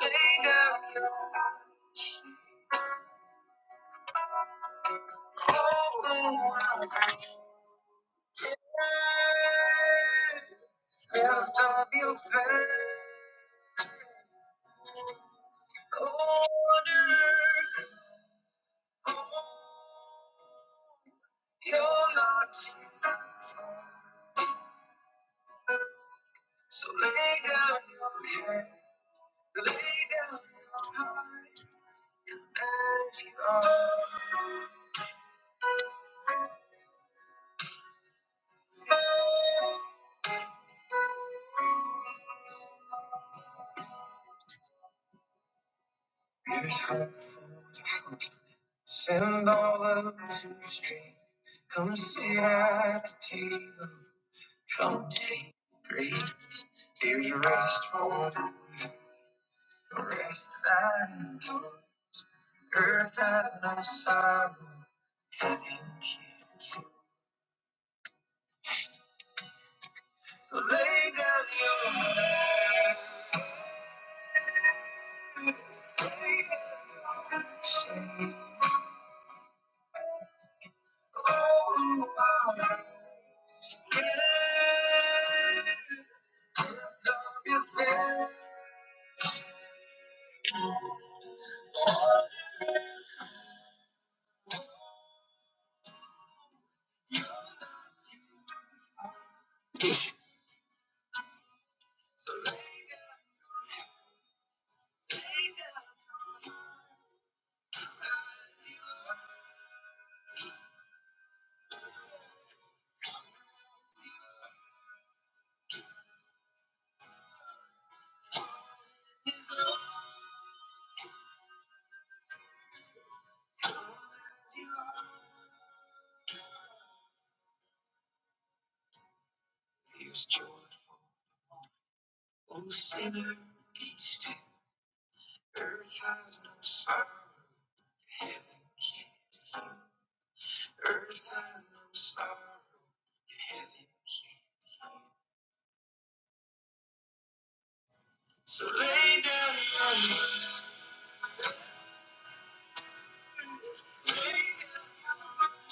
Lift up your face, order, you're not So lay down your head, lay down your heart as you are. Here's hope for you. Send all those who stray. Come sit at the table. Come take grace. There's rest for the weak. rest that endures. Earth has no sorrow. Heaven can't kill. So lay down your head. Lay down your shame. Oh, Here's joy for the moment. O sinner, be still. Earth has no sorrow. that Heaven can't heal. Earth has no sorrow. that Heaven can't. So lay down your burdens. Lay down, your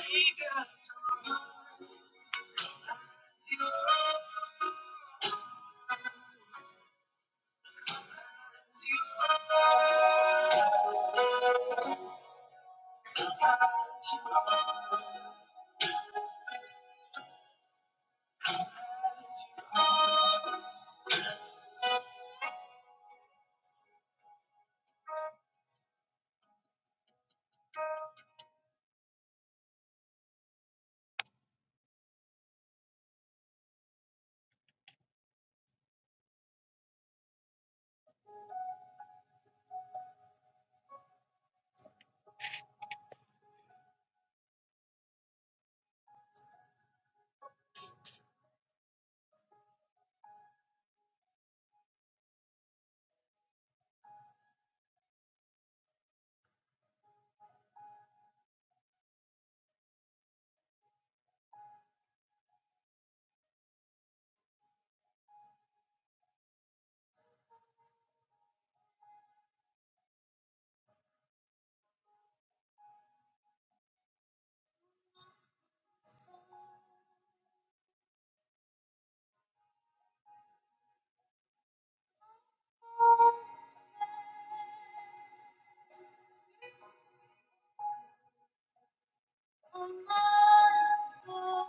lay down your Oh, my soul.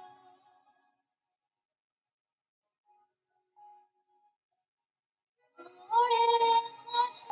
What is my soul.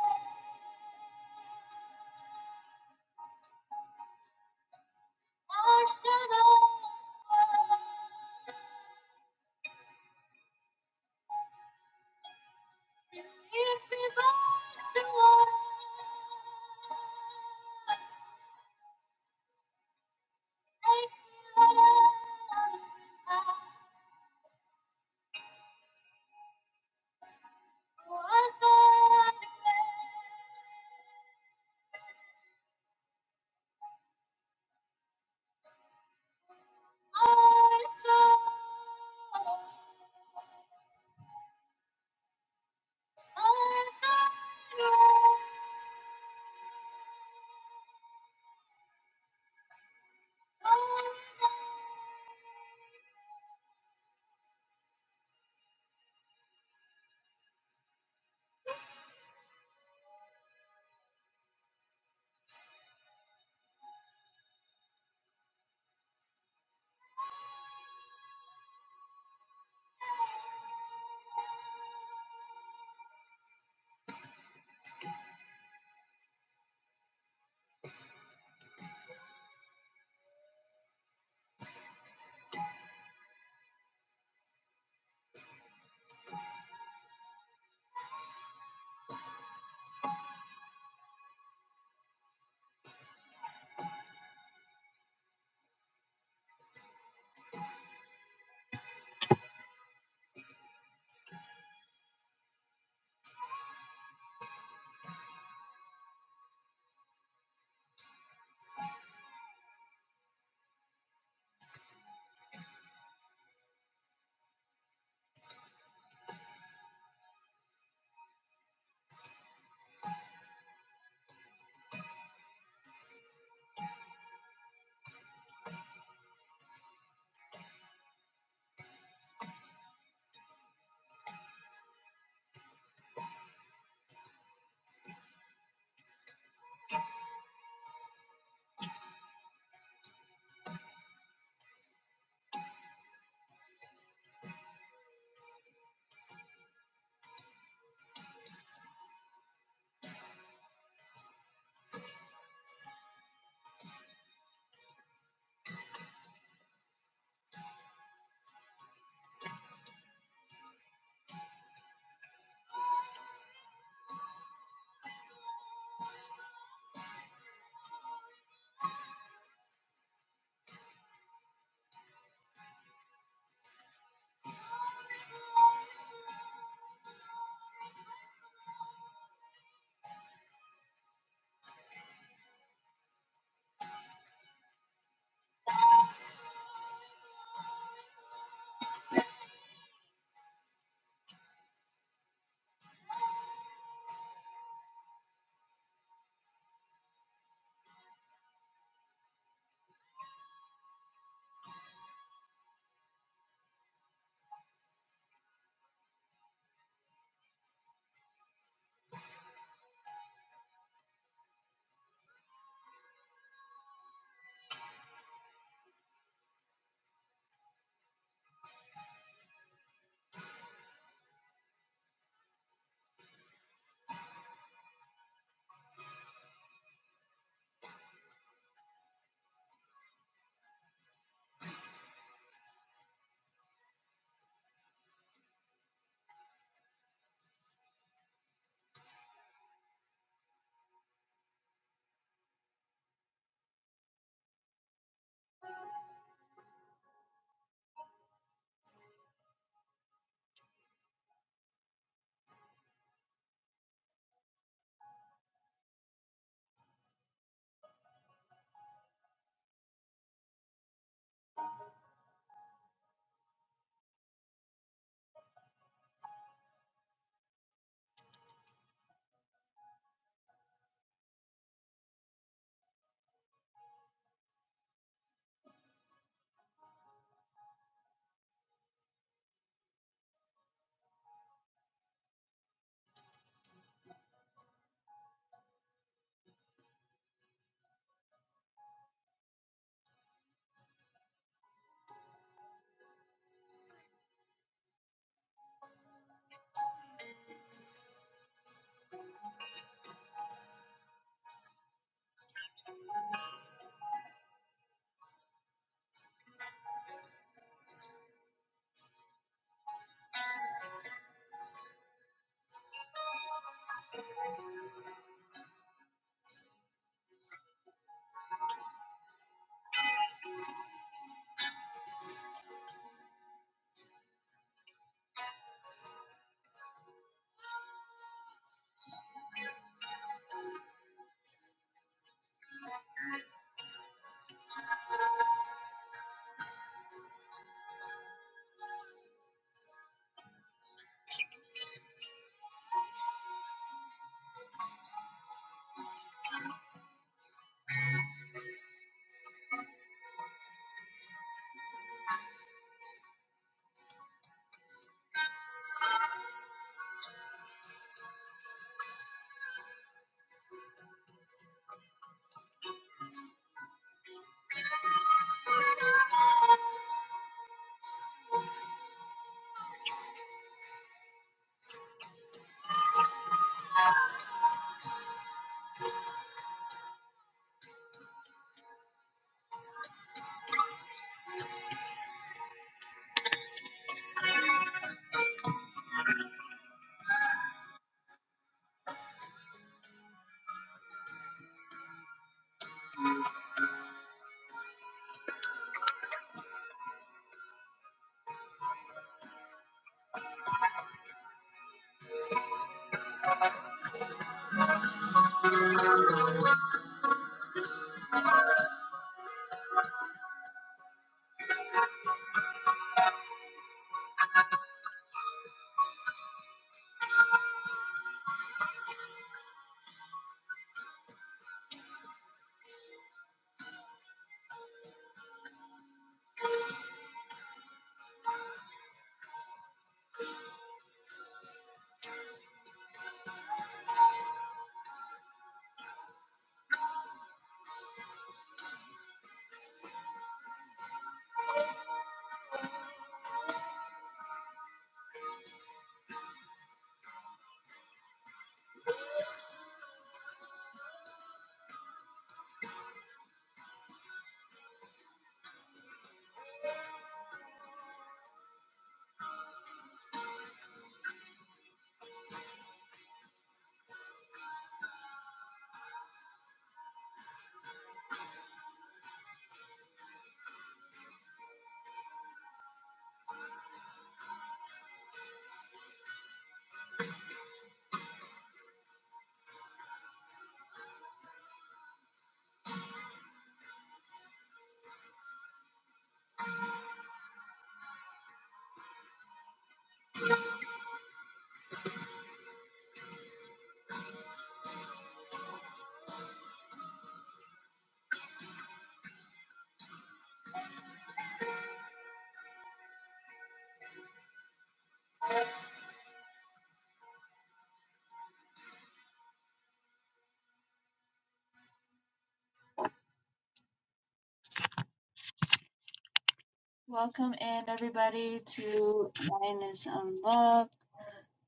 Welcome in everybody to Lioness Unlocked.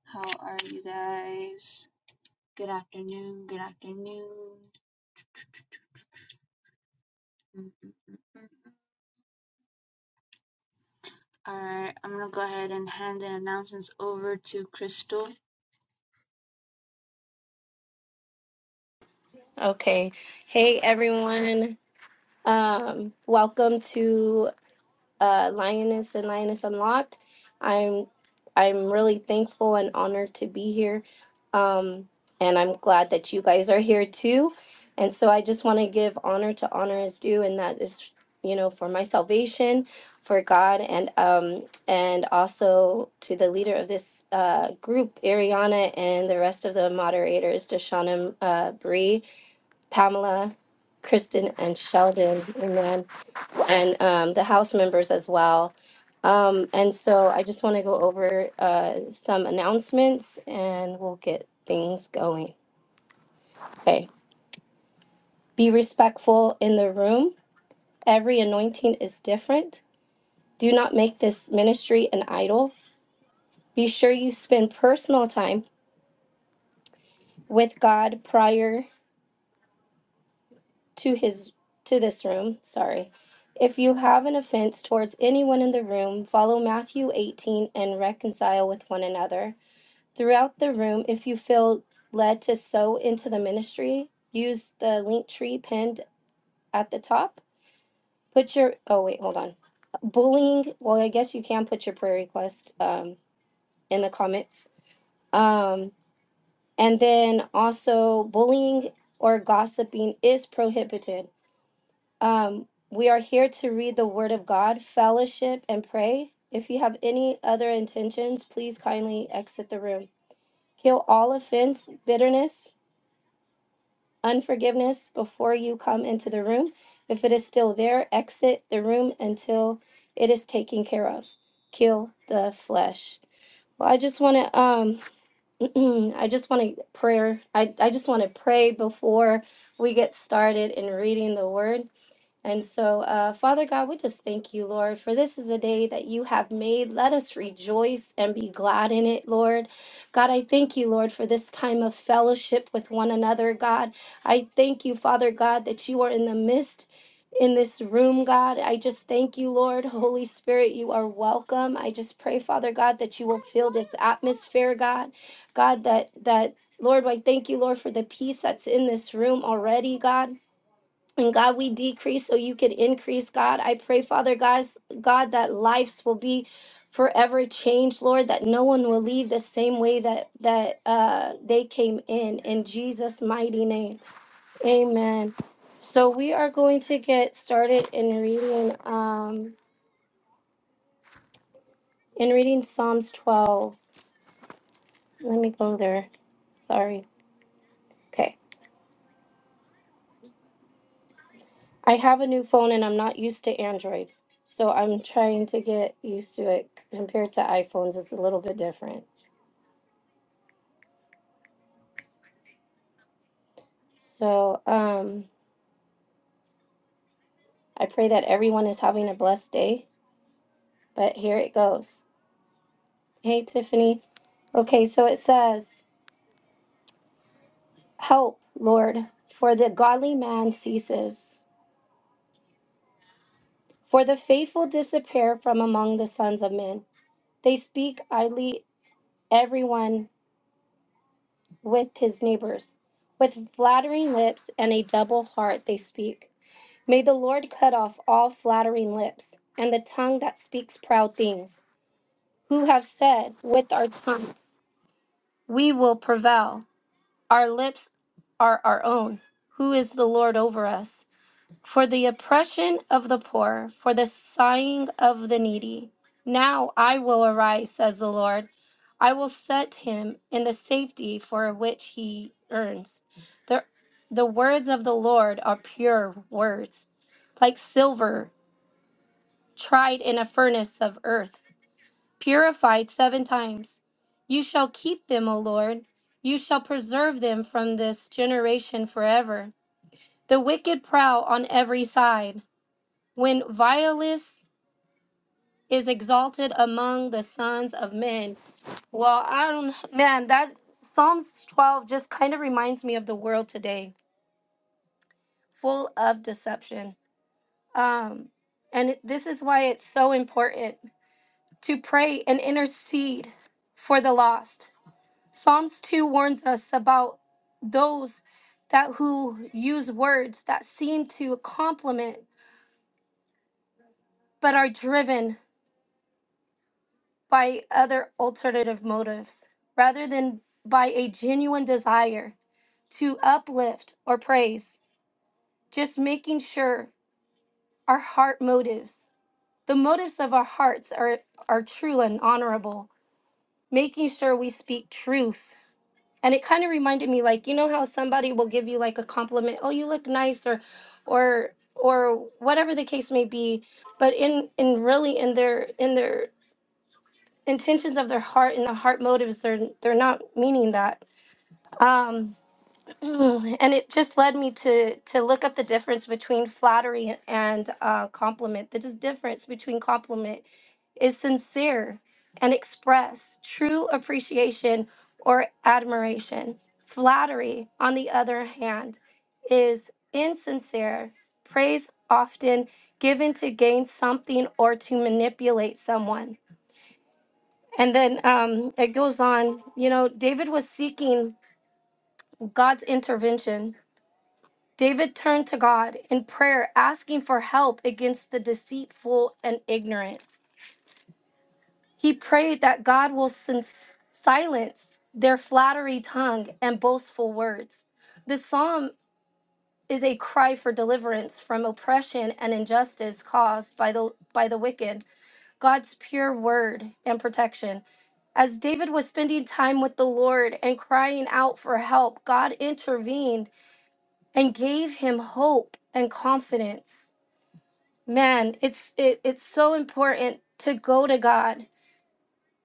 How are you guys? Good afternoon. Good afternoon. All right, I'm gonna go ahead and hand the announcements over to Crystal. Okay. Hey, everyone. Um, welcome to uh, Lioness and Lioness Unlocked. I'm I'm really thankful and honored to be here, um, and I'm glad that you guys are here too. And so I just want to give honor to honor is due, and that is you know for my salvation, for God, and um, and also to the leader of this uh, group, Ariana, and the rest of the moderators, Deshauna, uh, Bree. Pamela, Kristen, and Sheldon. Amen. And um, the house members as well. Um, and so I just want to go over uh, some announcements and we'll get things going. Okay. Be respectful in the room. Every anointing is different. Do not make this ministry an idol. Be sure you spend personal time with God prior to his to this room, sorry. If you have an offense towards anyone in the room, follow Matthew 18 and reconcile with one another. Throughout the room, if you feel led to sow into the ministry, use the link tree pinned at the top. Put your oh wait, hold on. Bullying, well, I guess you can put your prayer request um, in the comments. Um, and then also bullying or gossiping is prohibited. Um, we are here to read the Word of God, fellowship, and pray. If you have any other intentions, please kindly exit the room. Kill all offense, bitterness, unforgiveness before you come into the room. If it is still there, exit the room until it is taken care of. Kill the flesh. Well, I just want to, um, I just want to prayer. I, I just want to pray before we get started in reading the word. And so, uh, Father God, we just thank you, Lord, for this is a day that you have made. Let us rejoice and be glad in it, Lord. God, I thank you, Lord, for this time of fellowship with one another, God. I thank you, Father God, that you are in the midst. In this room, God, I just thank you, Lord. Holy Spirit, you are welcome. I just pray, Father God, that you will fill this atmosphere, God. God, that, that, Lord, I thank you, Lord, for the peace that's in this room already, God. And God, we decrease so you can increase, God. I pray, Father guys, God, that lives will be forever changed, Lord, that no one will leave the same way that that uh they came in. In Jesus' mighty name. Amen. So we are going to get started in reading um in reading Psalms 12. Let me go there. Sorry. Okay. I have a new phone and I'm not used to Androids. So I'm trying to get used to it compared to iPhones. It's a little bit different. So um, I pray that everyone is having a blessed day. But here it goes. Hey, Tiffany. Okay, so it says, Help, Lord, for the godly man ceases, for the faithful disappear from among the sons of men. They speak idly, everyone with his neighbors. With flattering lips and a double heart they speak. May the Lord cut off all flattering lips and the tongue that speaks proud things, who have said with our tongue We will prevail. Our lips are our own. Who is the Lord over us? For the oppression of the poor, for the sighing of the needy. Now I will arise, says the Lord. I will set him in the safety for which he earns. The, the words of the Lord are pure words, like silver tried in a furnace of earth purified seven times. You shall keep them, O Lord. You shall preserve them from this generation forever. The wicked prowl on every side. When violence is exalted among the sons of men. Well, I don't, man, that Psalms 12 just kind of reminds me of the world today, full of deception. Um, and it- this is why it's so important to pray and intercede for the lost Psalms 2 warns us about those that who use words that seem to compliment but are driven by other alternative motives rather than by a genuine desire to uplift or praise. Just making sure our heart motives, the motives of our hearts are, are true and honorable, making sure we speak truth and it kind of reminded me like you know how somebody will give you like a compliment oh you look nice or or or whatever the case may be but in in really in their in their intentions of their heart in the heart motives they're they're not meaning that Um Mm, and it just led me to to look up the difference between flattery and uh, compliment. The dis- difference between compliment is sincere and express true appreciation or admiration. Flattery, on the other hand, is insincere praise often given to gain something or to manipulate someone. And then um, it goes on. You know, David was seeking God's intervention David turned to God in prayer, asking for help against the deceitful and ignorant. He prayed that God will sin- silence their flattery tongue and boastful words. This psalm is a cry for deliverance from oppression and injustice caused by the by the wicked. God's pure word and protection. As David was spending time with the Lord and crying out for help, God intervened and gave him hope and confidence. man it's it, it's so important to go to god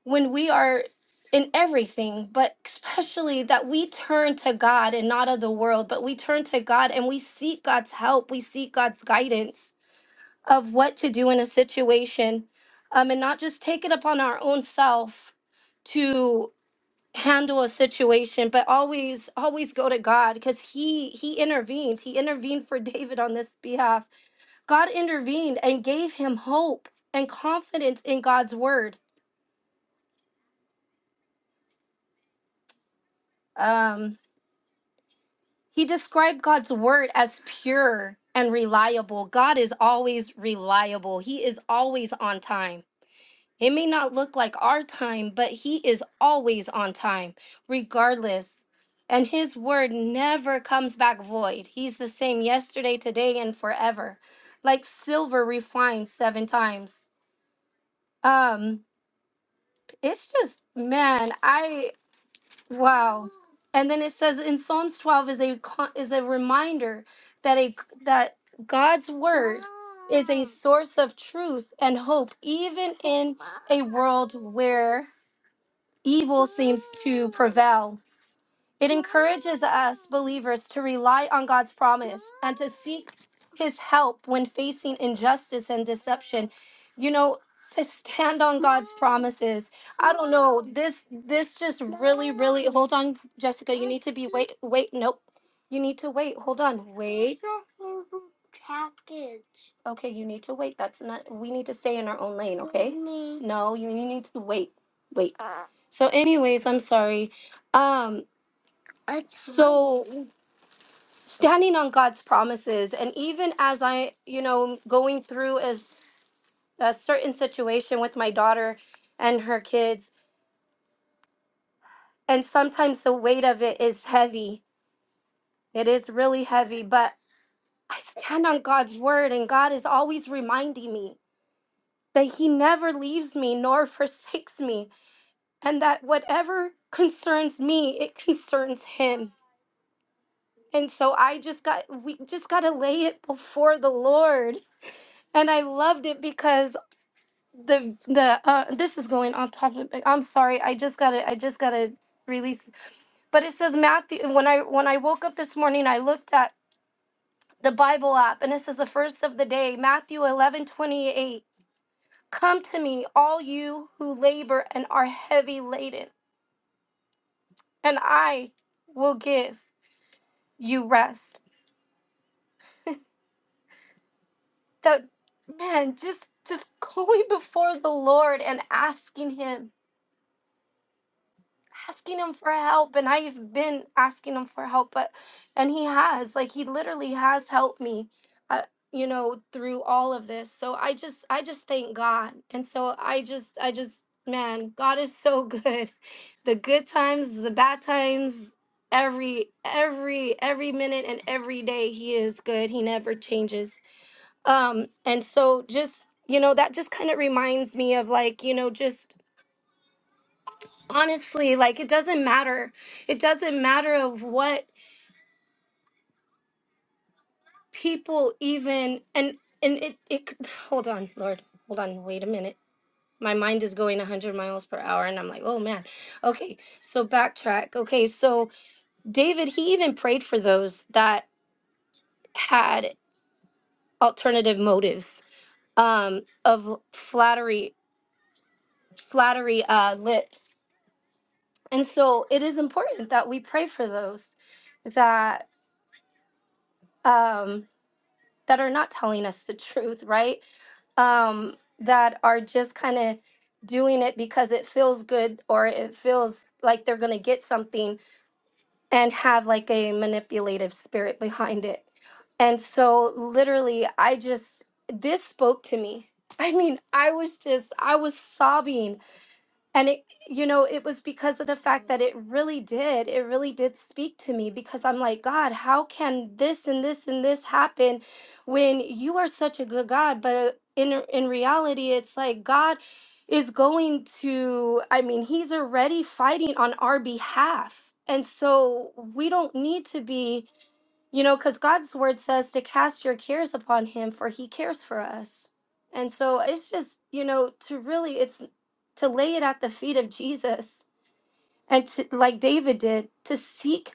when we are in everything but especially that we turn to god and not of the world but we turn to god and we seek god's help we seek god's guidance of what to do in a situation um, and not just take it upon our own self to handle a situation but always always go to god because he he intervened he intervened for david on this behalf God intervened and gave him hope and confidence in God's word. Um, he described God's word as pure and reliable. God is always reliable, He is always on time. It may not look like our time, but He is always on time, regardless. And His word never comes back void. He's the same yesterday, today, and forever, like silver refined seven times. Um, it's just man, I Wow. And then it says in Psalms 12 is a con- is a reminder that a that God's word is a source of truth and hope even in a world where evil seems to prevail. It encourages us believers to rely on God's promise and to seek his help when facing injustice and deception. You know, to stand on God's promises. I don't know. This this just really really hold on Jessica, you need to be wait wait nope. You need to wait. Hold on. Wait. Okay, you need to wait. That's not we need to stay in our own lane, okay? No, you, you need to wait. Wait. So anyways, I'm sorry. Um so standing on God's promises. And even as I, you know, going through a, s- a certain situation with my daughter and her kids, and sometimes the weight of it is heavy. It is really heavy, but I stand on God's word, and God is always reminding me that He never leaves me nor forsakes me, and that whatever concerns me, it concerns Him. And so I just got, we just got to lay it before the Lord. And I loved it because the the uh this is going off topic i'm sorry i just gotta i just gotta release but it says matthew when i when i woke up this morning i looked at the bible app and it says the first of the day matthew eleven twenty eight. come to me all you who labor and are heavy laden and i will give you rest that man just just going before the lord and asking him asking him for help and I've been asking him for help but and he has like he literally has helped me uh, you know through all of this so I just I just thank God and so I just I just man God is so good the good times the bad times every every every minute and every day he is good he never changes um and so just you know that just kind of reminds me of like you know just honestly like it doesn't matter it doesn't matter of what people even and and it it could- hold on lord hold on wait a minute my mind is going 100 miles per hour and i'm like oh man okay so backtrack okay so david he even prayed for those that had alternative motives um of flattery flattery uh lips and so it is important that we pray for those that um that are not telling us the truth, right? Um, that are just kind of doing it because it feels good or it feels like they're going to get something and have like a manipulative spirit behind it. And so, literally, I just, this spoke to me. I mean, I was just, I was sobbing and it you know it was because of the fact that it really did it really did speak to me because i'm like god how can this and this and this happen when you are such a good god but uh, in uh, in reality it's like god is going to i mean he's already fighting on our behalf and so we don't need to be you know, because God's word says to cast your cares upon him, for he cares for us. And so it's just, you know, to really, it's to lay it at the feet of Jesus and to, like David did, to seek,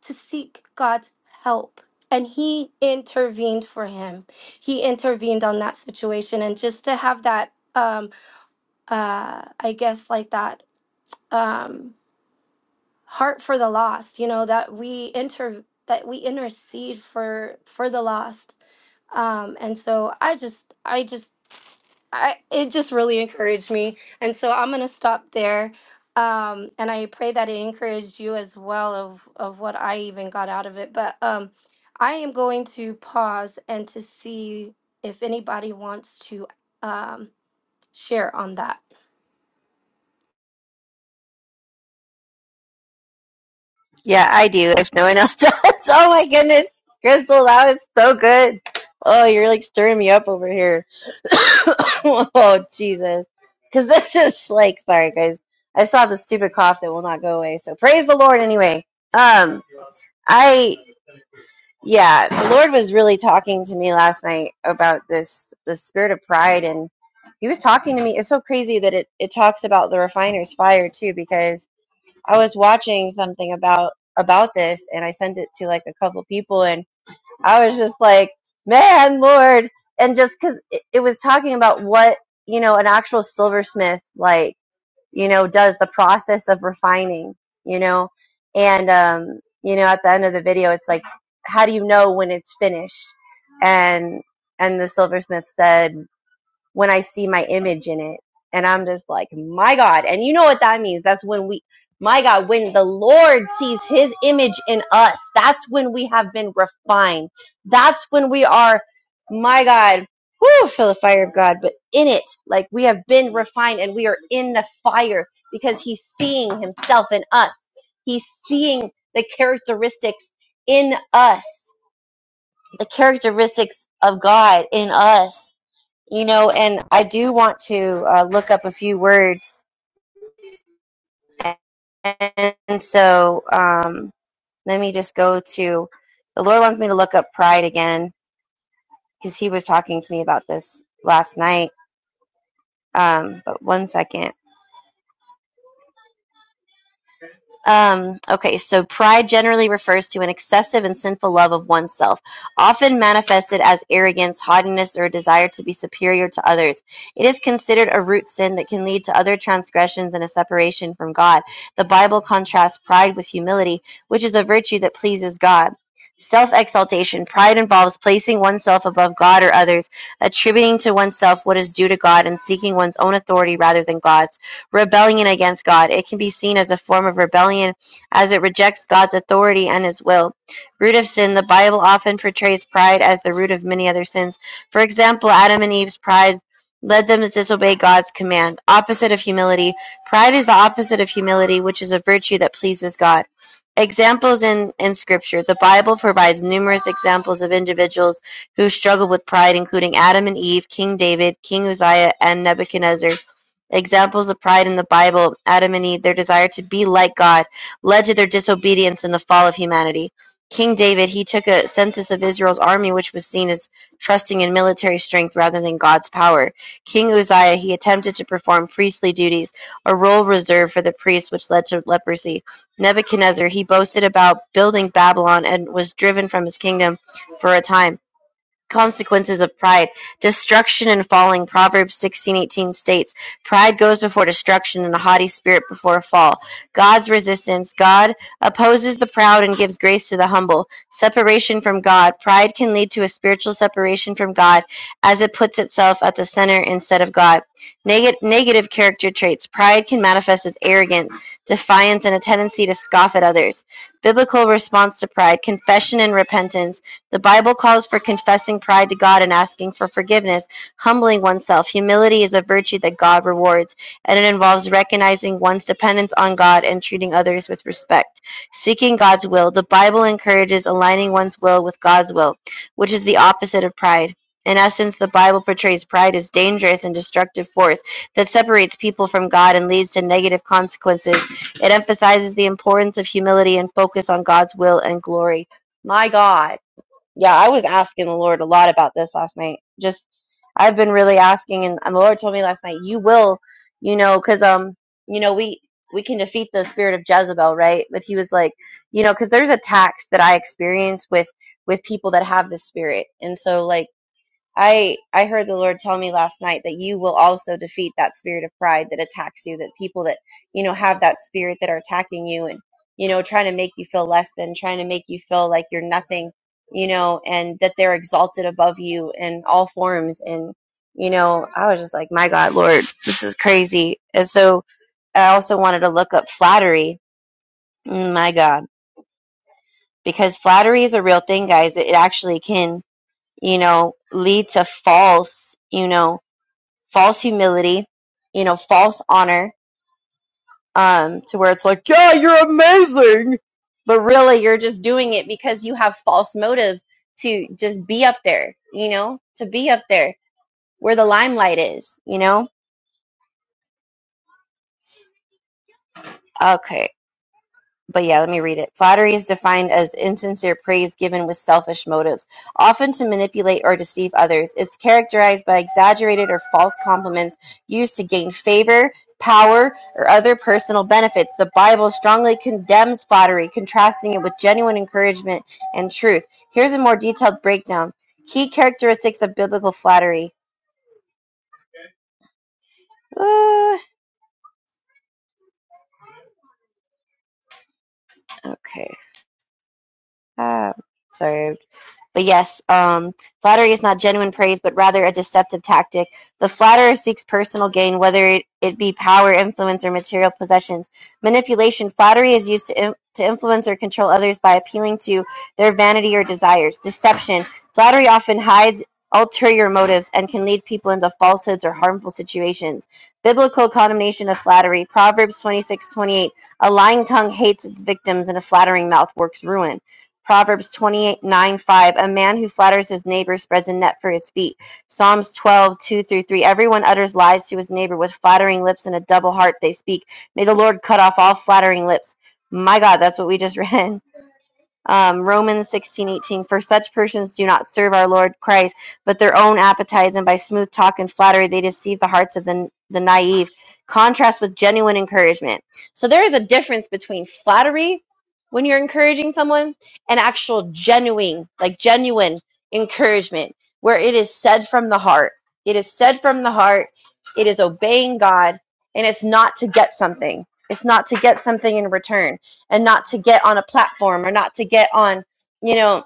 to seek God's help. And he intervened for him. He intervened on that situation. And just to have that, um, uh, I guess, like that. Um, heart for the lost you know that we inter that we intercede for for the lost um and so i just i just i it just really encouraged me and so i'm gonna stop there um and i pray that it encouraged you as well of of what i even got out of it but um i am going to pause and to see if anybody wants to um share on that Yeah, I do. If no one else does. Oh my goodness, Crystal, that was so good. Oh, you're like stirring me up over here. oh Jesus, because this is like, sorry guys, I saw the stupid cough that will not go away. So praise the Lord anyway. Um, I yeah, the Lord was really talking to me last night about this the spirit of pride and. He was talking to me. It's so crazy that it, it talks about the refiner's fire too, because I was watching something about about this and I sent it to like a couple people and I was just like, man, Lord. And just cause it, it was talking about what, you know, an actual silversmith like, you know, does the process of refining, you know, and, um, you know, at the end of the video, it's like, how do you know when it's finished? And, and the silversmith said when I see my image in it. And I'm just like, my God. And you know what that means? That's when we, my God, when the Lord sees his image in us, that's when we have been refined. That's when we are, my God, whoo, feel the fire of God, but in it, like we have been refined and we are in the fire because he's seeing himself in us. He's seeing the characteristics in us, the characteristics of God in us you know, and I do want to uh, look up a few words. And, and so um, let me just go to the Lord wants me to look up pride again because he was talking to me about this last night. Um, but one second. Um, okay, so pride generally refers to an excessive and sinful love of oneself, often manifested as arrogance, haughtiness, or a desire to be superior to others. It is considered a root sin that can lead to other transgressions and a separation from God. The Bible contrasts pride with humility, which is a virtue that pleases God. Self exaltation. Pride involves placing oneself above God or others, attributing to oneself what is due to God, and seeking one's own authority rather than God's rebellion against God. It can be seen as a form of rebellion as it rejects God's authority and his will. Root of sin, the Bible often portrays pride as the root of many other sins. For example, Adam and Eve's pride led them to disobey God's command. Opposite of humility, pride is the opposite of humility, which is a virtue that pleases God. Examples in, in Scripture. The Bible provides numerous examples of individuals who struggled with pride, including Adam and Eve, King David, King Uzziah, and Nebuchadnezzar. Examples of pride in the Bible Adam and Eve, their desire to be like God, led to their disobedience and the fall of humanity. King David, he took a census of Israel's army, which was seen as trusting in military strength rather than God's power. King Uzziah, he attempted to perform priestly duties, a role reserved for the priests, which led to leprosy. Nebuchadnezzar, he boasted about building Babylon and was driven from his kingdom for a time consequences of pride, destruction and falling. Proverbs 16:18 states, "Pride goes before destruction and a haughty spirit before a fall." God's resistance, God opposes the proud and gives grace to the humble. Separation from God, pride can lead to a spiritual separation from God as it puts itself at the center instead of God. Neg- negative character traits, pride can manifest as arrogance, defiance and a tendency to scoff at others. Biblical response to pride, confession and repentance. The Bible calls for confessing pride to God and asking for forgiveness, humbling oneself. Humility is a virtue that God rewards, and it involves recognizing one's dependence on God and treating others with respect. Seeking God's will. The Bible encourages aligning one's will with God's will, which is the opposite of pride. In essence, the Bible portrays pride as a dangerous and destructive force that separates people from God and leads to negative consequences. It emphasizes the importance of humility and focus on God's will and glory. My God. Yeah, I was asking the Lord a lot about this last night. Just, I've been really asking, and, and the Lord told me last night, "You will, you know, because um, you know, we we can defeat the spirit of Jezebel, right?" But He was like, you know, because there's attacks that I experience with with people that have this spirit, and so like. I I heard the Lord tell me last night that you will also defeat that spirit of pride that attacks you, that people that, you know, have that spirit that are attacking you and, you know, trying to make you feel less than, trying to make you feel like you're nothing, you know, and that they're exalted above you in all forms and you know, I was just like, "My God, Lord, this is crazy." And so I also wanted to look up flattery. Mm, My God, because flattery is a real thing, guys. It it actually can, you know, lead to false, you know, false humility, you know, false honor, um, to where it's like, yeah, you're amazing, but really you're just doing it because you have false motives to just be up there, you know, to be up there where the limelight is, you know. Okay, but yeah, let me read it. Flattery is defined as insincere praise given with selfish motives, often to manipulate or deceive others. It's characterized by exaggerated or false compliments used to gain favor, power, or other personal benefits. The Bible strongly condemns flattery, contrasting it with genuine encouragement and truth. Here's a more detailed breakdown Key characteristics of biblical flattery. Uh, okay. Um, sorry, But yes, um, flattery is not genuine praise, but rather a deceptive tactic. The flatterer seeks personal gain, whether it, it be power, influence, or material possessions. Manipulation. Flattery is used to, in, to influence or control others by appealing to their vanity or desires. Deception. Flattery often hides ulterior motives and can lead people into falsehoods or harmful situations. Biblical condemnation of flattery. Proverbs 26:28. A lying tongue hates its victims, and a flattering mouth works ruin. Proverbs 28 9 5. A man who flatters his neighbor spreads a net for his feet. Psalms 12 2 through 3. Everyone utters lies to his neighbor with flattering lips and a double heart they speak. May the Lord cut off all flattering lips. My God, that's what we just read um, Romans 16 18. for such persons do not serve our Lord Christ, but their own appetites, and by smooth talk and flattery they deceive the hearts of the, the naive. Contrast with genuine encouragement. So there is a difference between flattery when you're encouraging someone and actual genuine, like genuine encouragement, where it is said from the heart. It is said from the heart. It is obeying God, and it's not to get something. It's not to get something in return and not to get on a platform or not to get on you know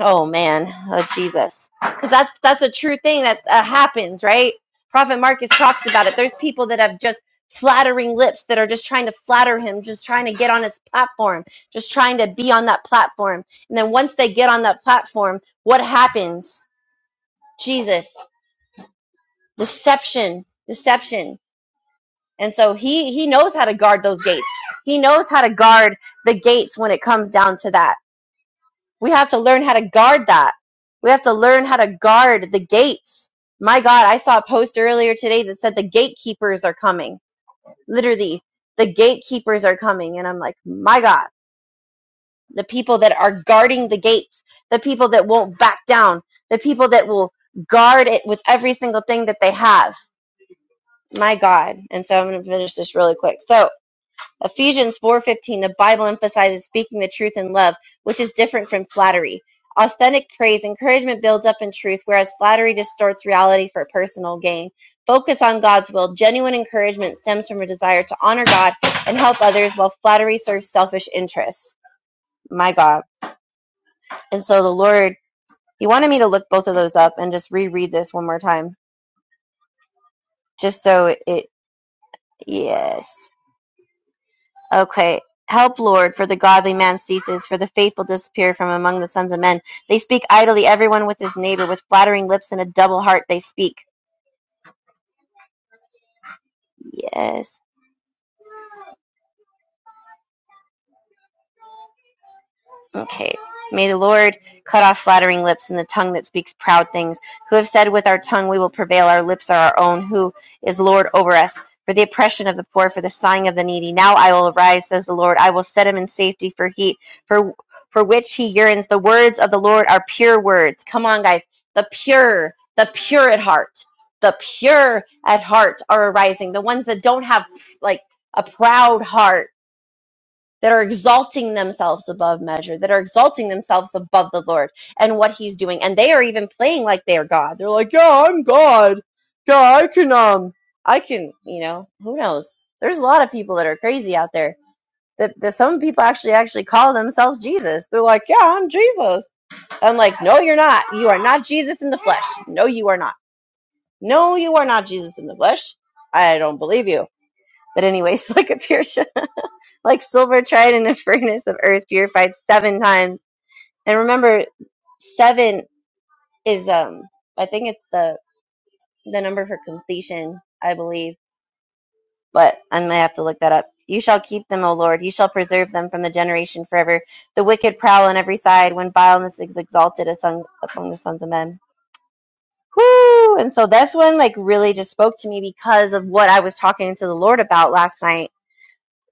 oh man oh jesus because that's that's a true thing that uh, happens right prophet marcus talks about it there's people that have just flattering lips that are just trying to flatter him just trying to get on his platform just trying to be on that platform and then once they get on that platform what happens jesus deception deception and so he he knows how to guard those gates he knows how to guard the gates when it comes down to that We have to learn how to guard that. We have to learn how to guard the gates. My God, I saw a post earlier today that said the gatekeepers are coming. Literally, the gatekeepers are coming. And I'm like, my God, the people that are guarding the gates, the people that won't back down, the people that will guard it with every single thing that they have. My God. And so I'm going to finish this really quick. So, Ephesians 4:15 the Bible emphasizes speaking the truth in love, which is different from flattery. Authentic praise encouragement builds up in truth whereas flattery distorts reality for personal gain. Focus on God's will. Genuine encouragement stems from a desire to honor God and help others while flattery serves selfish interests. My God. And so the Lord, he wanted me to look both of those up and just reread this one more time just so it yes. Okay. Help, Lord, for the godly man ceases, for the faithful disappear from among the sons of men. They speak idly, everyone with his neighbor, with flattering lips and a double heart they speak. Yes. Okay. May the Lord cut off flattering lips and the tongue that speaks proud things. Who have said with our tongue we will prevail, our lips are our own. Who is Lord over us? For the oppression of the poor, for the sighing of the needy. Now I will arise, says the Lord. I will set him in safety for heat, for for which he yearns. The words of the Lord are pure words. Come on, guys. The pure, the pure at heart, the pure at heart are arising. The ones that don't have like a proud heart that are exalting themselves above measure, that are exalting themselves above the Lord and what He's doing. And they are even playing like they are God. They're like, yeah, I'm God. Yeah, I can, um, I can, you know, who knows? There's a lot of people that are crazy out there. That, that some people actually actually call themselves Jesus. They're like, yeah, I'm Jesus. I'm like, no, you're not. You are not Jesus in the flesh. No, you are not. No, you are not Jesus in the flesh. I don't believe you. But anyways, like a pure like silver tried in a furnace of earth purified seven times. And remember, seven is um I think it's the the number for completion, I believe. But I may have to look that up. You shall keep them, O Lord. You shall preserve them from the generation forever. The wicked prowl on every side when vileness is exalted among, the sons of men. Whoo! And so that's when like really just spoke to me because of what I was talking to the Lord about last night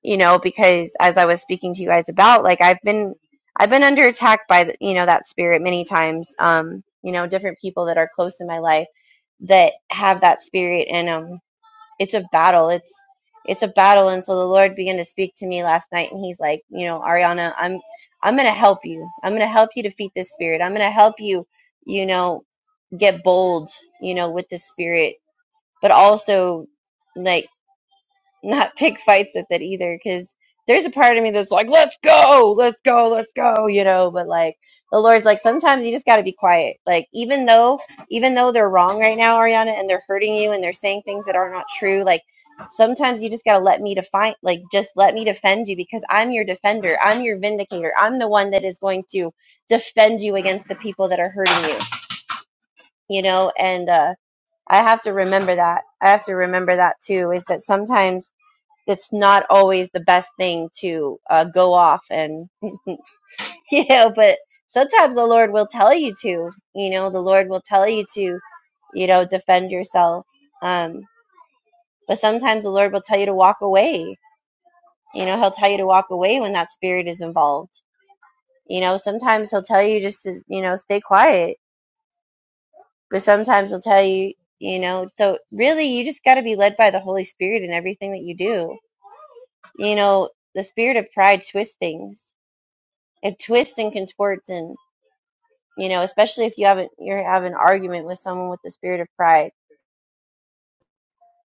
you know because as i was speaking to you guys about like i've been i've been under attack by the, you know that spirit many times um you know different people that are close in my life that have that spirit and um it's a battle it's it's a battle and so the lord began to speak to me last night and he's like you know ariana i'm i'm gonna help you i'm gonna help you defeat this spirit i'm gonna help you you know get bold you know with this spirit but also like not pick fights with it either because there's a part of me that's like let's go let's go let's go you know but like the lord's like sometimes you just got to be quiet like even though even though they're wrong right now ariana and they're hurting you and they're saying things that are not true like sometimes you just got to let me define like just let me defend you because i'm your defender i'm your vindicator i'm the one that is going to defend you against the people that are hurting you you know and uh i have to remember that i have to remember that too is that sometimes that's not always the best thing to uh, go off and you know but sometimes the lord will tell you to you know the lord will tell you to you know defend yourself um but sometimes the lord will tell you to walk away you know he'll tell you to walk away when that spirit is involved you know sometimes he'll tell you just to you know stay quiet but sometimes he'll tell you you know so really you just got to be led by the holy spirit in everything that you do you know the spirit of pride twists things it twists and contorts and you know especially if you haven't you have an argument with someone with the spirit of pride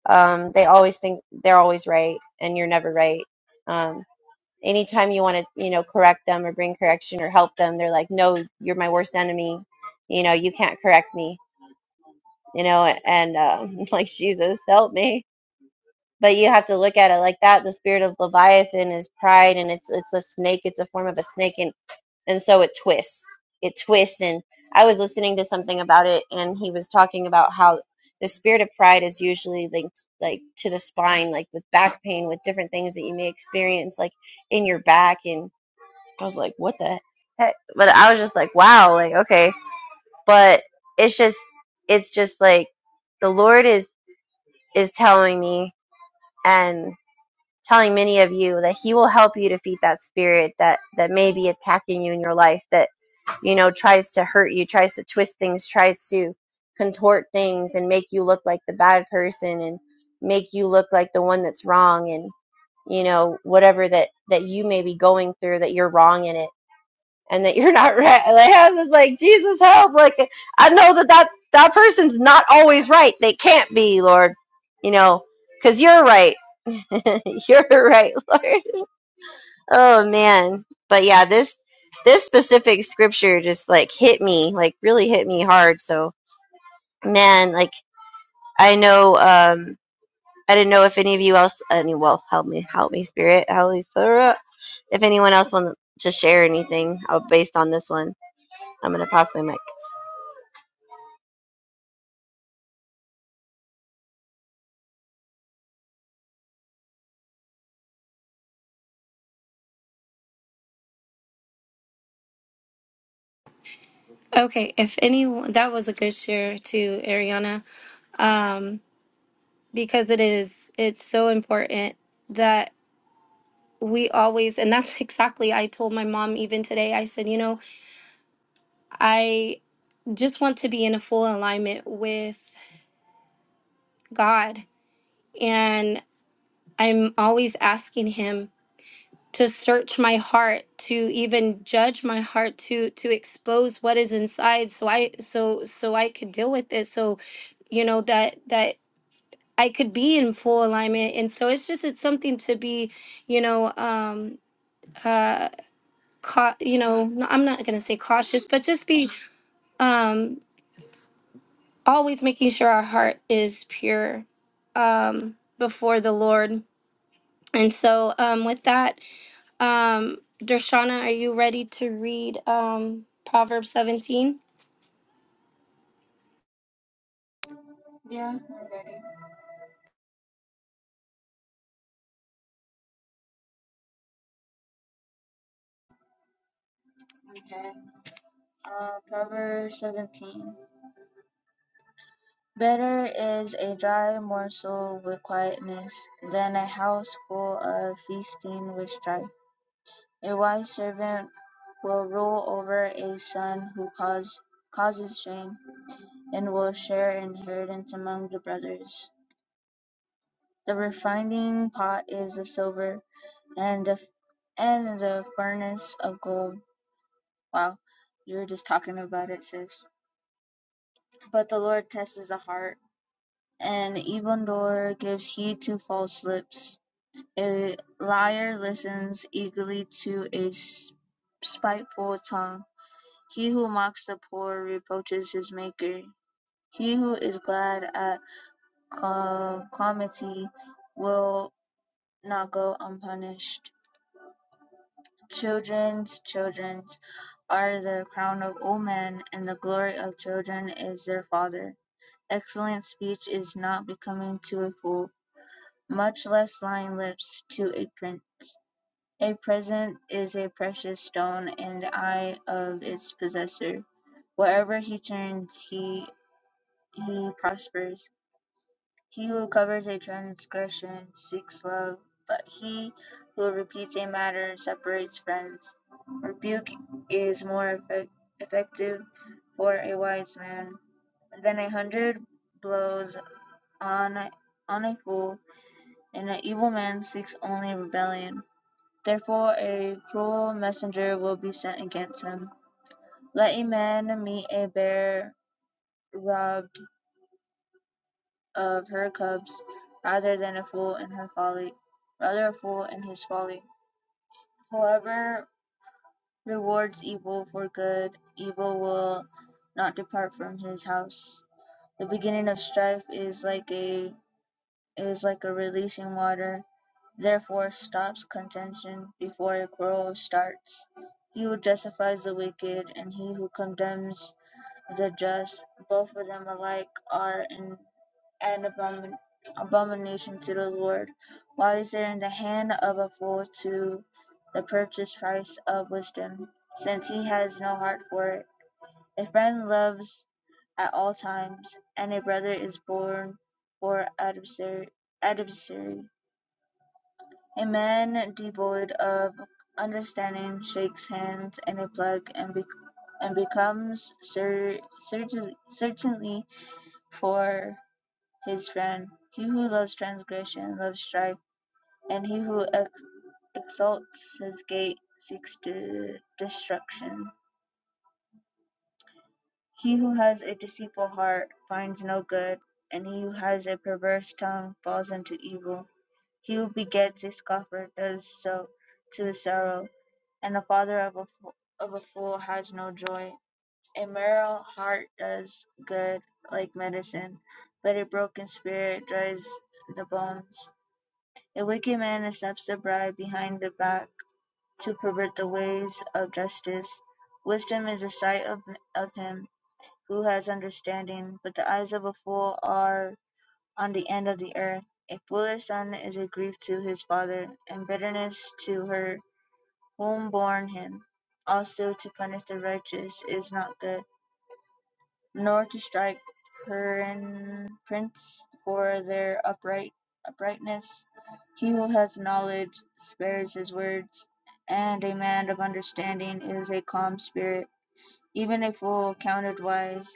um, they always think they're always right and you're never right um, anytime you want to you know correct them or bring correction or help them they're like no you're my worst enemy you know you can't correct me you know and um, like jesus help me but you have to look at it like that the spirit of leviathan is pride and it's it's a snake it's a form of a snake and and so it twists it twists and i was listening to something about it and he was talking about how the spirit of pride is usually linked like to the spine like with back pain with different things that you may experience like in your back and i was like what the heck but i was just like wow like okay but it's just it's just like the lord is is telling me and telling many of you that he will help you defeat that spirit that that may be attacking you in your life that you know tries to hurt you tries to twist things tries to contort things and make you look like the bad person and make you look like the one that's wrong and you know whatever that that you may be going through that you're wrong in it and that you're not right like i was like jesus help like i know that that that person's not always right they can't be lord you know because you're right You're right, Lord. Oh man. But yeah, this this specific scripture just like hit me, like really hit me hard. So man, like I know um I didn't know if any of you else any well help me help me spirit, Holy Spirit. If anyone else want to share anything uh, based on this one, I'm gonna pass my mic. okay if anyone that was a good share too ariana um because it is it's so important that we always and that's exactly I told my mom even today I said you know I just want to be in a full alignment with God and I'm always asking him to search my heart to even judge my heart to to expose what is inside so I so so I could deal with it so you know that that I could be in full alignment and so it's just it's something to be you know um uh cau- you know no- i'm not going to say cautious but just be um always making sure our heart is pure um before the lord and so um with that um dershana are you ready to read um proverbs 17 Yeah, I'm ready. Okay. Uh, Proverbs 17. Better is a dry morsel with quietness than a house full of feasting with strife. A wise servant will rule over a son who cause, causes shame and will share inheritance among the brothers. The refining pot is of silver, and the and the furnace of gold. Wow, you are just talking about it, sis. But the Lord tests the heart, and even door gives heed to false lips. A liar listens eagerly to a spiteful tongue. He who mocks the poor reproaches his maker. He who is glad at calamity will not go unpunished. Children's children are the crown of old men, and the glory of children is their father. Excellent speech is not becoming to a fool, much less lying lips to a prince. A present is a precious stone in the eye of its possessor. Wherever he turns, he he prospers. He who covers a transgression seeks love, but he who repeats a matter separates friends. Rebuke is more effect- effective for a wise man than a hundred blows on a, on a fool, and an evil man seeks only rebellion. Therefore, a cruel messenger will be sent against him. Let a man meet a bear robbed of her cubs, rather than a fool in her folly, rather a fool in his folly. Whoever rewards evil for good, evil will not depart from his house. The beginning of strife is like a is like a releasing water, therefore stops contention before a quarrel starts. He who justifies the wicked and he who condemns the just, both of them alike are in and abomin- abomination to the Lord? Why is there in the hand of a fool to the purchase price of wisdom, since he has no heart for it? A friend loves at all times, and a brother is born for adversary. adversary. A man devoid of understanding shakes hands in a plug and, be- and becomes cer- certain- certainly for his friend. He who loves transgression loves strife, and he who ex- exalts his gate seeks to destruction. He who has a deceitful heart finds no good, and he who has a perverse tongue falls into evil. He who begets a scoffer does so to his sorrow, and the father of a fool, of a fool has no joy. A merry heart does good like medicine, but a broken spirit dries the bones. A wicked man accepts a bribe behind the back to pervert the ways of justice. Wisdom is the sight of, of him who has understanding, but the eyes of a fool are on the end of the earth. A foolish son is a grief to his father, and bitterness to her whom born him. Also, to punish the righteous is not good, nor to strike prints for their upright uprightness. He who has knowledge spares his words, and a man of understanding is a calm spirit. Even a fool counted wise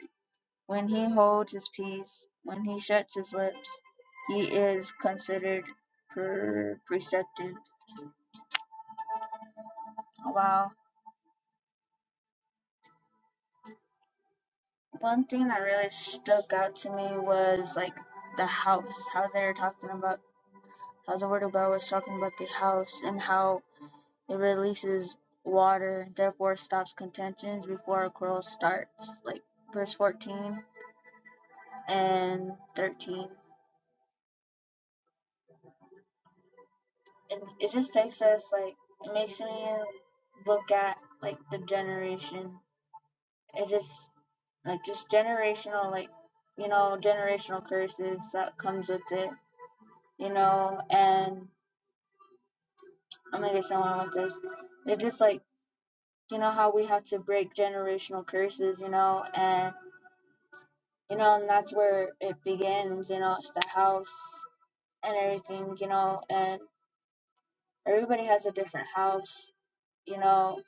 when he holds his peace, when he shuts his lips, he is considered per- perceptive. Wow. One thing that really stuck out to me was like the house, how they're talking about Alberto Bell was talking about the house and how it releases water, therefore stops contentions before a quarrel starts, like verse 14 and 13. And it just takes us, like, it makes me look at, like, the generation. It just, like, just generational, like, you know, generational curses that comes with it, you know, and I'm gonna get someone with this. It just, like, you know how we have to break generational curses you know and you know and that's where it begins you know it's the house and everything you know and everybody has a different house you know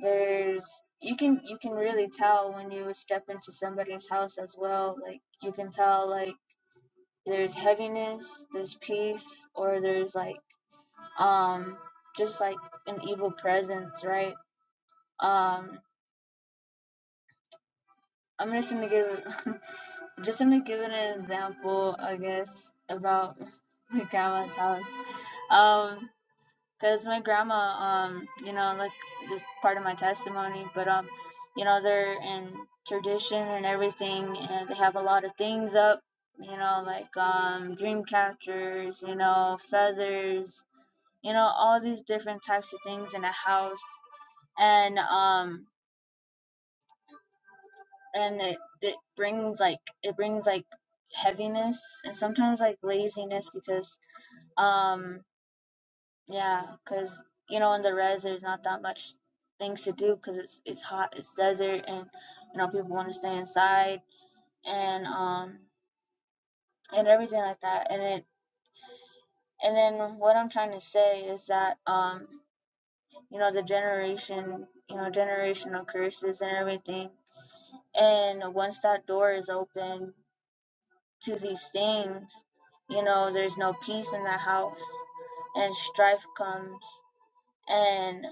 there's you can you can really tell when you step into somebody's house as well like you can tell like there's heaviness there's peace or there's like um just like an evil presence right um i'm just gonna give Just gonna give an example, I guess, about my grandma's house. Um, cause my grandma, um, you know, like just part of my testimony, but um, you know, they're in tradition and everything, and they have a lot of things up, you know, like um, dream catchers, you know, feathers, you know, all these different types of things in a house, and um. and it, it brings like it brings like heaviness and sometimes like laziness because um yeah because you know in the res there's not that much things to do because it's it's hot it's desert and you know people want to stay inside and um and everything like that and it and then what I'm trying to say is that um you know the generation you know generational curses and everything and once that door is open to these things, you know, there's no peace in the house and strife comes and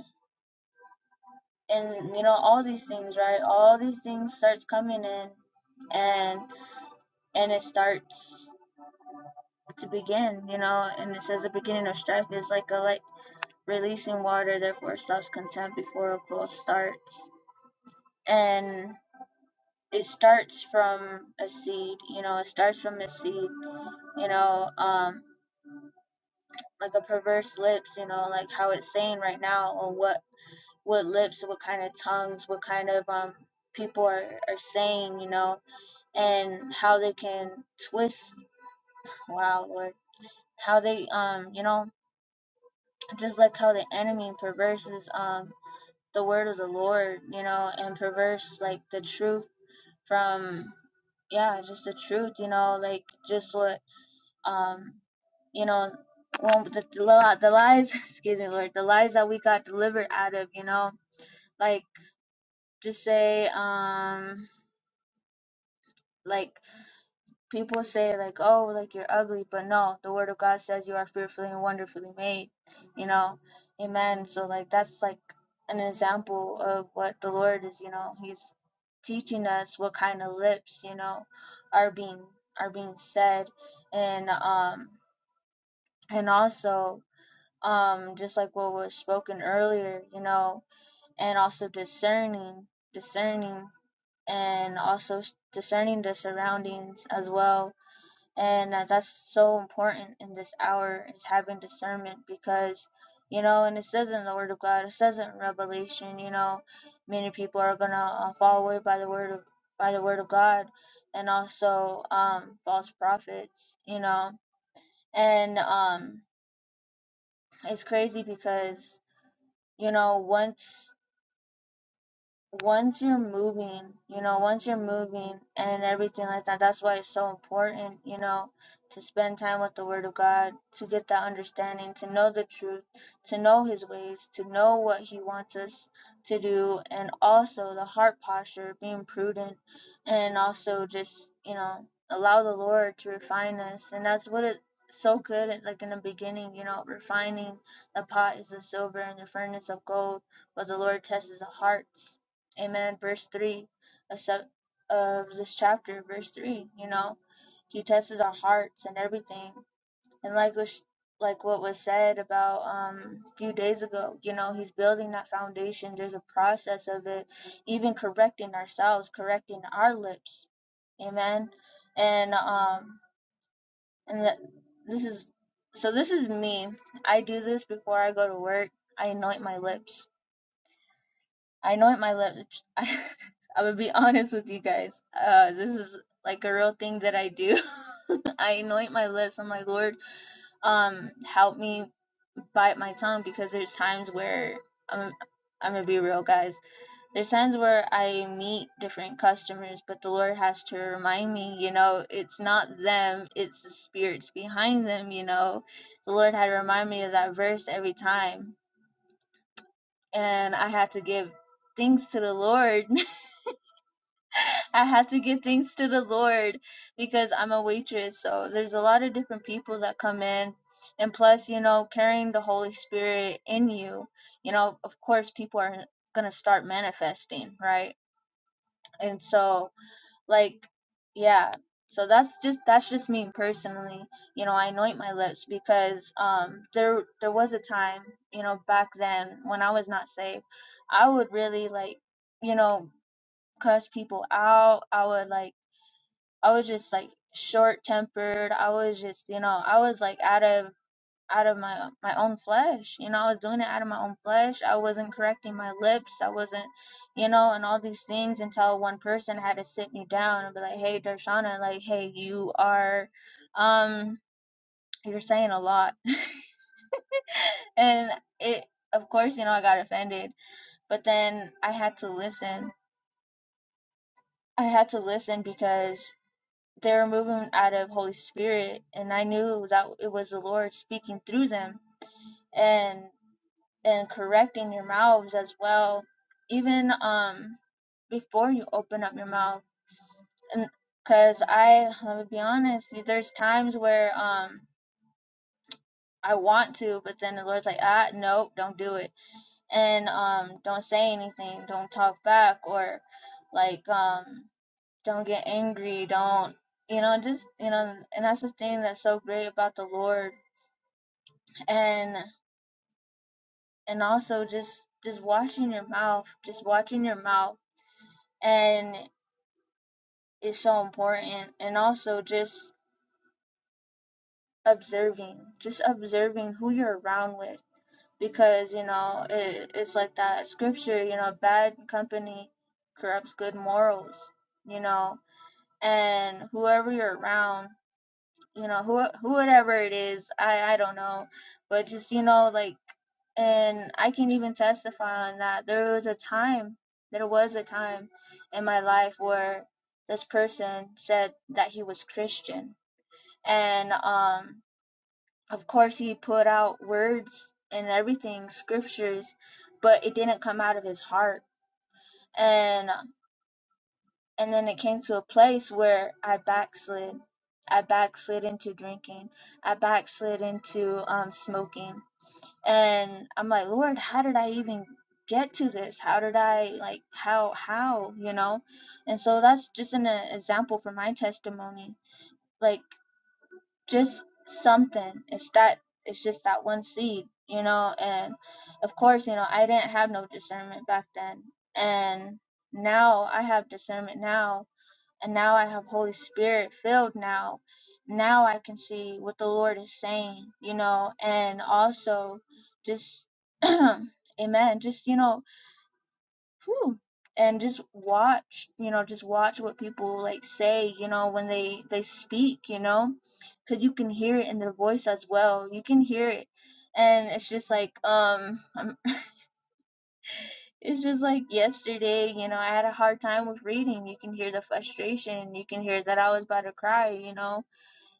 and you know all these things, right? All these things starts coming in and and it starts to begin, you know, and it says the beginning of strife is like a like releasing water, therefore stops contempt before a quarrel starts. And it starts from a seed, you know, it starts from a seed, you know, um like a perverse lips, you know, like how it's saying right now on what what lips, what kind of tongues, what kind of um people are, are saying, you know, and how they can twist wow Lord. How they um, you know, just like how the enemy perverses um the word of the Lord, you know, and perverse like the truth from yeah, just the truth, you know, like just what Um, you know, when the the the lies, excuse me, Lord, the lies that we got delivered out of, you know, like just say, um, like people say, like, oh, like you're ugly, but no, the Word of God says you are fearfully and wonderfully made, you know, Amen. So like that's like an example of what the Lord is, you know, He's teaching us what kind of lips, you know, are being are being said, and um, and also um just like what was spoken earlier you know and also discerning discerning and also discerning the surroundings as well and that's so important in this hour is having discernment because you know and it says in the word of god it says in revelation you know many people are gonna uh, fall away by the word of by the word of god and also um false prophets you know and um it's crazy because you know once once you're moving, you know, once you're moving and everything like that, that's why it's so important, you know, to spend time with the Word of God, to get that understanding, to know the truth, to know His ways, to know what He wants us to do, and also the heart posture, being prudent, and also just, you know, allow the Lord to refine us. And that's what it so good at like in the beginning you know refining the pot is of silver and the furnace of gold but the lord tests the hearts Amen. Verse 3 of sec- of this chapter, verse 3, you know, he tests our hearts and everything. And like was, like what was said about um, a few days ago, you know, he's building that foundation. There's a process of it, even correcting ourselves, correcting our lips. Amen. And um and that this is so this is me. I do this before I go to work. I anoint my lips I anoint my lips. I, I would be honest with you guys. Uh, this is like a real thing that I do. I anoint my lips. I'm like, Lord, um, help me bite my tongue because there's times where I'm, I'm gonna be real, guys. There's times where I meet different customers, but the Lord has to remind me, you know, it's not them, it's the spirits behind them, you know. The Lord had to remind me of that verse every time, and I had to give thanks to the Lord I had to give thanks to the Lord because I'm a waitress. So there's a lot of different people that come in. And plus, you know, carrying the Holy Spirit in you, you know, of course, people are going to start manifesting, right? And so, like, yeah. So that's just that's just me personally. You know, I anoint my lips because um there there was a time, you know, back then when I was not saved, I would really like, you know, cuss people out. I would like I was just like short tempered. I was just, you know, I was like out of out of my my own flesh. You know, I was doing it out of my own flesh. I wasn't correcting my lips. I wasn't, you know, and all these things until one person had to sit me down and be like, "Hey, Darshana, like, hey, you are, um, you're saying a lot," and it, of course, you know, I got offended. But then I had to listen. I had to listen because they were moving out of Holy Spirit, and I knew that it was the Lord speaking through them and and correcting your mouths as well, even um before you open up your mouth. And because I, let me be honest, there's times where um I want to, but then the Lord's like, ah, nope, don't do it, and um don't say anything, don't talk back, or like um don't get angry don't you know just you know and that's the thing that's so great about the lord and and also just just watching your mouth just watching your mouth and it's so important and also just observing just observing who you're around with because you know it, it's like that scripture you know bad company corrupts good morals you know and whoever you're around you know who whoever it is i i don't know but just you know like and i can even testify on that there was a time there was a time in my life where this person said that he was christian and um of course he put out words and everything scriptures but it didn't come out of his heart and and then it came to a place where I backslid. I backslid into drinking. I backslid into um, smoking. And I'm like, Lord, how did I even get to this? How did I like how how you know? And so that's just an uh, example for my testimony. Like just something. It's that. It's just that one seed, you know. And of course, you know, I didn't have no discernment back then, and now I have discernment now and now I have Holy Spirit filled now. Now I can see what the Lord is saying, you know, and also just amen, just you know, whew, and just watch, you know, just watch what people like say, you know, when they they speak, you know, cuz you can hear it in their voice as well. You can hear it. And it's just like um I'm. It's just like yesterday, you know, I had a hard time with reading. You can hear the frustration. You can hear that I was about to cry, you know.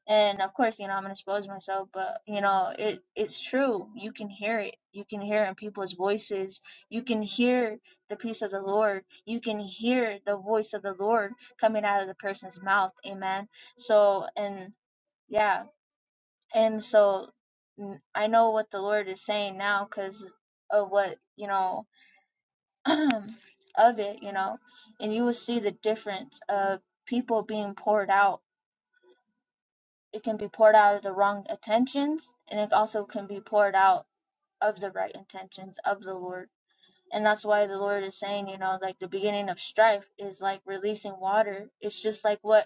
And of course, you know, I'm gonna expose myself, but you know, it it's true. You can hear it. You can hear it in people's voices. You can hear the peace of the Lord. You can hear the voice of the Lord coming out of the person's mouth. Amen. So and yeah, and so mm, I know what the Lord is saying now because of what you know. of it, you know, and you will see the difference of people being poured out. It can be poured out of the wrong intentions, and it also can be poured out of the right intentions of the Lord. And that's why the Lord is saying, you know, like the beginning of strife is like releasing water. It's just like what,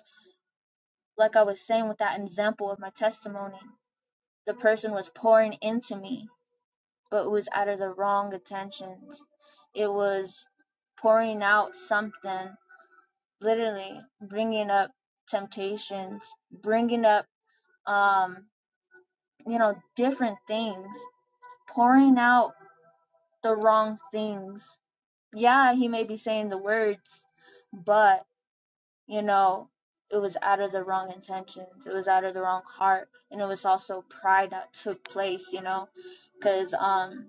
like I was saying with that example of my testimony. The person was pouring into me, but it was out of the wrong intentions. It was pouring out something literally bringing up temptations, bringing up, um, you know, different things, pouring out the wrong things. Yeah, he may be saying the words, but, you know, it was out of the wrong intentions. It was out of the wrong heart. And it was also pride that took place, you know, because, um,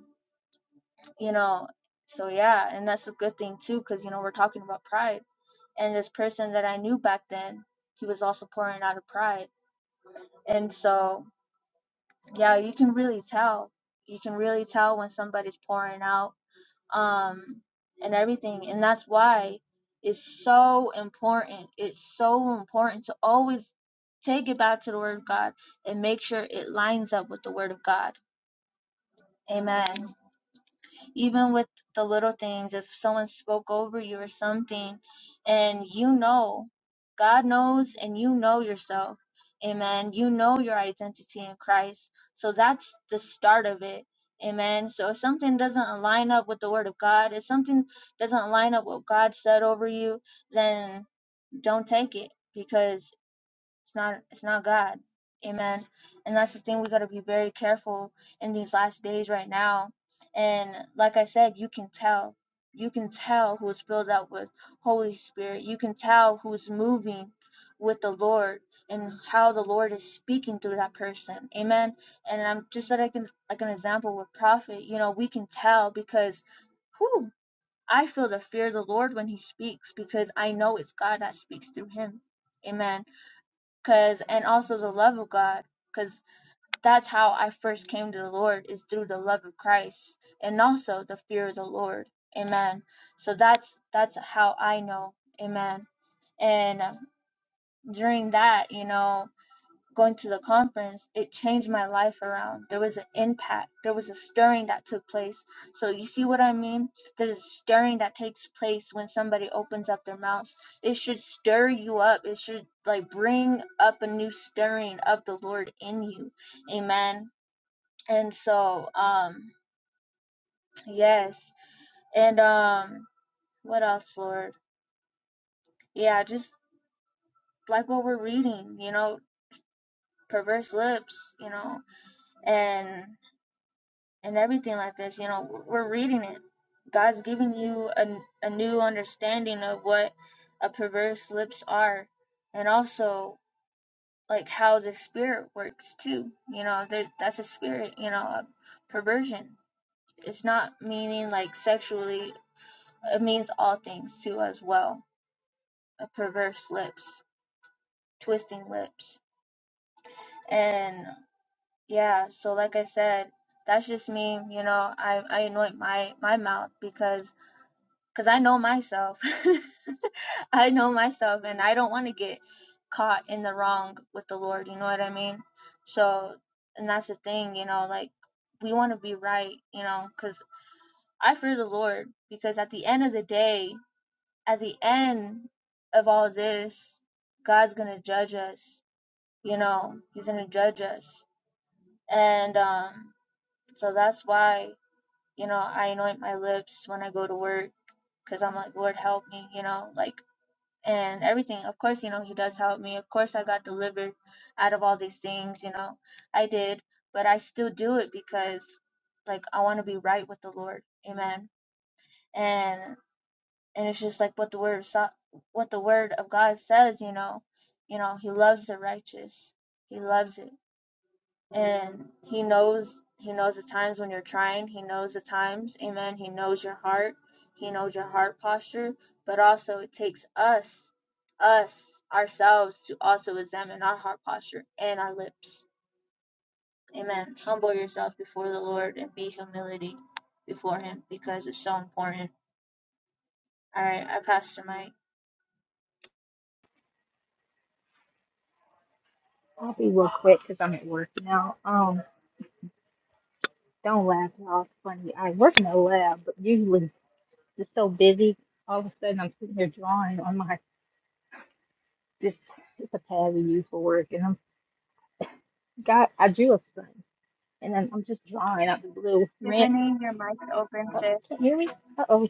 you know, so yeah, and that's a good thing too, because, you know, we're talking about pride. And this person that I knew back then, he was also pouring out of pride And so, yeah, you can really tell. You can really tell when somebody's pouring out um, and everything. And that's why it's so important. It's so important to always take it back to the Word of God and make sure it lines up with the Word of God. Amen. even with the little things if someone spoke over you or something and you know god knows and you know yourself amen you know your identity in christ so that's the start of it amen so if something doesn't line up with the word of god if something doesn't line up with what god said over you then don't take it because it's not it's not God. Amen. And that's the thing we got to be very careful in these last days right now. And like I said, you can tell. You can tell who is filled up with Holy Spirit. You can tell who's moving with the Lord and how the Lord is speaking through that person. Amen. And I'm just like like an like an example with prophet, you know, we can tell because who I feel the fear of the Lord when he speaks because I know it's God that speaks through him. Amen cause and also the love of God because that's how I first came to the Lord is through the love of Christ and also the fear of the Lord. Amen. So that's that's how I know. Amen. And during that, you know, going to the conference, it changed my life around. There was an impact, there was a stirring that took place. So, you see what I mean? There's a stirring that takes place when somebody opens up their mouths. It should stir you up, it should like bring up a new stirring of the Lord in you. Amen. And so, um, yes, and um, what else, Lord? Yeah, just like what we're reading, you know, perverse lips, you know, and and everything like this. You know, we're reading it. God's giving you a, a new understanding of what a perverse lips are, and also like how the spirit works too. You know, there, that's a spirit. You know, perversion. It's not meaning like sexually. It means all things too as well. A perverse lips, twisting lips, and yeah. So like I said, that's just me. You know, I I anoint my my mouth because because I know myself. I know myself, and I don't want to get caught in the wrong with the Lord. You know what I mean? So, and that's the thing, you know, like we want to be right, you know, because I fear the Lord, because at the end of the day, at the end of all this, God's going to judge us, you know, He's going to judge us. And um, so that's why, you know, I anoint my lips when I go to work because I'm like, Lord, help me, you know, like and everything. Of course, you know, he does help me. Of course, I got delivered out of all these things, you know, I did, but I still do it because, like, I want to be right with the Lord. Amen. And, and it's just like what the word of so- what the word of God says, you know, you know, he loves the righteous. He loves it and he knows he knows the times when you're trying he knows the times amen he knows your heart he knows your heart posture but also it takes us us ourselves to also examine our heart posture and our lips amen humble yourself before the lord and be humility before him because it's so important all right i pass the mic I'll be real quick because I'm at work now. Um, don't laugh, y'all. It's funny. I work in a lab, but usually just so busy. All of a sudden, I'm sitting here drawing on my this. It's a pad we use for work, and I'm got I drew a sun, and then I'm just drawing out the blue. Rant. tiffany your mic's open Oh, sis can't hear me. Uh oh.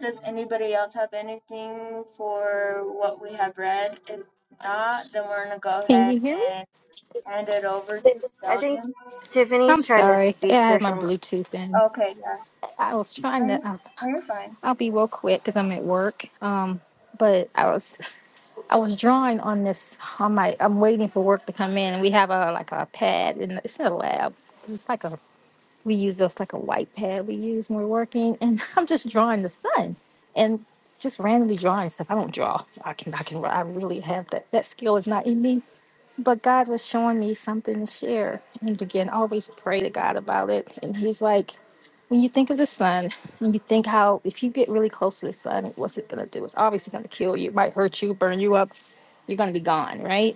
Does anybody else have anything for what we have read? If not, then we're gonna go Can ahead you hear me? and hand it over to I think Sheldon. I'm Tiffany's trying to sorry. Yeah, speak I had my through Bluetooth in. Okay, yeah. I was No, trying to. you're, I was, no, you're fine. I'll be real quick because I'm at work. Um, but I was. I was drawing on this on my I'm waiting for work to come in and we have a like a pad and it's not a lab. It's like a we use those like a white pad we use when we're working and I'm just drawing the sun and just randomly drawing stuff. I don't draw. I can I can I really have that that skill is not in me but God was showing me something to share. And again, always pray to God about it. And He's like, when you think of the sun, and you think how if you get really close to the sun, what's it gonna do? It's obviously gonna kill you, it might hurt you, burn you up. You're gonna be gone, right?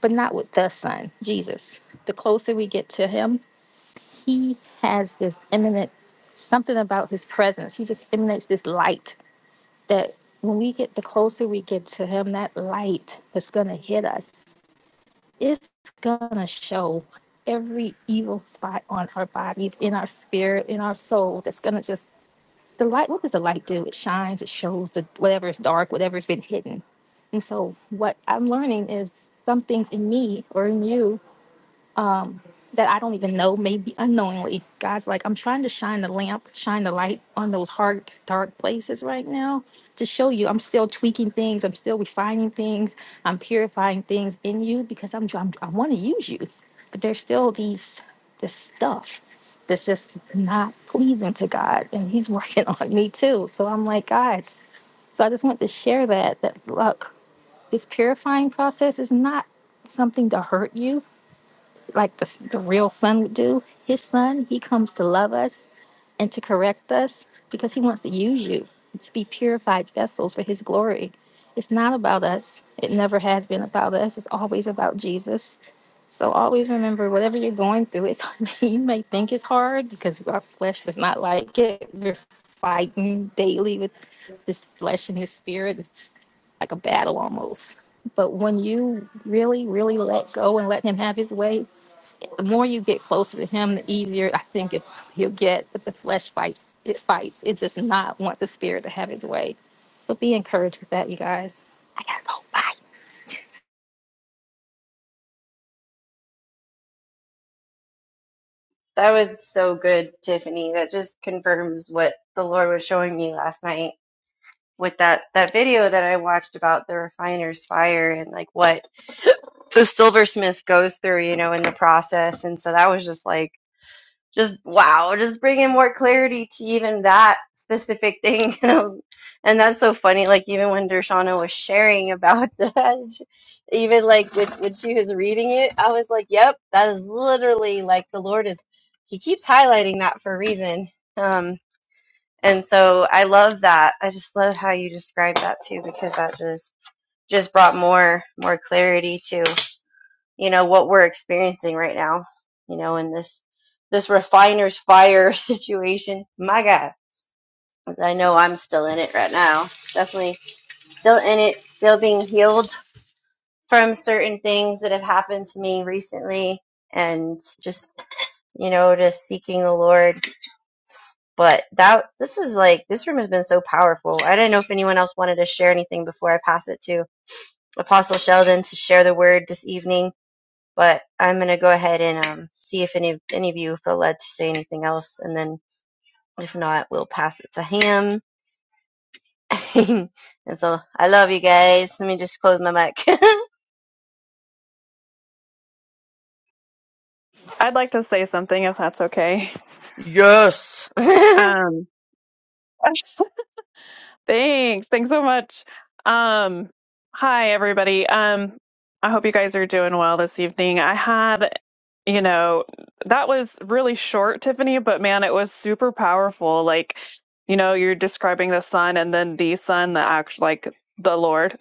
But not with the sun, Jesus. The closer we get to Him, He has this imminent something about His presence. He just emanates this light that when we get the closer we get to Him, that light is gonna hit us it's gonna show every evil spot on our bodies, in our spirit, in our soul. That's gonna just the light. What does the light do? It shines. It shows the whatever is dark, whatever's been hidden. And so, what I'm learning is some things in me or in you um, that I don't even know, maybe unknowingly. God's like, I'm trying to shine the lamp, shine the light on those hard, dark places right now to show you I'm still tweaking things, I'm still refining things, I'm purifying things in you because I'm, I'm I want to use you, but there's still these this stuff that's just not pleasing to God, and He's working on me too. So I'm like, God. So I just want to share that that look, this purifying process is not something to hurt you like the, s- the real son would do. His son, he comes to love us and to correct us because he wants to use you to be purified vessels for his glory. It's not about us. It never has been about us. It's always about Jesus. So always remember whatever you're going through, it's you may think it's hard because our flesh does not like it. We're fighting daily with this flesh and his spirit. It's just like a battle almost. But when you really, really let go and let him have his way, the more you get closer to him, the easier I think it, he'll get. But the flesh fights; it fights. It does not want the spirit to have its way. So be encouraged with that, you guys. I gotta go. Bye. That was so good, Tiffany. That just confirms what the Lord was showing me last night with that that video that I watched about the refiner's fire and like what the silversmith goes through, you know, in the process. And so that was just like just wow, just bringing more clarity to even that specific thing. You know? And that's so funny. Like even when Dershana was sharing about that, even like with, when she was reading it, I was like, "Yep, that is literally like the Lord is. He keeps highlighting that for a reason." Um, and so I love that. I just love how you describe that too, because that just just brought more more clarity to you know what we're experiencing right now you know in this this refiner's fire situation my god i know i'm still in it right now definitely still in it still being healed from certain things that have happened to me recently and just you know just seeking the lord but that this is like this room has been so powerful i don't know if anyone else wanted to share anything before i pass it to apostle sheldon to share the word this evening But I'm going to go ahead and um, see if any, any of you feel led to say anything else. And then if not, we'll pass it to him. and so I love you guys. Let me just close my mic. I'd like to say something if that's okay. yes. I Um, thanks. Thanks so much. Um, hi, everybody. Um, I hope you guys are doing well this evening. I had, you know, that was really short, Tiffany, but man, it was super powerful. Like, you know, you're describing the sun and then the sun, the act, like the Lord.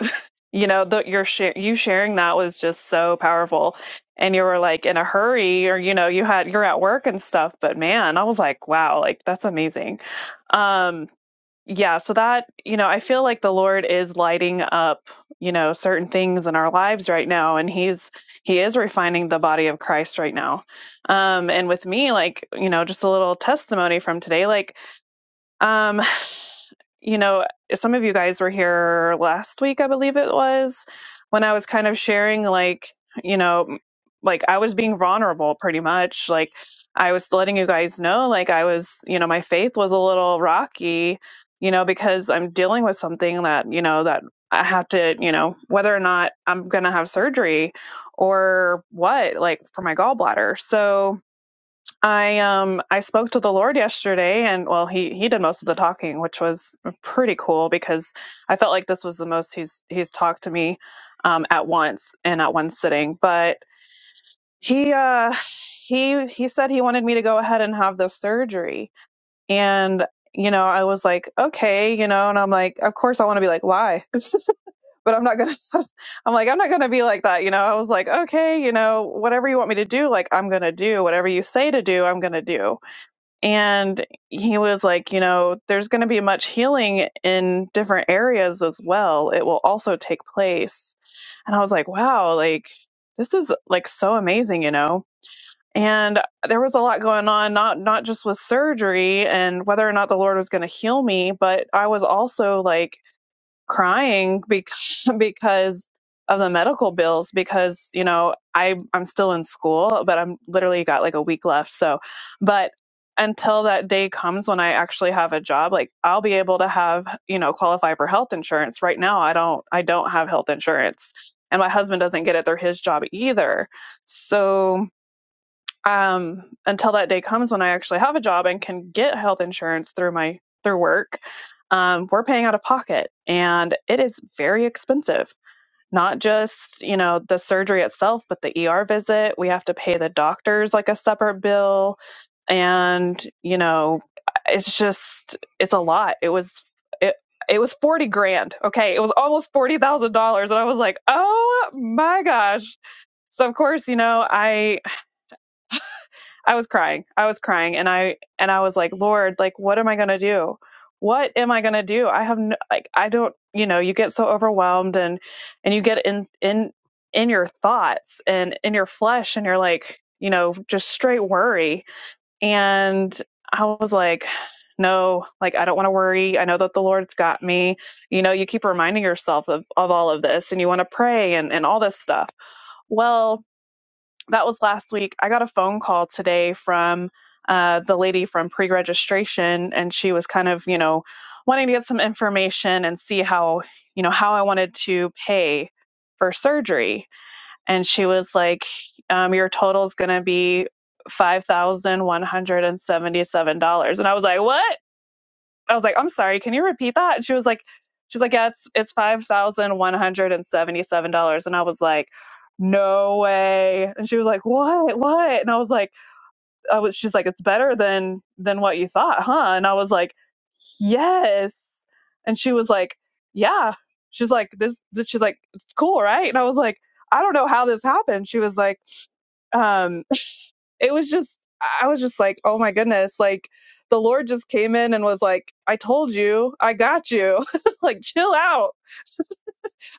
you know the, your share you sharing that was just so powerful and you were like in a hurry or you know you had you're at work and stuff but man i was like wow like that's amazing um yeah so that you know i feel like the lord is lighting up you know certain things in our lives right now and he's he is refining the body of christ right now um and with me like you know just a little testimony from today like um you know, some of you guys were here last week, I believe it was, when I was kind of sharing, like, you know, like I was being vulnerable pretty much. Like, I was letting you guys know, like, I was, you know, my faith was a little rocky, you know, because I'm dealing with something that, you know, that I have to, you know, whether or not I'm going to have surgery or what, like, for my gallbladder. So, I um I spoke to the Lord yesterday and well he he did most of the talking which was pretty cool because I felt like this was the most he's he's talked to me um at once and at one sitting but he uh he he said he wanted me to go ahead and have the surgery and you know I was like okay you know and I'm like of course I want to be like why but I'm not going to I'm like I'm not going to be like that you know I was like okay you know whatever you want me to do like I'm going to do whatever you say to do I'm going to do and he was like, you know, there's going to be much healing in different areas as well. It will also take place. And I was like, wow, like this is like so amazing, you know. And there was a lot going on, not not just with surgery and whether or not the Lord was going to heal me, but I was also like crying because because of the medical bills because you know I I'm still in school but I'm literally got like a week left so but until that day comes when I actually have a job like I'll be able to have you know qualify for health insurance right now I don't I don't have health insurance and my husband doesn't get it through his job either so um, until that day comes when I actually have a job and can get health insurance through my through work, um, we're paying out of pocket, and it is very expensive. Not just you know the surgery itself, but the ER visit. We have to pay the doctors like a separate bill, and you know it's just it's a lot. It was it it was forty grand. Okay, it was almost forty thousand dollars, and I was like, oh my gosh. So of course, you know, I I was crying. I was crying and I and I was like, "Lord, like what am I going to do? What am I going to do? I have no, like I don't, you know, you get so overwhelmed and and you get in in in your thoughts and in your flesh and you're like, you know, just straight worry. And I was like, no, like I don't want to worry. I know that the Lord's got me. You know, you keep reminding yourself of, of all of this and you want to pray and, and all this stuff. Well, that was last week. I got a phone call today from uh, the lady from pre registration, and she was kind of, you know, wanting to get some information and see how, you know, how I wanted to pay for surgery. And she was like, um, Your total is going to be $5,177. And I was like, What? I was like, I'm sorry, can you repeat that? And she was like, she's like, yeah, it's it's five thousand one hundred and seventy seven dollars. And I was like, no way. And she was like, what, what? And I was like, I was, she's like, it's better than than what you thought, huh? And I was like, yes. And she was like, yeah. She's like, this, this, she's like, it's cool, right? And I was like, I don't know how this happened. She was like, um it was just i was just like oh my goodness like the lord just came in and was like i told you i got you like chill out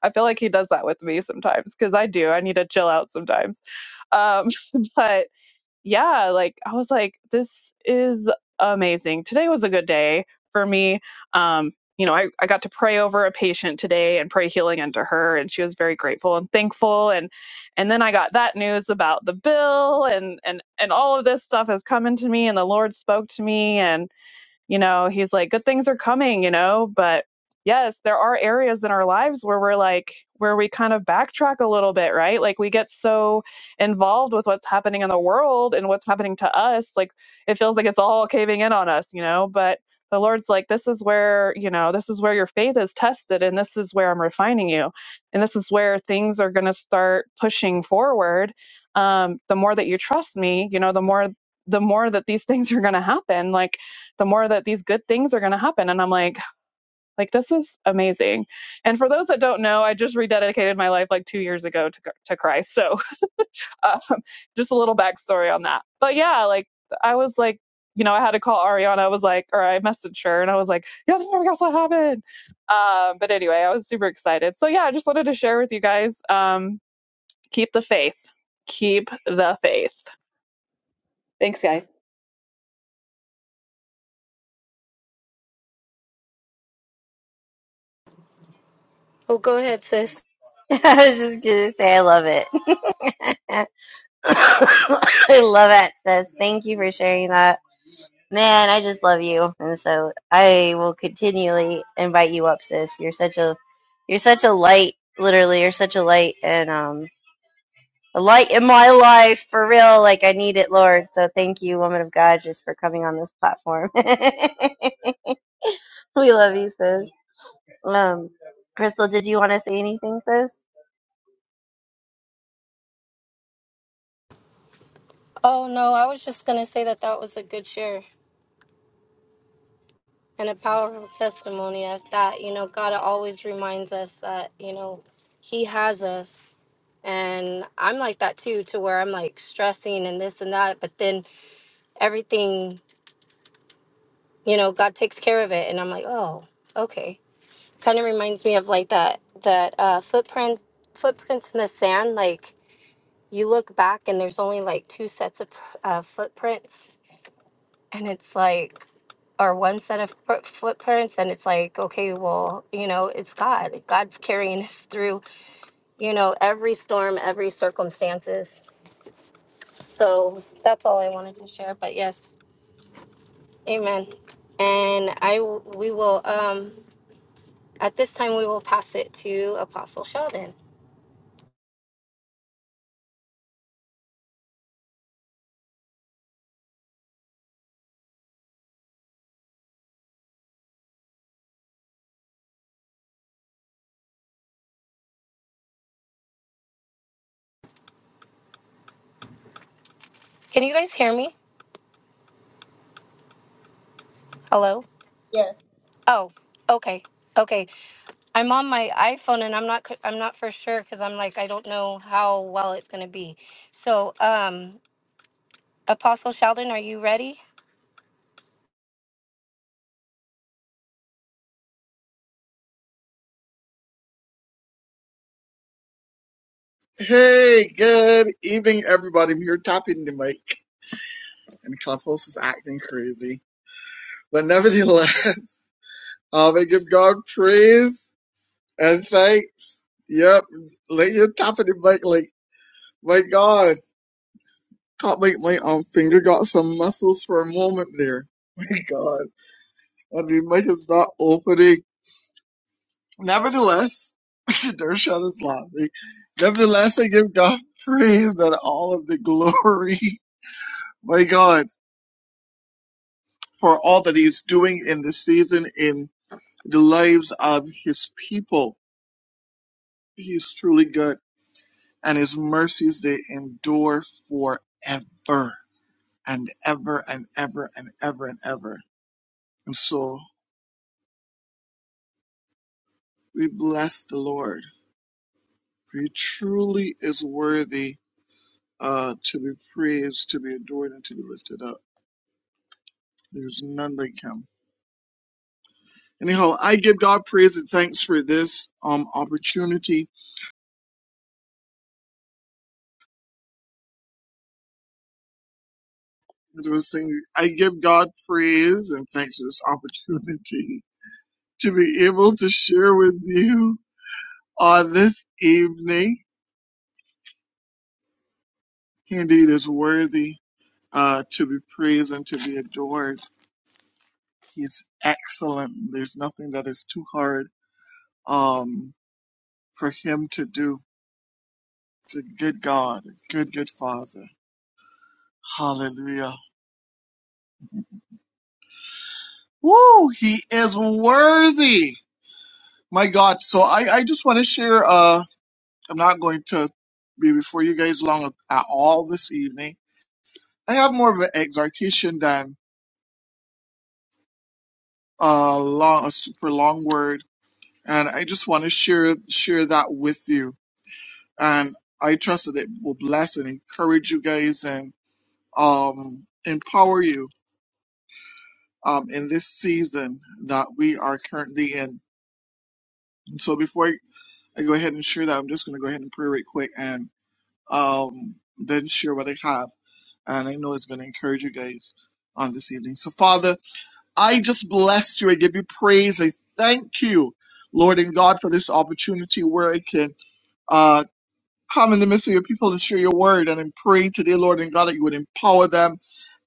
i feel like he does that with me sometimes because i do i need to chill out sometimes um but yeah, like I was like, this is amazing. Today was a good day for me. Um, you know, I, I got to pray over a patient today and pray healing unto her, and she was very grateful and thankful. And and then I got that news about the bill, and and and all of this stuff has come into me, and the Lord spoke to me, and you know, he's like, good things are coming, you know, but yes, there are areas in our lives where we're like, where we kind of backtrack a little bit, right? Like we get so involved with what's happening in the world and what's happening to us. Like it feels like it's all caving in on us, you know, but the Lord's like, this is where, you know, this is where your faith is tested and this is where I'm refining you. And this is where things are going to start pushing forward. Um, the more that you trust me, you know, the more the more that these things are going to happen like the more that these good things are going to happen and i'm like like this is amazing and for those that don't know i just rededicated my life like two years ago to, to christ so um, just a little backstory on that but yeah like i was like you know i had to call ariana i was like or i messaged her and i was like yeah oh my gosh what happened um, but anyway i was super excited so yeah i just wanted to share with you guys um, keep the faith keep the faith Thanks, guys. Oh, go ahead, sis. was just going to say I love it. I love it, sis. Thank you for sharing that. Man, I just love you. And so I will continually invite you up, sis. You're such a you're such a light, literally, you're such a light. And um a light in my life for real. Like I need it, Lord. So thank you, woman of God, just for coming on this platform. we love you, sis. Um, Crystal, did you want to say anything, sis? oh no i was just going to say that that was a good share and a powerful testimony of that. You know, God always reminds us that, you know, He has us. And I'm like that too, to where I'm like stressing and this and that. But then everything, you know, God takes care of it. And I'm like, oh, okay. Kind of reminds me of like that, that uh, footprint, footprints in the sand. Like you look back and there's only like two sets of uh, footprints. And it's like, or one set of fo- footprints and it's like okay well you know it's god god's carrying us through you know every storm every circumstances so that's all i wanted to share but yes amen and i w- we will um at this time we will pass it to apostle sheldon can you guys hear me hello Yes. oh okay okay i'm on my iphone and i'm not c- i'm not for sure because i'm like i don't know how well it's going to be so um Apostle Sheldon, are you ready? Hey, good evening, everybody. I'm here tapping the mic, and Clubhouse is acting crazy. But nevertheless, um, I give God praise and thanks. Yep, like you're tapping the mic, like, my God, top like my um, finger got some muscles for a moment there. My God, and the mic is not opening. Nevertheless, Dershot is laughing. Nevertheless, I give God praise and all of the glory. My God. for all that he's doing in this season in the lives of his people. He's truly good, and his mercies they endure forever and ever and ever and ever and ever. And so we bless the Lord, for he truly is worthy uh, to be praised, to be adored, and to be lifted up. There's none like him. Anyhow, I give God praise and thanks for this um opportunity It was saying, I give God praise and thanks for this opportunity to be able to share with you on this evening. He indeed is worthy uh, to be praised and to be adored. He's excellent. There's nothing that is too hard um, for him to do. It's a good God, a good, good Father. Hallelujah. Woo! He is worthy. My God. So I, I just want to share. uh I'm not going to be before you guys long at all this evening. I have more of an exhortation than a long, a super long word, and I just want to share share that with you. And I trust that it will bless and encourage you guys and um, empower you um, in this season that we are currently in. And So before I I go ahead and share that, I'm just going to go ahead and pray right quick and um, then share what I have. and I know it's going to encourage you guys on this evening. So, Father, I just bless you. I give you praise. I thank you, Lord and God, for this opportunity where I can uh, come in the midst of your people and share your word. And I'm praying today, Lord and God, that you would empower them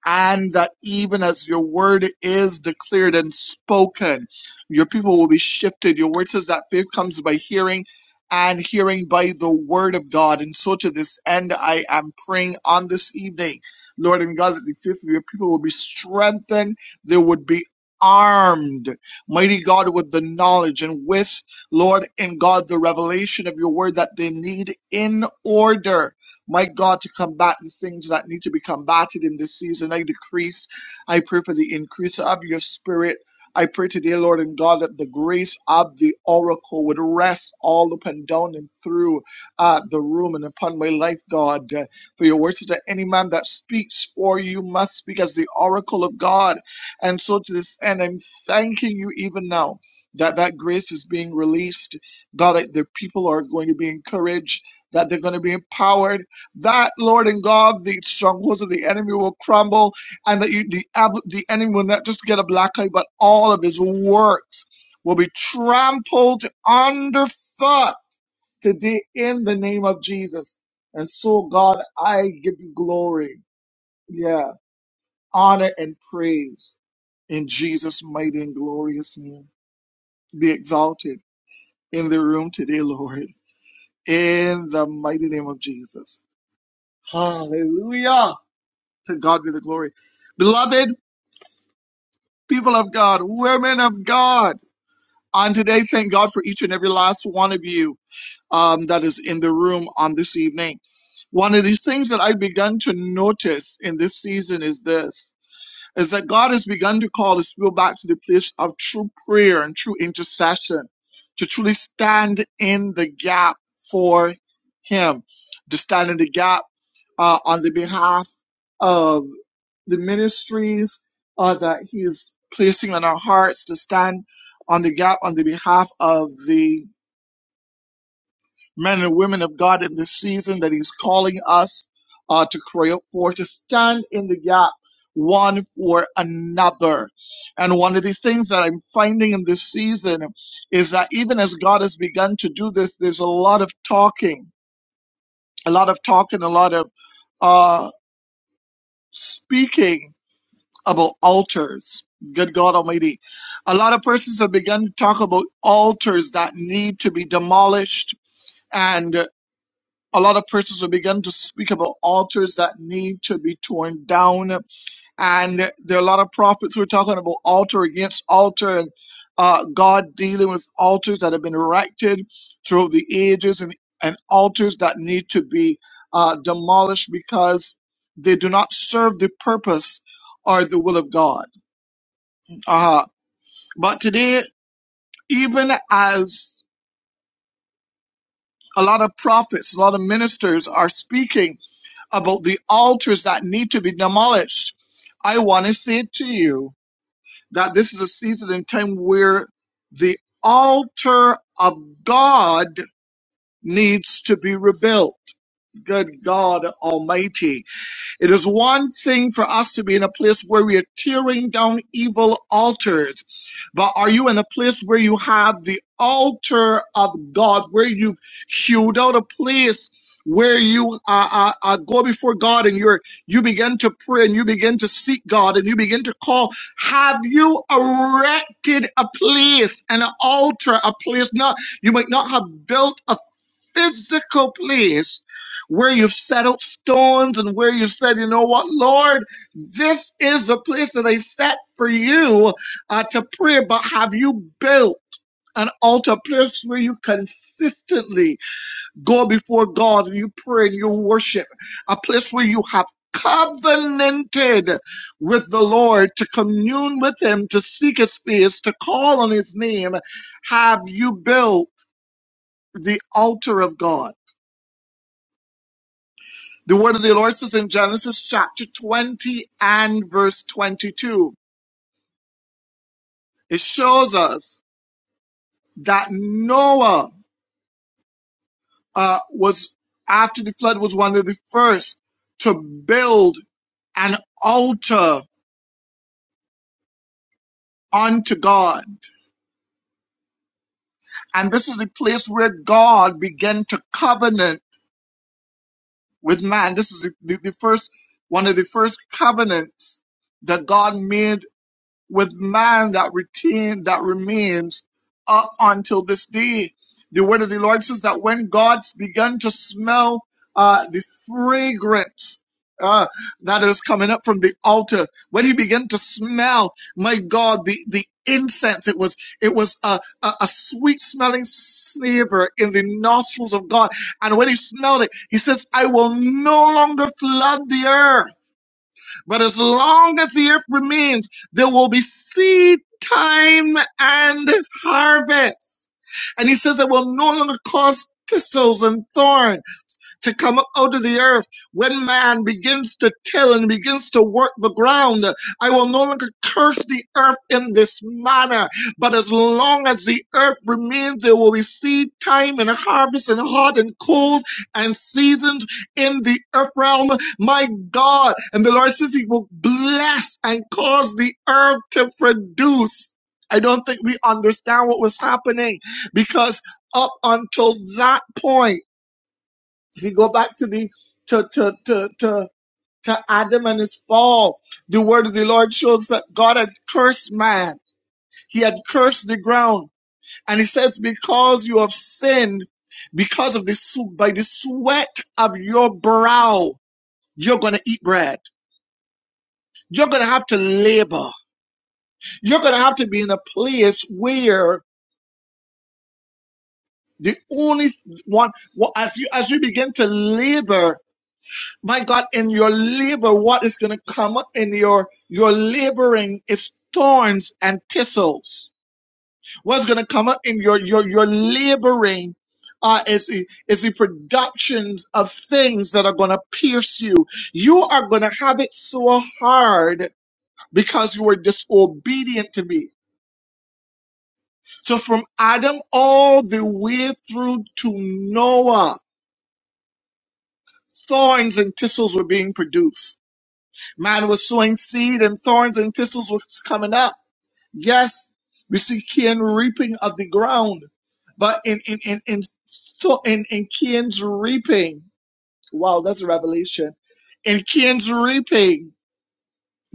and that even as your word is declared and spoken, your people will be shifted. Your word says that faith comes by hearing and hearing by the word of God. And so to this end, I am praying on this evening, Lord and God, that the faith of your people will be strengthened. They would be armed, mighty God, with the knowledge and with, Lord and God, the revelation of your word that they need in order my God, to combat these things that need to be combated in this season. I decrease. I pray for the increase of your spirit. I pray today, Lord and God, that the grace of the oracle would rest all up and down and through uh, the room and upon my life, God. Uh, For your words that any man that speaks for you must speak as the oracle of God. And so to this end, I'm thanking you even now that that grace is being released. God, that the people are going to be encouraged, that they're going to be empowered that Lord and God, the strongholds of the enemy will crumble, and that you, the av- the enemy will not just get a black eye, but all of his works will be trampled underfoot today in the name of Jesus. And so, God, I give you glory, yeah, honor and praise in Jesus' mighty and glorious name. Be exalted in the room today, Lord, in the mighty name of Jesus. Hallelujah. To God be the glory. Beloved people of God, women of God, on today, thank God for each and every last one of you um, that is in the room on this evening. One of these things that I've begun to notice in this season is this is that God has begun to call his people back to the place of true prayer and true intercession to truly stand in the gap for him, to stand in the gap uh, on the behalf of the ministries uh, that he is placing on our hearts, to stand on the gap on the behalf of the men and women of God in this season that He's calling us uh, to cry out for, to stand in the gap one for another. And one of these things that I'm finding in this season is that even as God has begun to do this, there's a lot of talking, a lot of talking, a lot of uh, speaking about altars. Good God Almighty. A lot of persons have begun to talk about altars that need to be demolished and. a lot of persons will begin to speak about altars that need to be torn down. And there are a lot of prophets who are talking about altar against altar and uh, God dealing with altars that have been erected throughout the ages and, and altars that need to be uh, demolished because they do not serve the purpose or the will of God. Uh, but today, even as a lot of prophets, a lot of ministers are speaking about the altars that need to be demolished. I want to say to you that this is a season and time where the altar of God needs to be rebuilt. Good God Almighty. It is one thing for us to be in a place where we are tearing down evil altars, but are you in a place where you have the altar of God, where you've hewed out a place? Where you uh, uh, uh, go before God and you're you begin to pray and you begin to seek God and you begin to call. Have you erected a place, an altar, a place? Not you might not have built a physical place where you've set out stones and where you've said, you know what, Lord, this is a place that I set for you uh, to pray, but have you built? An altar place where you consistently go before God and you pray and you worship. A place where you have covenanted with the Lord to commune with Him, to seek His face, to call on His name. Have you built the altar of God? The word of the Lord says in Genesis chapter 20 and verse 22, it shows us that Noah uh, was, after the flood, was one of the first to build an altar unto God. And this is the place where God began to covenant with man. This is the, the, the first, one of the first covenants that God made with man that retain that remains up until this day. The word of the Lord says that when God began to smell uh, the fragrance uh, that is coming up from the altar, when he began to smell, my God, the the incense it was it was a, a, a sweet smelling savor in the nostrils of god and when he smelled it he says i will no longer flood the earth but as long as the earth remains, there will be seed time and harvest. And he says, I will no longer cause thistles and thorns to come up out of the earth. When man begins to till and begins to work the ground, I will no longer curse the earth in this manner. But as long as the earth remains, there will be seed time and harvest and hot and cold and seasons in the earth realm. My God. And the Lord says He will bless and cause the herb to produce. I don't think we understand what was happening because up until that point, if you go back to the, to, to, to, to, to Adam and his fall, the word of the Lord shows that God had cursed man. He had cursed the ground. And he says, because you have sinned, because of the, by the sweat of your brow, you're going to eat bread You're going to have to labor. You're going to have to be in a place where the only one, well, as you, as you begin to labor, my God, in your labor, what is going to come up in your, your laboring is thorns and thistles. What's going to come up in your, your, your laboring uh, is, the- is the productions of things that are going to pierce you. You are going to have it so hard because you were disobedient to me So from Adam all the way through to Noah, thorns and thistles were being produced. Man was sowing seed and thorns and thistles were coming up. Yes, we see Cain reaping of the ground. But in, in, in, in, so- in, in Cain's reaping, wow, that's a revelation. In Cain's reaping,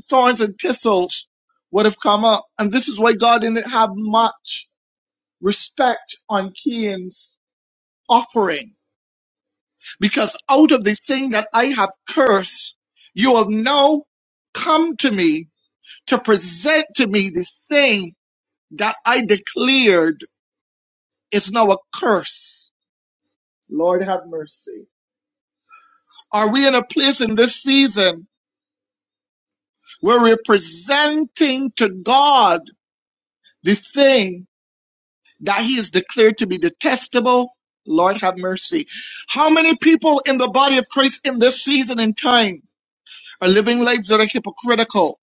thorns and thistles would have come up. And this is why God didn't have much respect on Cain's offering because out of the thing that I have cursed, you have now come to me to present to me the thing that I declared is now a curse. Lord have mercy. Are we in a place in this season where we're presenting to God the thing that He has declared to be detestable? Lord have mercy. How many people in the body of Christ in this season and time? are living lives that are hypocritical,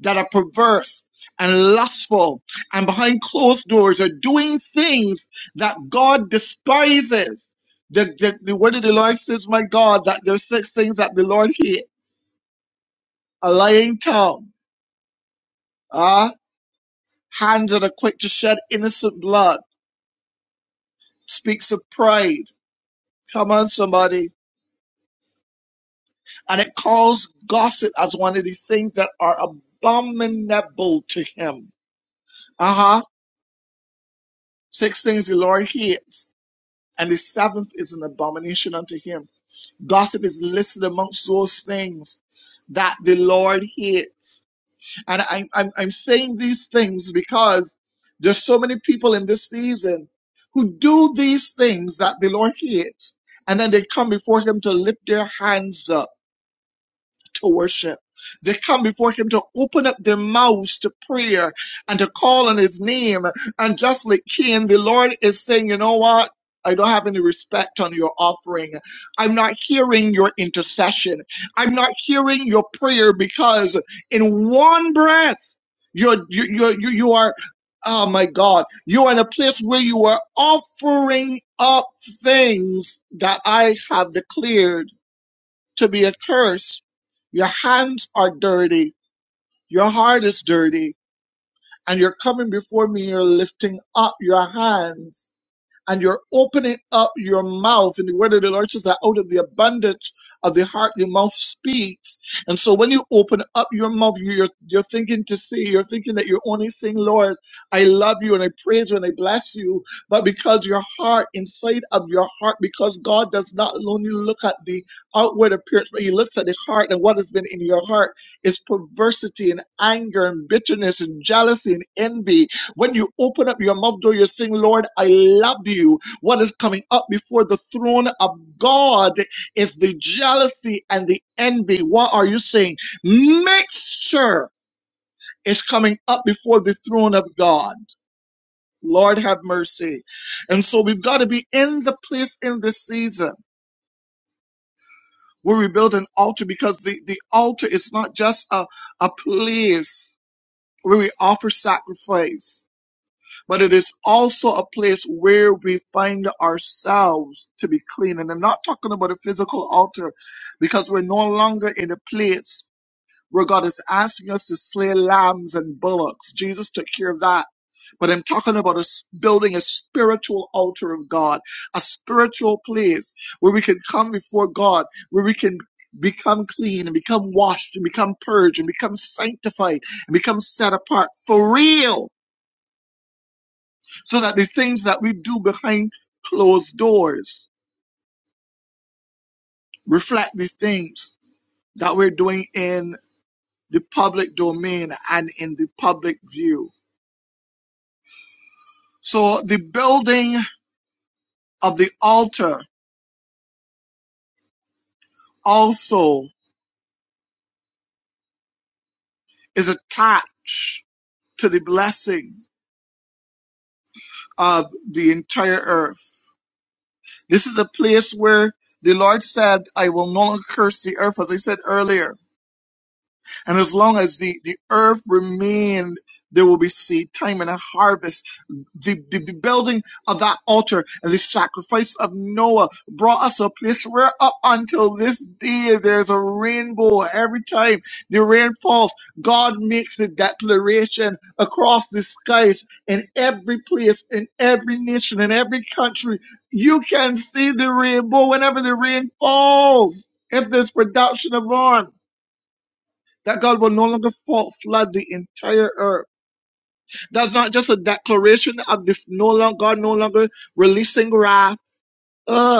that are perverse and lustful, and behind closed doors are doing things that God despises. The, the, the word of the Lord says, My God, that there's six things that the Lord hates a lying tongue, ah, hands that are quick to shed innocent blood, speaks of pride. Come on, somebody. And it calls gossip as one of the things that are abominable to him. Uh huh. Six things the Lord hates and the seventh is an abomination unto him. Gossip is listed amongst those things that the Lord hates. And I'm, I'm, I'm saying these things because there's so many people in this season who do these things that the Lord hates. And then they come before him to lift their hands up to worship. They come before him to open up their mouths to prayer and to call on his name. And just like Cain, the Lord is saying, you know what? I don't have any respect on your offering. I'm not hearing your intercession. I'm not hearing your prayer because in one breath, you're, you, you, you, you are, oh my God, you are in a place where you are offering up things that I have declared to be a curse. Your hands are dirty, your heart is dirty, and you're coming before me, you're lifting up your hands and you're opening up your mouth. And the word of the Lord says that out of the abundance of the heart, your mouth speaks. And so when you open up your mouth, you're, you're thinking to say, you're thinking that you're only saying, Lord, I love you and I praise you and I bless you. But because your heart, inside of your heart, because God does not only look at the outward appearance, but he looks at the heart and what has been in your heart is perversity and anger and bitterness and jealousy and envy when you open up your mouth, though, you're saying, Lord, I love you. What is coming up before the throne of God is the jealousy and the envy. What are you saying? Mixture is coming up before the throne of God. Lord have mercy. And so we've got to be in the place in this season where we build an altar because the, the altar is not just a, a place where we offer sacrifice. but it is also a place where we find ourselves to be clean. And I'm not talking about a physical altar because we're no longer in a place where God is asking us to slay lambs and bullocks. Jesus took care of that. But I'm talking about us building a spiritual altar of God, a spiritual place where we can come before God, where we can become clean and become washed and become purged and become sanctified and become set apart for real so that the things that we do behind closed doors reflect the things that we're doing in the public domain and in the public view. So the building of the altar also is attached to the blessing of the entire earth. This is a place where the Lord said, I will no longer curse the earth, as I said earlier. And as long as the, the earth remained, there will be seed time and a harvest the, the, the building of that altar and the sacrifice of Noah brought us a place where up until this day there's a rainbow every time the rain falls. God makes a declaration across the skies in every place, in every nation, in every country. You can see the rainbow whenever the rain falls. If there's production of on, that God will no longer fa- flood the entire earth that's not just a declaration of the no longer, God no longer releasing wrath. Ugh.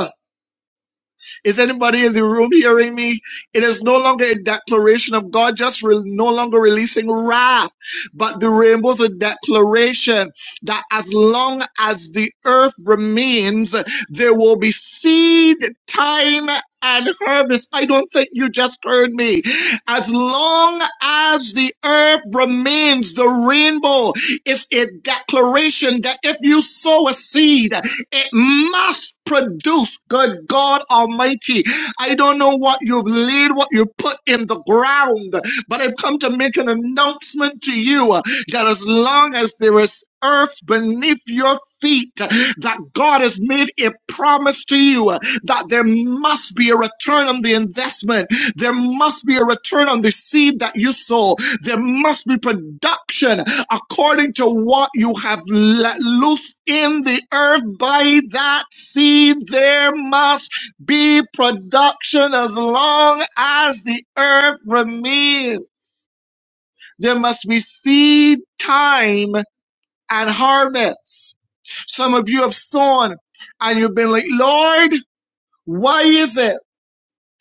Is anybody in the room hearing me? It is no longer a declaration of God, just re- no longer releasing wrath, but the rainbow's a declaration that as long as the earth remains, there will be seed, time, and harvest. I don't think you just heard me. As long as the earth remains, the rainbow is a declaration that if you sow a seed, it must produce good God Almighty. I don't know what you've laid, what you put in the ground, but I've come to make an announcement to you uh, that as long as there is earth beneath your feet, uh, that God has made a promise to you uh, that there must be a return on the investment. There must be a return on the seed that you sow. There must be production according to what you have let loose in the earth by that seed there must be production as long as the earth remains there must be seed time and harvest some of you have sown and you've been like lord why is it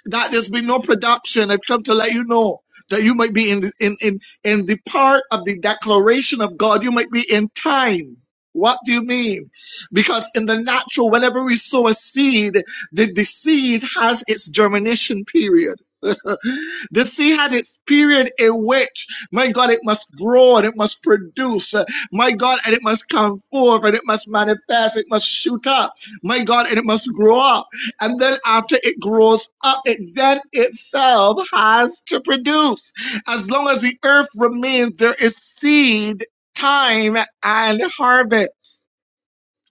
that there's been no production. I've come to let you know that you might be in in in in the part of the declaration of God. You might be in time. What do you mean? Because in the natural, whenever we sow a seed, the, the seed has its germination period. the seed had its period in which, my God, it must grow and it must produce, uh, my God, and it must come forth and it must manifest, it must shoot up, my God, and it must grow up. And then after it grows up, it then itself has to produce. As long as the earth remains, there is seed, time, and harvest.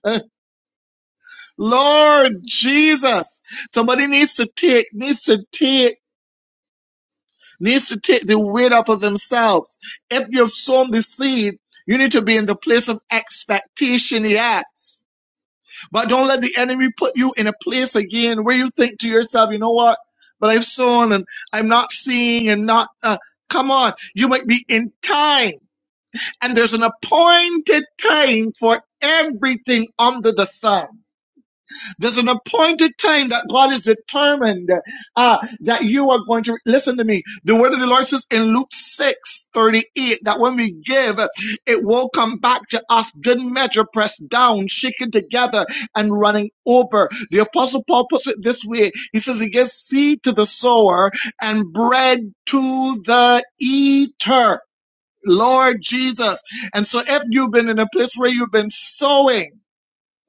Lord Jesus. Somebody needs to take, needs to take, needs to take the weight off of themselves. If you've sown the seed, you need to be in the place of expectation, yes. But don't let the enemy put you in a place again where you think to yourself, you know what? But I've sown and I'm not seeing and not, uh, come on. You might be in time and there's an appointed time for everything under the sun. There's an appointed time that God is determined uh, that you are going to listen to me. The word of the Lord says in Luke 6 38 that when we give, it will come back to us, good measure, pressed down, shaken together, and running over. The Apostle Paul puts it this way He says, He gives seed to the sower and bread to the eater. Lord Jesus. And so if you've been in a place where you've been sowing,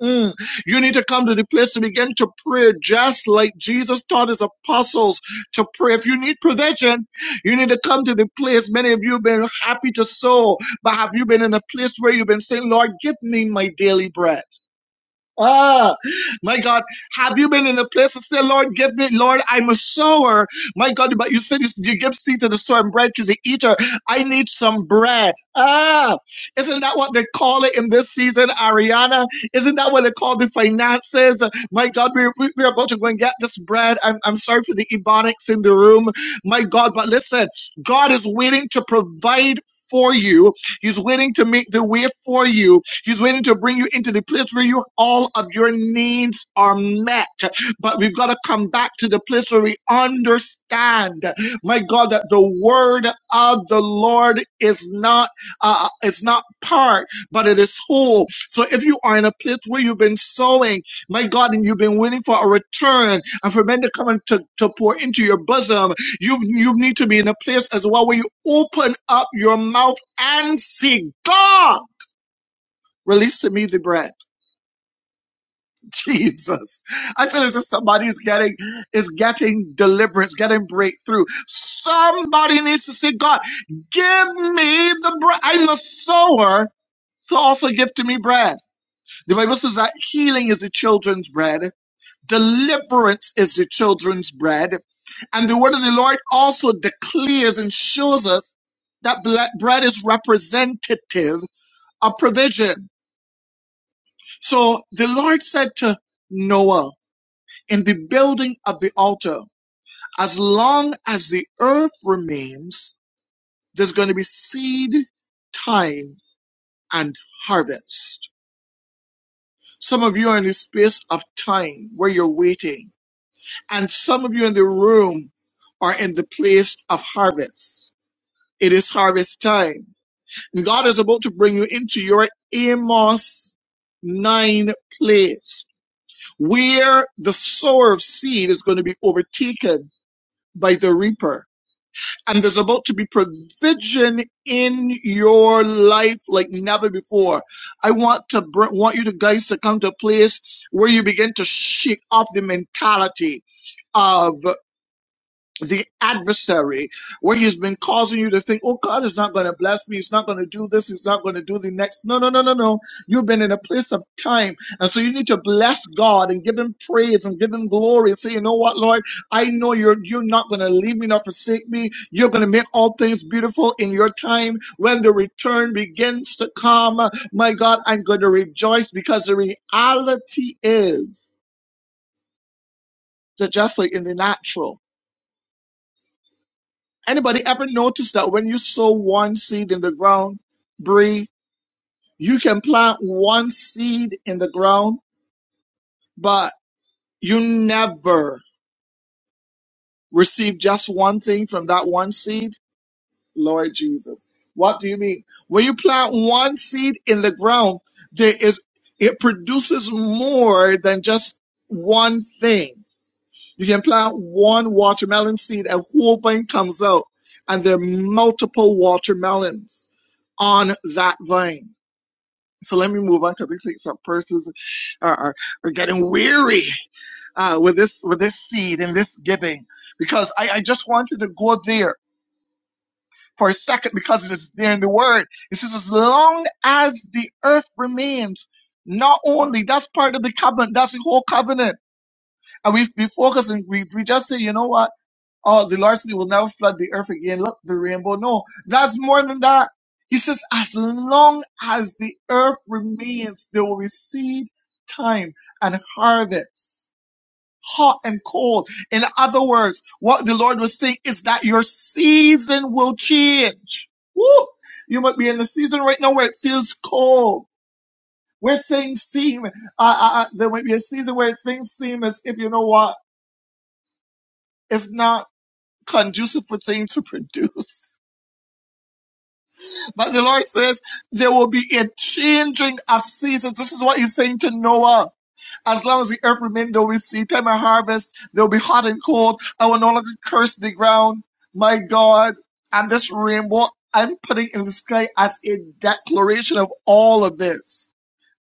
Mm. You need to come to the place to begin to pray just like Jesus taught his apostles to pray. If you need provision, you need to come to the place. Many of you have been happy to sow, but have you been in a place where you've been saying, Lord, give me my daily bread? Ah, my God, have you been in the place to say, Lord, give me, Lord, I'm a sower. My God, but you said you, you give seed to the sower and bread to the eater. I need some bread. Ah, isn't that what they call it in this season, Ariana? Isn't that what they call the finances? My God, we're, we're about to go and get this bread. I'm, I'm sorry for the ebonics in the room. My God, but listen, God is waiting to provide for you. He's waiting to make the way for you He's waiting to bring you into the place where you all of your needs are met. But we've got to come back to the place where we understand, my God, that the word of the Lord is not uh, is not part, but it is whole. So if you are in a place where you've been sowing, my God, and you've been waiting for a return and for men to come and to, to pour into your bosom, you you need to be in a place as well where you open up your mouth and see God. Release to me the bread. Jesus. I feel as if somebody is getting is getting deliverance, getting breakthrough. Somebody needs to say, God, give me the bread. I'm a sower, so also give to me bread. The Bible says that healing is the children's bread, deliverance is the children's bread. And the word of the Lord also declares and shows us that ble- bread is representative of provision. So the Lord said to Noah, In the building of the altar, as long as the earth remains, there's going to be seed, time, and harvest. Some of you are in the space of time where you're waiting, and some of you in the room are in the place of harvest. It is harvest time. And God is about to bring you into your Amos 9 place where the sower of seed is going to be overtaken by the reaper. And there's about to be provision in your life like never before. I want to br- want you to guys to come to a place where you begin to shake off the mentality of the adversary where he's been causing you to think, oh, God is not going to bless me. He's not going to do this. He's not going to do the next. No, no, no, no, no. You've been in a place of time. And so you need to bless God and give him praise and give him glory and say, you know what, Lord, I know you're, you're not going to leave me nor forsake me. You're going to make all things beautiful in your time. When the return begins to come, my God, I'm going to rejoice because the reality is that just like in the natural, Anybody ever notice that when you sow one seed in the ground, Bree, you can plant one seed in the ground, but you never receive just one thing from that one seed? Lord Jesus. What do you mean? When you plant one seed in the ground, there is it produces more than just one thing. You can plant one watermelon seed, a whole vine comes out, and there are multiple watermelons on that vine. So let me move on because I think some persons are, are, are getting weary uh, with this with this seed and this giving because I, I just wanted to go there for a second because it is there in the word. It says, as long as the earth remains, not only that's part of the covenant, that's the whole covenant. And we we focus and we, we just say, you know what? Oh, the Lord said he will never flood the earth again. Look, the rainbow. No, that's more than that. He says, as long as the earth remains, there will be seed time and harvest, hot and cold. In other words, what the Lord was saying is that your season will change. Woo! You might be in the season right now where it feels cold, where things seem, uh, uh, uh, there might be a season where things seem as if, you know what, it's not conducive for things to produce. But the Lord says there will be a changing of seasons. This is what he's saying to Noah. As long as the earth remains, there will be seed time and harvest. There will be hot and cold. I will no longer curse the ground. My God. And this rainbow I'm putting in the sky as a declaration of all of this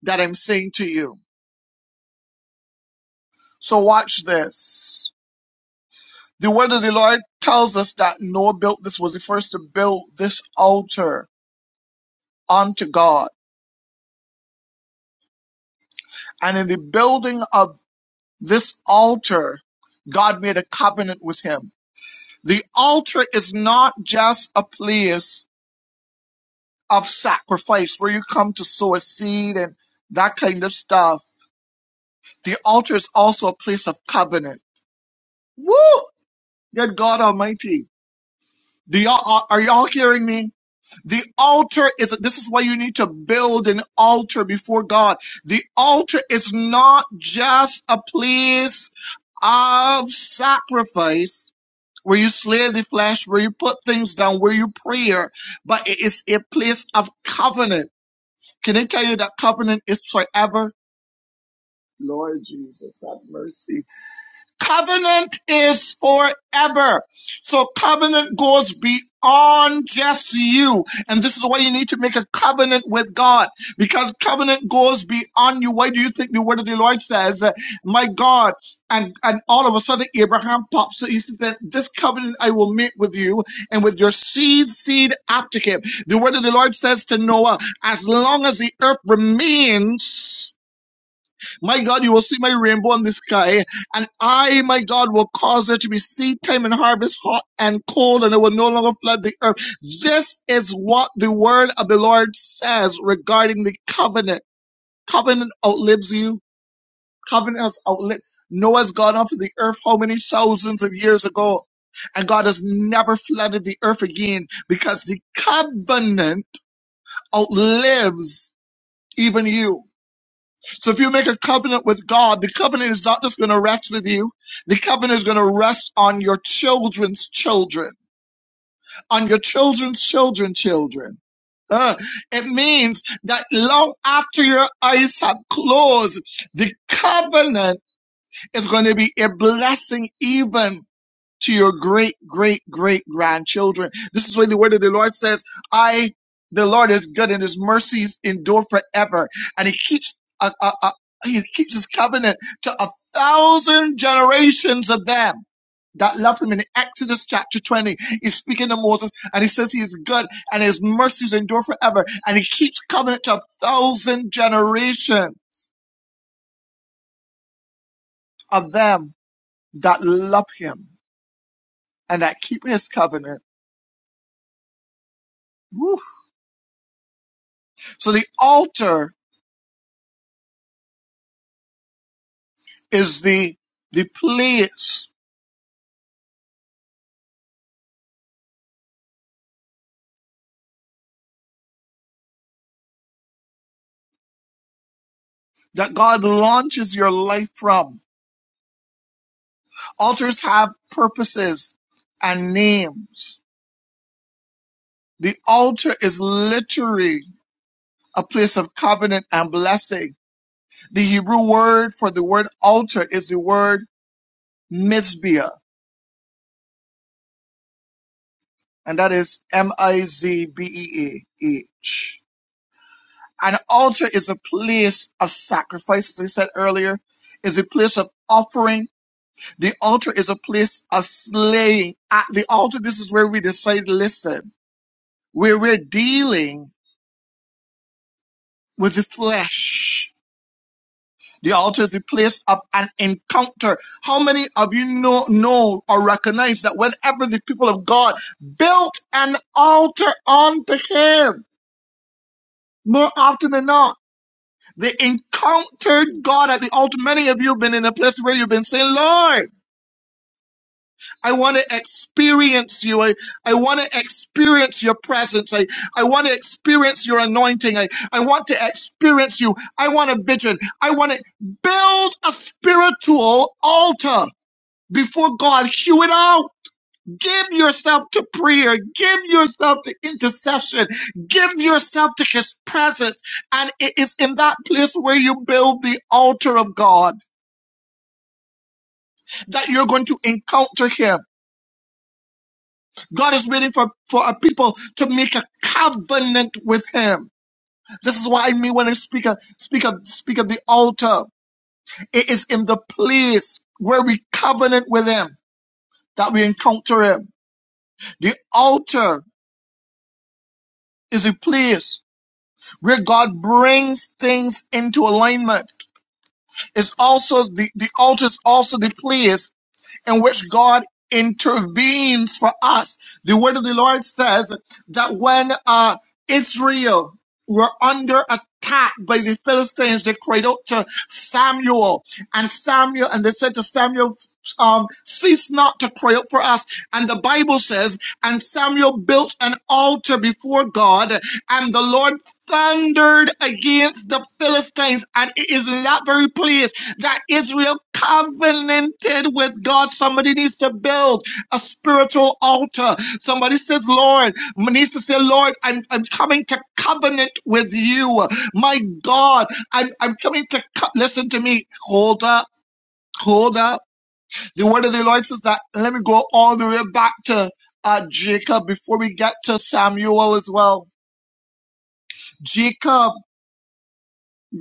that I'm saying to you. So watch this. The word of the Lord tells us that Noah built this was the first to build this altar unto God and in the building of This altar, God made a covenant with him. The altar is not just a place of sacrifice where you come to sow a seed and that kind of stuff. The altar is also a place of covenant. Woo! Good God Almighty. Do y'all, are y'all hearing me? The altar is, this is why you need to build an altar before God. The altar is not just a place of sacrifice where you slay the flesh, where you put things down, where you prayer, but it is a place of covenant. Can I tell you that covenant is forever? Lord Jesus, have mercy. Covenant is forever. So covenant goes beyond just you. And this is why you need to make a covenant with God because covenant goes beyond you. Why do you think the word of the Lord says, uh, my God? And, and all of a sudden Abraham pops. up. He says, this covenant I will make with you and with your seed, seed after him. The word of the Lord says to Noah, as long as the earth remains, my God, you will see my rainbow in the sky, and I, my God, will cause there to be seed time and harvest, hot and cold, and it will no longer flood the earth. This is what the word of the Lord says regarding the covenant. Covenant outlives you. Covenant has outlived. Noah's gone off of the earth how many thousands of years ago, and God has never flooded the earth again because the covenant outlives even you. So if you make a covenant with God, the covenant is not just going to rest with you. The covenant is going to rest on your children's children, on your children's children, children. Uh, it means that long after your eyes have closed, the covenant is going to be a blessing even to your great, great, great grandchildren. This is what the word of the Lord says. I, the Lord is good and his mercies endure forever. And he keeps, uh, uh, uh, he keeps his covenant to a thousand generations of them that love him in Exodus chapter 20. He's speaking to Moses and he says he is good and his mercies endure forever. And he keeps covenant to a thousand generations of them that love him and that keep his covenant. Woo. So the altar is the the place that God launches your life from. Altars have purposes and names. The altar is literally a place of covenant and blessing. The Hebrew word for the word altar is the word mizbeah, and that is M-I-Z-B-E-A-H. An altar is a place of sacrifice, as I said earlier, is a place of offering The altar is a place of slaying. At the altar, this is where we decide, listen, where we're dealing with the flesh. The altar is a place of an encounter. How many of you know, know or recognize that whenever the people of God built an altar unto Him, more often than not, they encountered God at the altar. Many of you have been in a place where you've been saying, Lord. I want to experience you. I, I want to experience your presence. I, I want to experience your anointing. I, I want to experience you. I want a vision. I want to build a spiritual altar before God. Hew it out. Give yourself to prayer. Give yourself to intercession. Give yourself to his presence. And it is in that place where you build the altar of God that you're going to encounter him God is waiting for, for a people to make a covenant with him. This is why I mean when I speak of, speak of, speak of the altar, it is in the place where we covenant with him that we encounter him. The altar is a place where God brings things into alignment. It's also the, the altar is also the place in which God intervenes for us. The word of the Lord says that when uh, Israel were under attack by the Philistines, they cried out to Samuel, and Samuel, and they said to Samuel, um, cease not to cry out for us. And the Bible says, and Samuel built an altar before God, and the Lord thundered against the Philistines, and it is in that very place that Israel covenanted with God. Somebody needs to build a spiritual altar. Somebody says, Lord, needs to say, Lord, I'm, I'm coming to covenant with you. My God, I'm, I'm coming to co-. listen to me. Hold up, hold up. The word of the Lord says that. Let me go all the way back to uh, Jacob before we get to Samuel as well. Jacob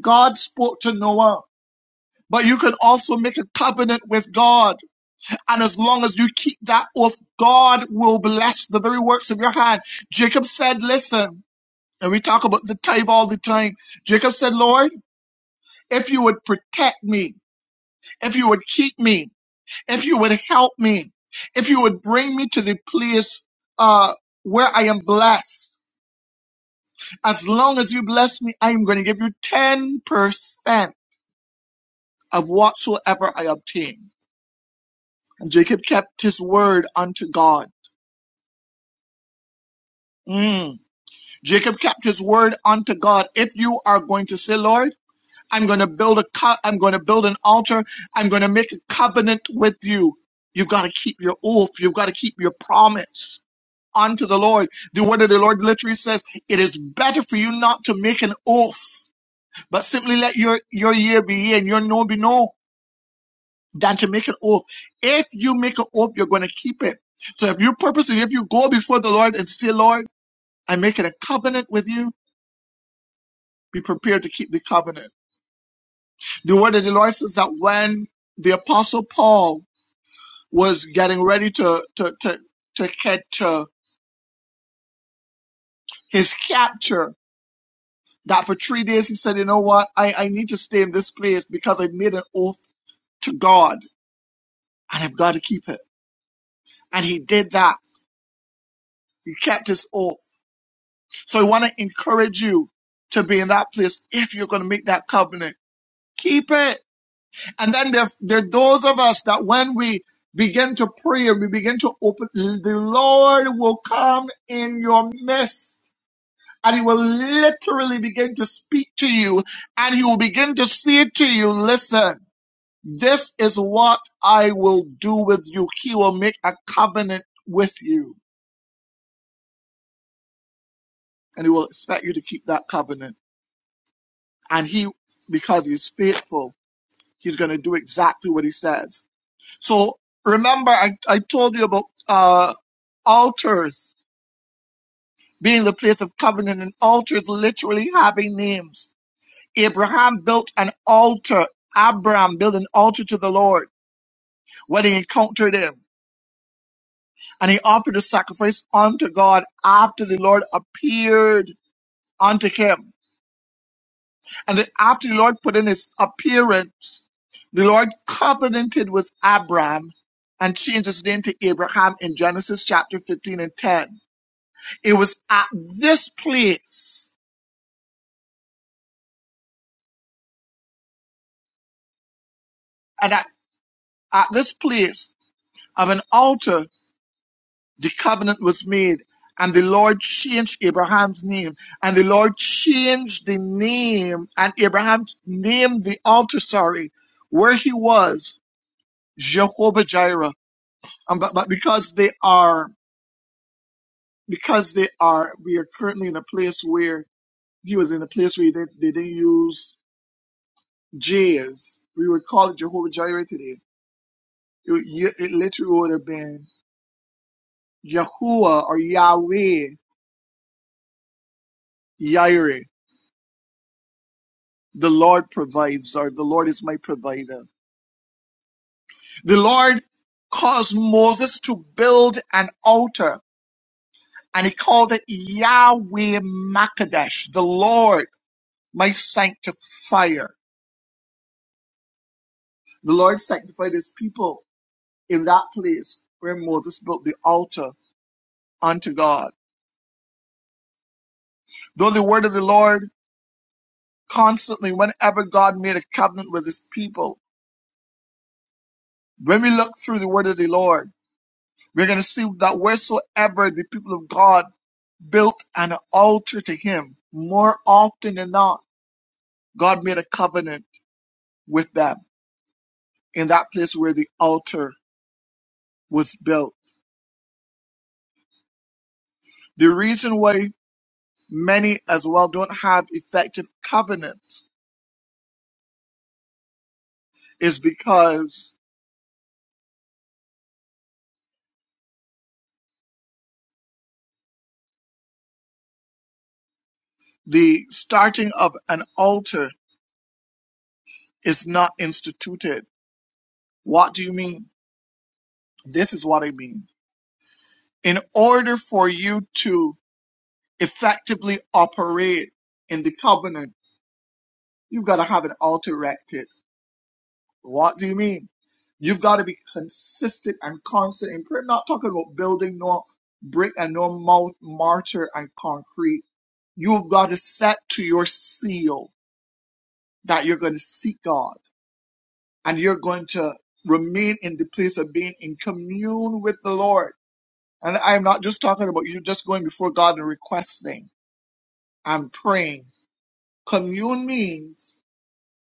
God spoke to Noah, but you can also make a covenant with God. And as long as you keep that oath, God will bless the very works of your hand. Jacob said, Listen, and we talk about the tithe all the time. Jacob said, Lord, if you would protect me, if you would keep me, if you would help me, if you would bring me to the place uh, where I am blessed, as long as you bless me, I am going to give you 10% of whatsoever I obtain. Jacob kept his word unto God. Mm. Jacob kept his word unto God. If you are going to say, Lord, I'm going to build a co- I'm going to build an altar. I'm going to make a covenant with you. You've got to keep your oath. You've got to keep your promise unto the Lord. The word of the Lord literally says, it is better for you not to make an oath, but simply let your, your year be year and your no be no. than to make an oath. If you make an oath, you're going to keep it. So if you purposely, if you go before the Lord and say, Lord, I'm making a covenant with you, be prepared to keep the covenant. The word of the Lord says that when the apostle Paul was getting ready to, to, to, to get to his capture, that for three days he said, you know what? I, I need to stay in this place because I made an oath to God and I've got to keep it. And he did that. He kept his oath. So I want to encourage you to be in that place if you're going to make that covenant. Keep it. And then there, there are those of us that when we begin to pray and we begin to open, the Lord will come in your midst. And he will literally begin to speak to you and he will begin to say to you, listen, this is what I will do with you. He will make a covenant with you and he will expect you to keep that covenant. And he, because he's faithful, He's going to do exactly what he says. So remember, I, I told you about uh, altars being the place of covenant and altars literally having names. Abraham built an altar. Abraham built an altar to the Lord when he encountered him. And he offered a sacrifice unto God after the Lord appeared unto him. And then after the Lord put in his appearance, the Lord covenanted with Abram, and changed his name to Abraham in Genesis chapter 15 and 10. It was at this place, and at, at this place of an altar, the covenant was made. And the Lord changed Abraham's name. And the Lord changed the name, and Abraham named the altar, sorry, where he was, Jehovah Jireh. And but, but because they are because they are we are currently in a place where he was in a place where they, they didn't use J's. We would call it Jehovah Jireh today. It, would- you- it literally would have been Yahuwah or Yahweh Jireh. The Lord provides, or the Lord is my provider. The Lord caused Moses to build an altar, and he called it Yahweh Makadesh, the Lord, my sanctifier. The Lord sanctified his people in that place where Moses built the altar unto God. Though the word of the Lord constantly, whenever God made a covenant with his people, when we look through the word of the Lord, we're going to see that wheresoever the people of God built an altar to him, more often than not, God made a covenant with them in that place where the altar was built. The reason why many as well don't have effective covenants is because The starting of an altar is not instituted. What do you mean? This is what I mean. In order for you to effectively operate in the covenant, you've got to have an altar erected. What do you mean? You've got to be consistent and constant in prayer. Not talking about building no brick and no mouth, mortar and concrete. You've got to set to your seal that you're going to seek God. and you're going to remain in the place of being in commune with the Lord. And I'm not just talking about you just going before God and requesting. I'm praying. Commune means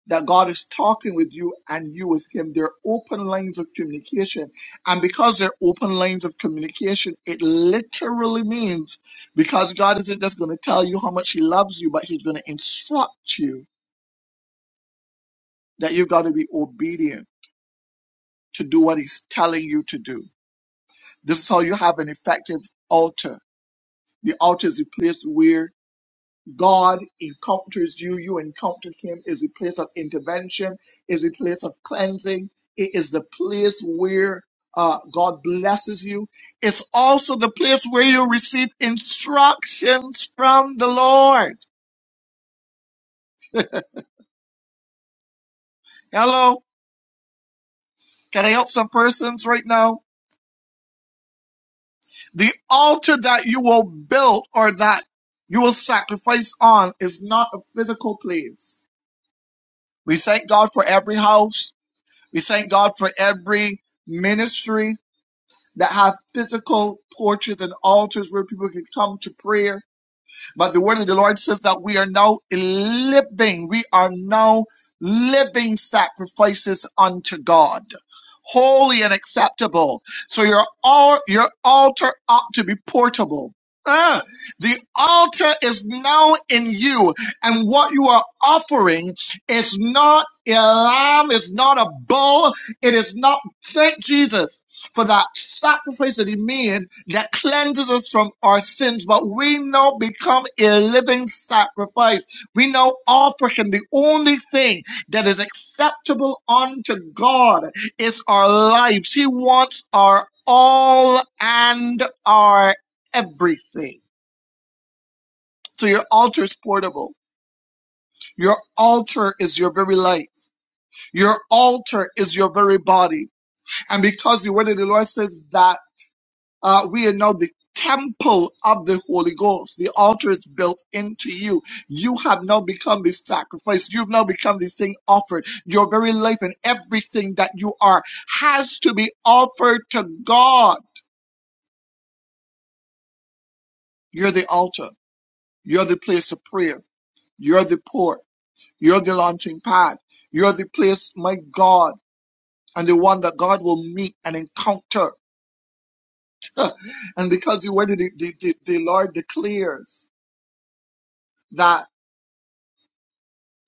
that God is talking with you and you with Him. They're open lines of communication. And because they're open lines of communication, it literally means because God isn't just going to tell you how much He loves you, but He's going to instruct you that you've got to be obedient to do what He's telling you to do This is how you have an effective altar. The altar is a place where God encounters you, you encounter Him, is a place of intervention, is a place of cleansing. It is the place where uh, God blesses you. It's also the place where you receive instructions from the Lord. Hello, can I help some persons right now? The altar that you will build or that you will sacrifice on is not a physical place We thank God for every house. We thank God for every ministry that have physical porches and altars where people can come to prayer. But the word of the Lord says that we are now living, we are now living sacrifices unto God. Holy and acceptable. So your al- your altar ought to be portable. Ah, the altar is now in you, and what you are offering is not a lamb, is not a bull, it is not. Thank Jesus for that sacrifice of the man that cleanses us from our sins, but we now become a living sacrifice. We now offer him the only thing that is acceptable unto God is our lives. He wants our all and our everything. So your altar is portable. Your altar is your very life. Your altar is your very body. And because the word of the Lord says that Uh, we are now the temple of the Holy Ghost. The altar is built into you. You have now become the sacrifice. You've now become this thing offered. Your very life and everything that you are has to be offered to God. You're the altar. You're the place of prayer. You're the port. You're the launching pad. You're the place, my God, and the one that God will meet and encounter. And because you were the, the, the, the Lord declares that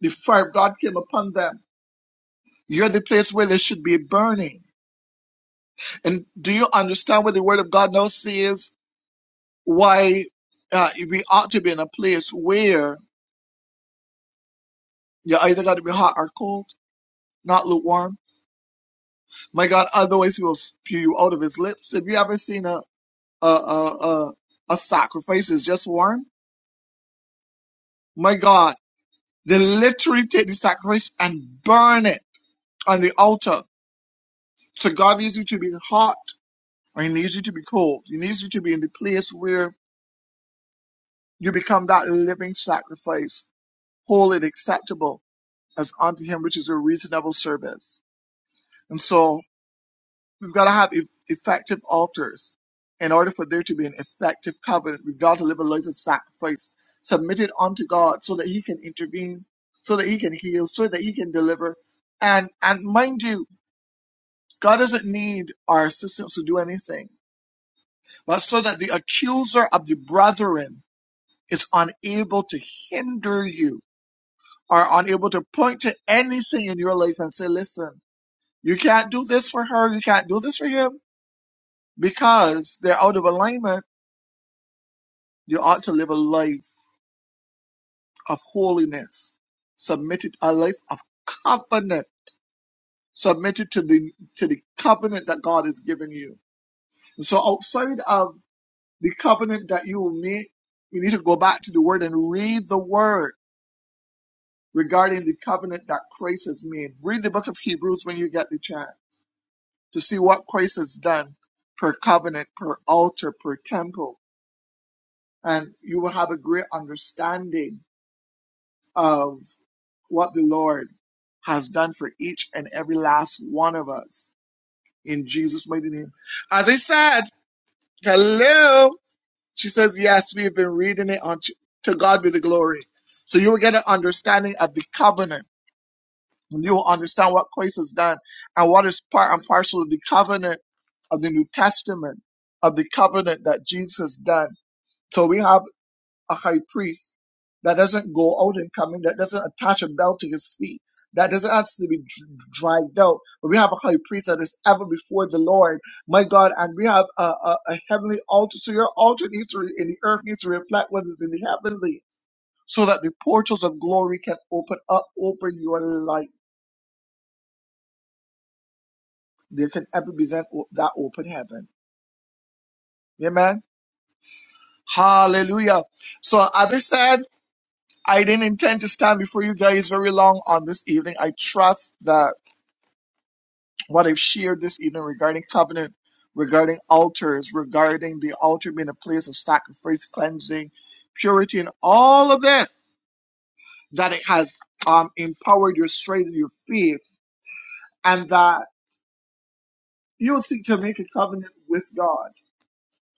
the fire of God came upon them You're the place where there should be burning. And do you understand what the Word of God now says? Why uh, we ought to be in a place where you're either going to be hot or cold, not lukewarm. My God, otherwise He will spew you out of His lips. Have you ever seen a a a, a, a sacrifice is just warm? My God, they literally take the sacrifice and burn it on the altar. So God needs you to be hot, or He needs you to be cold. He needs you to be in the place where You become that living sacrifice, holy and acceptable as unto Him, which is a reasonable service. And so we've got to have eff- effective altars. In order for there to be an effective covenant, we've got to live a life of sacrifice submitted unto God so that He can intervene, so that He can heal, so that He can deliver. And, and mind you, God doesn't need our assistance to do anything, but so that the accuser of the brethren is unable to hinder you are unable to point to anything in your life and say, listen, you can't do this for her, you can't do this for him, because they're out of alignment, you ought to live a life of holiness, submitted a life of covenant, submitted to the to the covenant that God has given you. So outside of the covenant that you will make, you need to go back to the word and read the word regarding the covenant that Christ has made. Read the book of Hebrews when you get the chance to see what Christ has done per covenant, per altar, per temple. And you will have a great understanding of what the Lord has done for each and every last one of us in Jesus' mighty name. As I said, hello. She says, yes, we have been reading it on to, to God be the glory. So you will get an understanding of the covenant you will understand what Christ has done and what is part and parcel of the covenant of the New Testament, of the covenant that Jesus has done. So we have a high priest that doesn't go out and come in, that doesn't attach a belt to his feet, that doesn't have to be dr- dragged out. But we have a high priest that is ever before the Lord, my God, and we have a, a, a heavenly altar. So your altar needs to, re- in the earth needs to reflect what is in the heavenlies, so that the portals of glory can open up over your life there can ever be that open heaven. Amen. Hallelujah. So as I said, I didn't intend to stand before you guys very long on this evening. I trust that what I've shared this evening regarding covenant, regarding altars, regarding the altar being a place of sacrifice, cleansing, purity, and all of this, that it has um, empowered your strength, your faith, and that you'll seek to make a covenant with God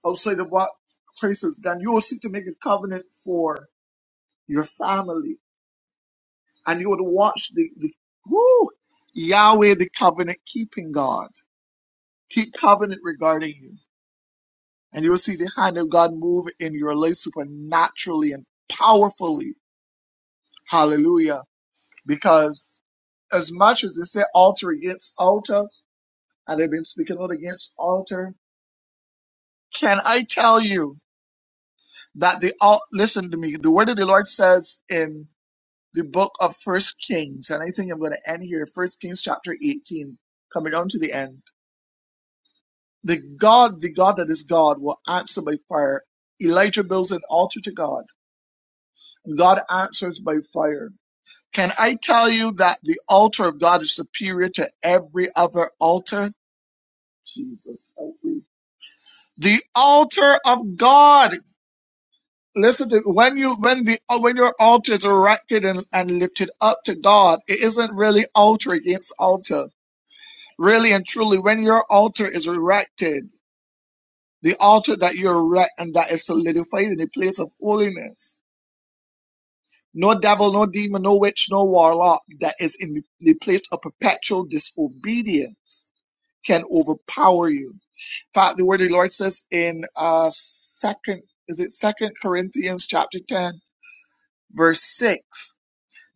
outside of what Christ has done. You will seek to make a covenant for your family, and you would watch the the whoo, Yahweh, the covenant keeping God, keep covenant regarding you, and you will see the hand of God move in your life supernaturally and powerfully. Hallelujah! Because as much as they say altar against altar, and they've been speaking out against altar, can I tell you that the al- listen to me? The word of the Lord says in the book of First Kings, and I think I'm going to end here. First Kings chapter 18, coming down to the end. The God, the God that is God, will answer by fire. Elijah builds an altar to God, and God answers by fire. Can I tell you that the altar of God is superior to every other altar? Jesus, help me. The altar of God. Listen to when you when the when your altar is erected and, and lifted up to God, it isn't really altar against altar Really and truly, when your altar is erected, the altar that you erect and that is solidified in the place of holiness, no devil, no demon, no witch, no warlock that is in the the place of perpetual disobedience can overpower you. In fact, the word of the Lord says in uh second is it second Corinthians chapter ten, verse six,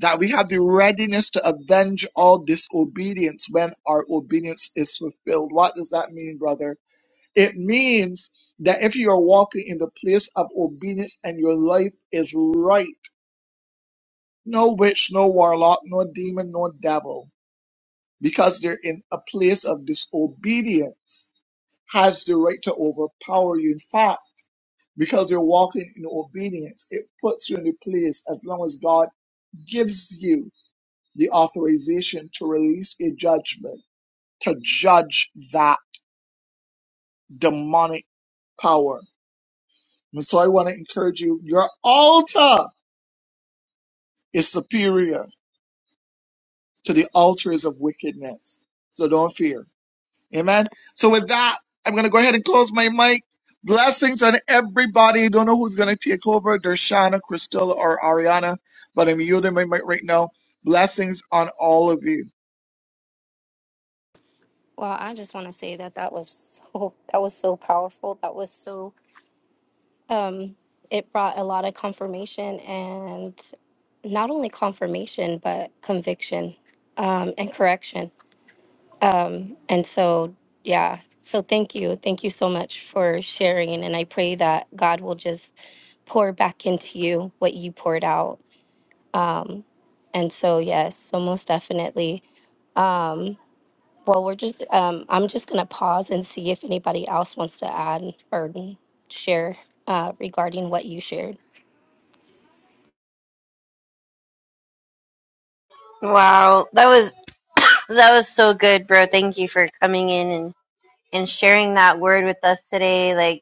that we have the readiness to avenge all disobedience when our obedience is fulfilled. What does that mean, brother? It means that if you are walking in the place of obedience and your life is right, no witch, no warlock, no demon, no devil, because they're in a place of disobedience, has the right to overpower you. In fact, because you're walking in obedience, it puts you in a place as long as God gives you the authorization to release a judgment, to judge that demonic power. And so I want to encourage you, your altar is superior to the altars of wickedness. So don't fear. Amen. So with that, I'm going to go ahead and close my mic. Blessings on everybody. Don't know who's going to take over, Dershana, Cristela, or Ariana, but I'm yielding my mic right now. Blessings on all of you. Well, I just want to say that that was so that was so powerful. That was so um it brought a lot of confirmation and not only confirmation but conviction um and correction. Um and so yeah. So thank you. Thank you so much for sharing and I pray that God will just pour back into you what you poured out. Um and so yes, so most definitely. Um Well, we're just, um, I'm just going to pause and see if anybody else wants to add or share uh, regarding what you shared. Wow, that was that was so good, bro. Thank you for coming in and and sharing that word with us today. Like,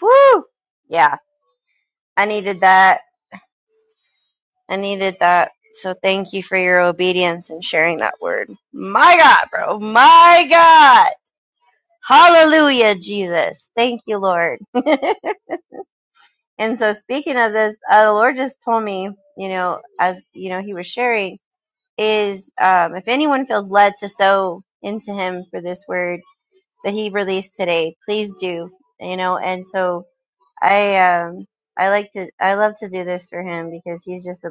whoo, yeah, I needed that. I needed that. So thank you for your obedience and sharing that word. My God, bro. My God. Hallelujah, Jesus. Thank you, Lord. and so speaking of this, uh, the Lord just told me, you know, as you know, he was sharing is um, if anyone feels led to sow into him for this word that he released today, please do, you know. And so I, um, I like to, I love to do this for him because he's just a,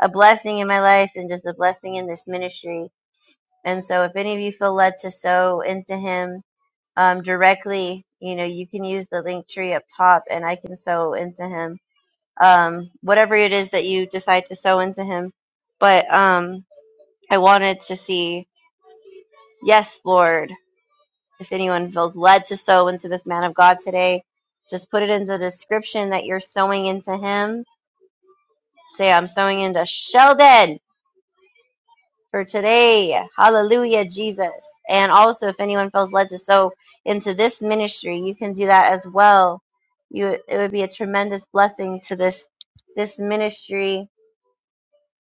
a blessing in my life and just a blessing in this ministry. And so if any of you feel led to sow into him, um, directly, you know, you can use the link tree up top and I can sow into him. Um, whatever it is that you decide to sow into him. But um, I wanted to see, yes, Lord, if anyone feels led to sow into this man of God today, just put it in the description that you're sowing into him. Say, I'm sowing into Sheldon. for today. Hallelujah, Jesus. And also, if anyone feels led to sow into this ministry, you can do that as well. You, it would be a tremendous blessing to this this ministry.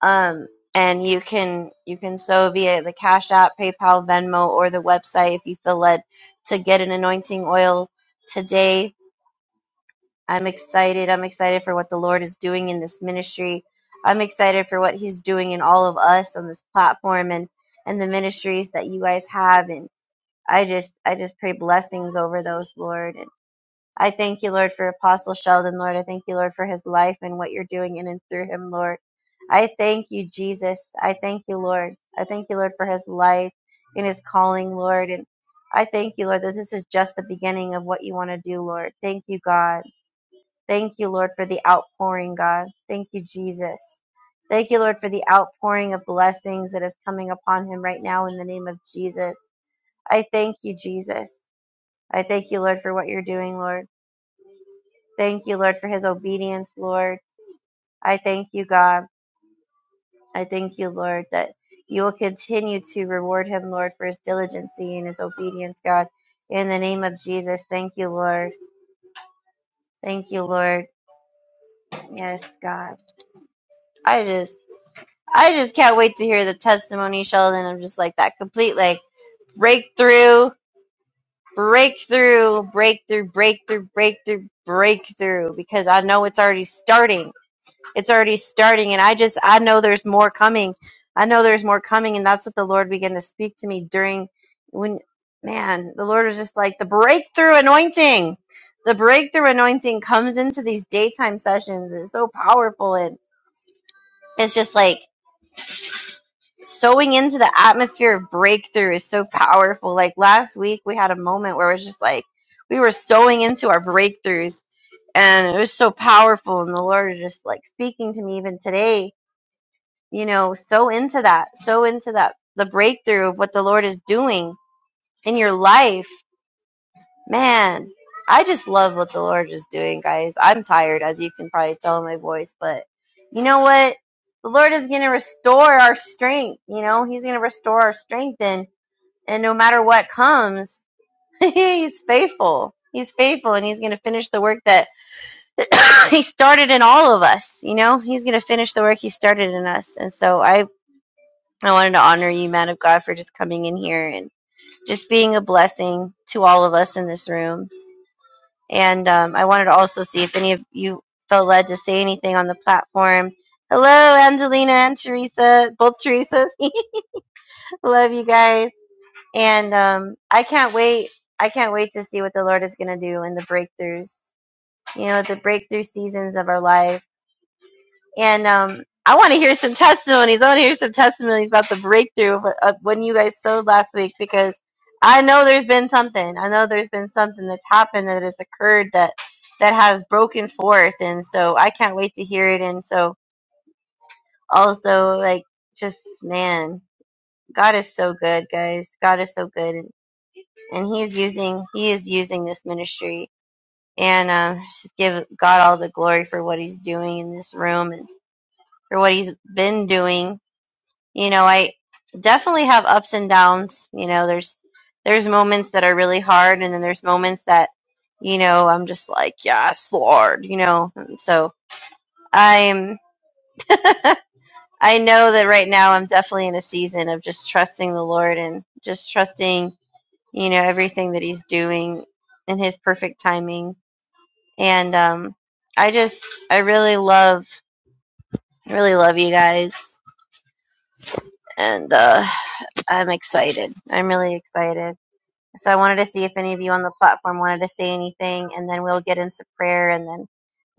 Um, and you can you can sow via the Cash App, PayPal, Venmo, or the website if you feel led to get an anointing oil today I'm excited. I'm excited for what the Lord is doing in this ministry. I'm excited for what He's doing in all of us on this platform and and the ministries that you guys have. And I just I just pray blessings over those, Lord. And I thank you, Lord, for Apostle Sheldon, Lord. I thank you, Lord, for his life and what you're doing in and through him, Lord. I thank you, Jesus. I thank you, Lord. I thank you, Lord, for his life and his calling, Lord. And I thank you, Lord, that this is just the beginning of what you want to do, Lord. Thank you, God. Thank you, Lord, for the outpouring, God. Thank you, Jesus. Thank you, Lord, for the outpouring of blessings that is coming upon him right now in the name of Jesus. I thank you, Jesus. I thank you, Lord, for what you're doing, Lord. Thank you, Lord, for his obedience, Lord. I thank you, God. I thank you, Lord, that you will continue to reward him, Lord, for his diligency and his obedience, God. In the name of Jesus, thank you, Lord. Thank you, Lord. Yes, God. I just I just can't wait to hear the testimony, Sheldon, I'm just like that complete like breakthrough, breakthrough, breakthrough, breakthrough, breakthrough, breakthrough. Because I know it's already starting. It's already starting, and I just I know there's more coming. I know there's more coming, and that's what the Lord began to speak to me during when man, the Lord was just like the breakthrough anointing. The breakthrough anointing comes into these daytime sessions. It's so powerful and it's just like Sewing into the atmosphere of breakthrough is so powerful. Like last week, we had a moment where it was just like we were sewing into our breakthroughs, and it was so powerful. And the Lord is just like speaking to me even today, you know, sow into that, sow into that, the breakthrough of what the Lord is doing in your life. Man, I just love what the Lord is doing, guys. I'm tired, as you can probably tell in my voice, but you know what? The Lord is going to restore our strength. You know, He's going to restore our strength, and and no matter what comes, He's faithful. He's faithful, and He's going to finish the work that He started in all of us. You know, He's going to finish the work He started in us, and so I. I wanted to honor you, man of God, for just coming in here and just being a blessing to all of us in this room. And um, I wanted to also see if any of you felt led to say anything on the platform. Hello, Angelina and Teresa, both Teresas. Love you guys. And um, I can't wait. I can't wait to see what the Lord is going to do in the breakthroughs, you know, the breakthrough seasons of our life and um, I want to hear some testimonies. I want to hear some testimonies about the breakthrough of, of when you guys sewed last week because I know there's been something. I know there's been something that's happened that has occurred that that has broken forth, and so I can't wait to hear it. And so also like just man, God is so good, guys. God is so good, and, and He is using He is using this ministry. And uh, just give God all the glory for what He's doing in this room and for what He's been doing you know i definitely have ups and downs you know there's there's moments that are really hard and then there's moments that you know i'm just like yes lord you know and so i'm i know that right now i'm definitely in a season of just trusting the lord and just trusting you know everything that he's doing in his perfect timing and um i just i really love I really love you guys and uh i'm excited i'm really excited So I wanted to see if any of you on the platform wanted to say anything, and then we'll get into prayer, and then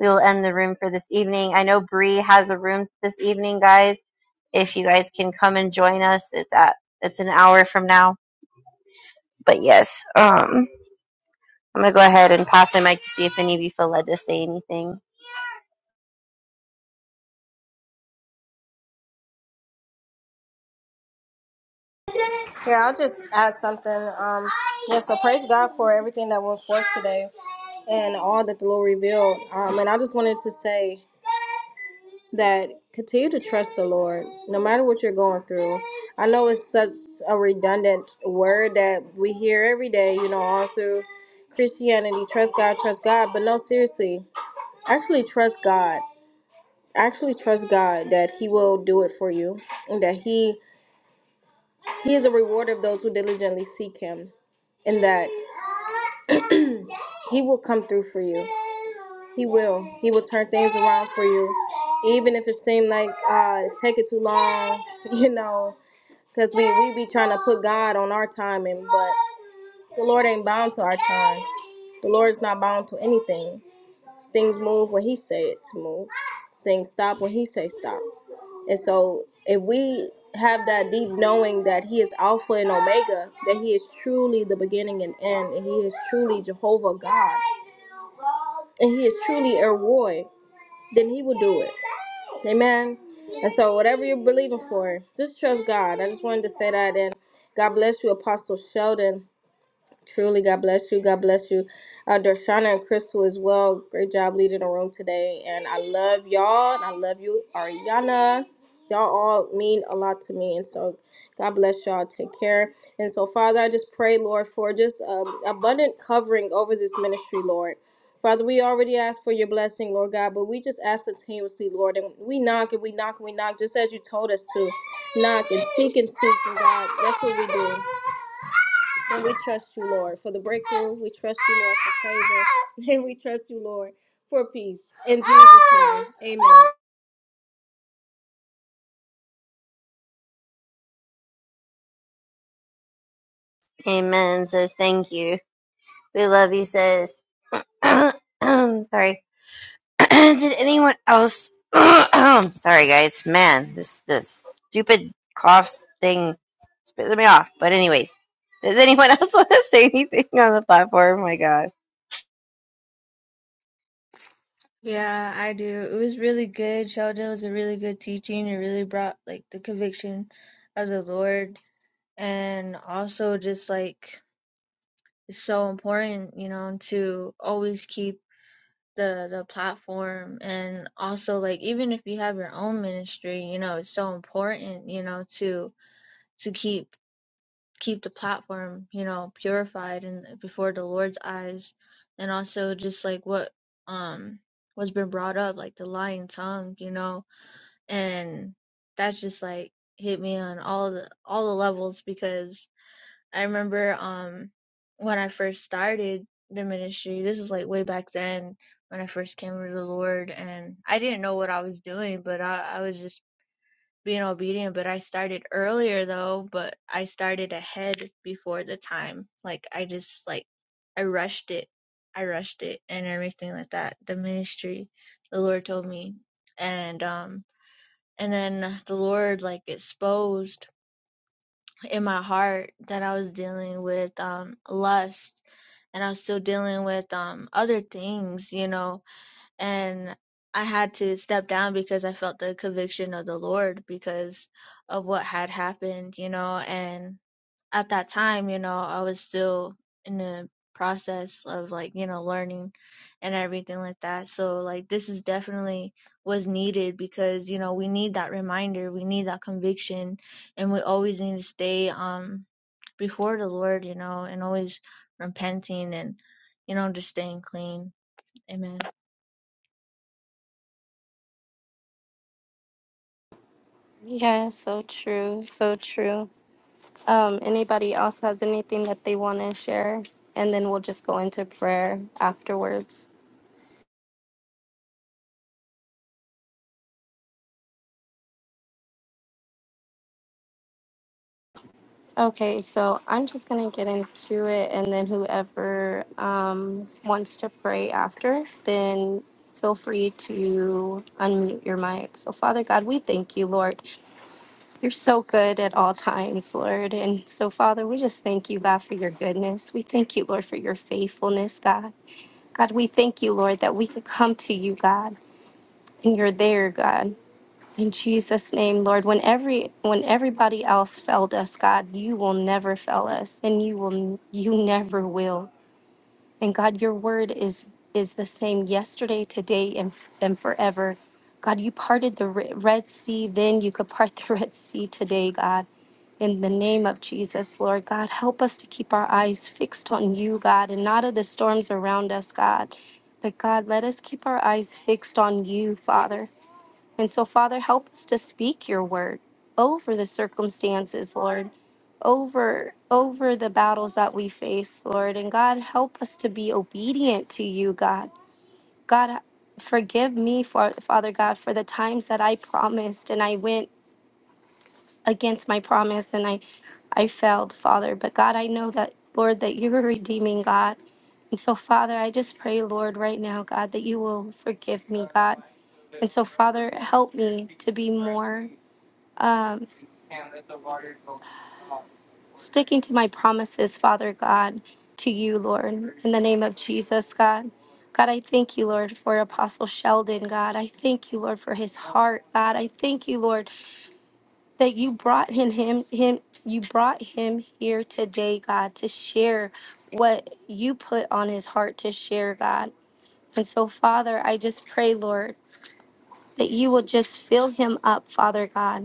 we will end the room for this evening. I know Bree has a room this evening, guys. If you guys can come and join us, it's at it's an hour from now. But yes, um, I'm gonna go ahead and pass the mic to see if any of you feel led to say anything. Yeah, I'll just add something. Um, yeah, so praise God for everything that went forth today and all that the Lord revealed. Um, and I just wanted to say that continue to trust the Lord no matter what you're going through. I know it's such a redundant word that we hear every day, you know, all through Christianity trust God, trust God. But no, seriously, actually trust God. Actually trust God that He will do it for you and that He He is a rewarder of those who diligently seek him, and that he will come through for you. He will. He will turn things around for you, even if it seems like uh, it's taking too long, you know, because we, we be trying to put God on our timing, but the Lord ain't bound to our time. The Lord is not bound to anything. Things move when he say it to move. Things stop when he say stop. And so, if we have that deep knowing that He is Alpha and Omega, that He is truly the beginning and end, and He is truly Jehovah God, and He is truly Eroi, then He will do it. Amen. And so, whatever you're believing for, just trust God. I just wanted to say that. And God bless you, Apostle Sheldon. Truly, God bless you. God bless you. Uh, Darshana and Crystal as well. Great job leading the room today. And I love y'all. And I love you, Ariana. Y'all all mean a lot to me. And so God bless y'all. Take care. And so, Father, I just pray, Lord, for just um, abundant covering over this ministry, Lord. Father, we already asked for your blessing, Lord God, but we just ask continuously, Lord, and we knock and we knock and we knock, just as you told us to knock and seek and seek, and God, that's what we do. And we trust you, Lord, for the breakthrough. We trust you, Lord, for favor. And we trust you, Lord, for peace. In Jesus' name, amen. Amen. Says thank you. We love you. Says sorry. Did anyone else? Sorry, guys. Man, this this stupid cough thing spits me off. But anyways, does anyone else want to say anything on the platform? Oh my God. Yeah, I do. It was really good. Sheldon was a really good teaching. It really brought like the conviction of the Lord and also just like it's so important, you know, to always keep the the platform and also like even if you have your own ministry you know it's so important you know to to keep keep the platform you know purified and before the lord's eyes and also just like what um what's been brought up like the lying tongue you know and that's just like hit me on all the all the levels because I remember um when I first started the ministry, this is like way back then when I first came to the Lord and I didn't know what I was doing, but I, I was just being obedient. But I started earlier though, but I started ahead before the time. Like I just like I rushed it. I rushed it and everything like that. The ministry the Lord told me. And um and then the Lord like exposed in my heart that I was dealing with um lust and I was still dealing with um other things, you know, and I had to step down because I felt the conviction of the Lord because of what had happened, you know, and at that time, you know, I was still in the process of like, you know, learning and everything like that. So like this is definitely was needed because, you know, we need that reminder, we need that conviction and we always need to stay um before the Lord, you know, and always repenting and, you know, just staying clean. Amen. Yeah, so true, so true. Um, anybody else has anything that they want to share? And then we'll just go into prayer afterwards. Okay, so I'm just going to get into it, and then whoever um, wants to pray after, then feel free to unmute your mic. So, Father God, we thank you, Lord. You're so good at all times, Lord. And so, Father, we just thank you, God, for your goodness. We thank you, Lord, for your faithfulness, God. God, we thank you, Lord, that we could come to you, God, and you're there, God. In Jesus' name, Lord, when every when everybody else failed us, God, you will never fail us, and you will you never will. And God, your word is is the same yesterday, today, and f- and forever. God, you parted the Re- Red Sea then, you could part the Red Sea today, God. In the name of Jesus, Lord God, help us to keep our eyes fixed on you, God, and not of the storms around us, God. But God, let us keep our eyes fixed on you, Father. And so, Father, help us to speak your word over the circumstances, Lord, over over the battles that we face, Lord. And God, help us to be obedient to you, God. God, forgive me for Father God for the times that I promised and I went against my promise and I I failed, Father. But God, I know that Lord that you're a redeeming God. And so, Father, I just pray, Lord, right now, God, that you will forgive me, God. And so, Father, help me to be more um, sticking to my promises, Father God, to you, Lord, in the name of Jesus, God. God, I thank you, Lord, for Apostle Sheldon, God. I thank you, Lord, for his heart, God. I thank you, Lord, that you brought him, him, him you brought him here today, God, to share what you put on his heart to share, God. And so, Father, I just pray, Lord, that you will just fill him up, Father God.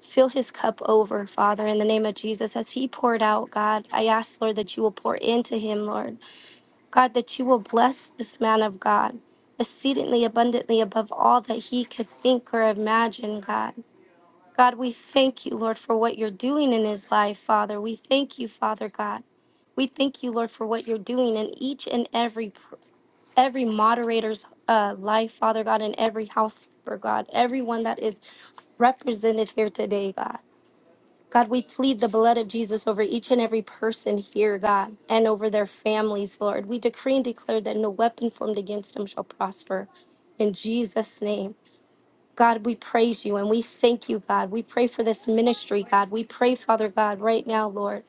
Fill his cup over, Father, in the name of Jesus. As he poured out, God, I ask, Lord, that you will pour into him, Lord. God, that you will bless this man of God exceedingly abundantly above all that he could think or imagine, God. God, we thank you, Lord, for what you're doing in his life, Father. We thank you, Father God. We thank you, Lord, for what you're doing in each and every pr- every moderator's uh, life, Father God, in every house, for God, everyone that is represented here today, God. God, we plead the blood of Jesus over each and every person here, God, and over their families, Lord. We decree and declare that no weapon formed against them shall prosper. In Jesus' name, God, we praise you and we thank you, God. We pray for this ministry, God. We pray, Father God, right now, Lord.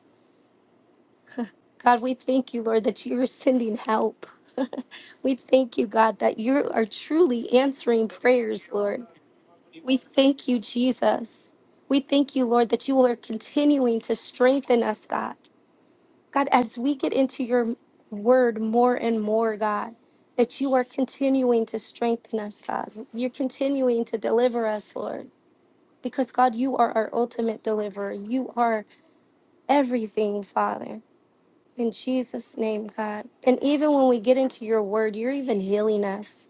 God, we thank you, Lord, that you are sending help. we thank you, God, that you are truly answering prayers, Lord. We thank you, Jesus. We thank you, Lord, that you are continuing to strengthen us, God. God, as we get into your word more and more, God, that you are continuing to strengthen us, God. You're continuing to deliver us, Lord, because God, you are our ultimate deliverer. You are everything, Father. In Jesus' name, God. And even when we get into your word, you're even healing us.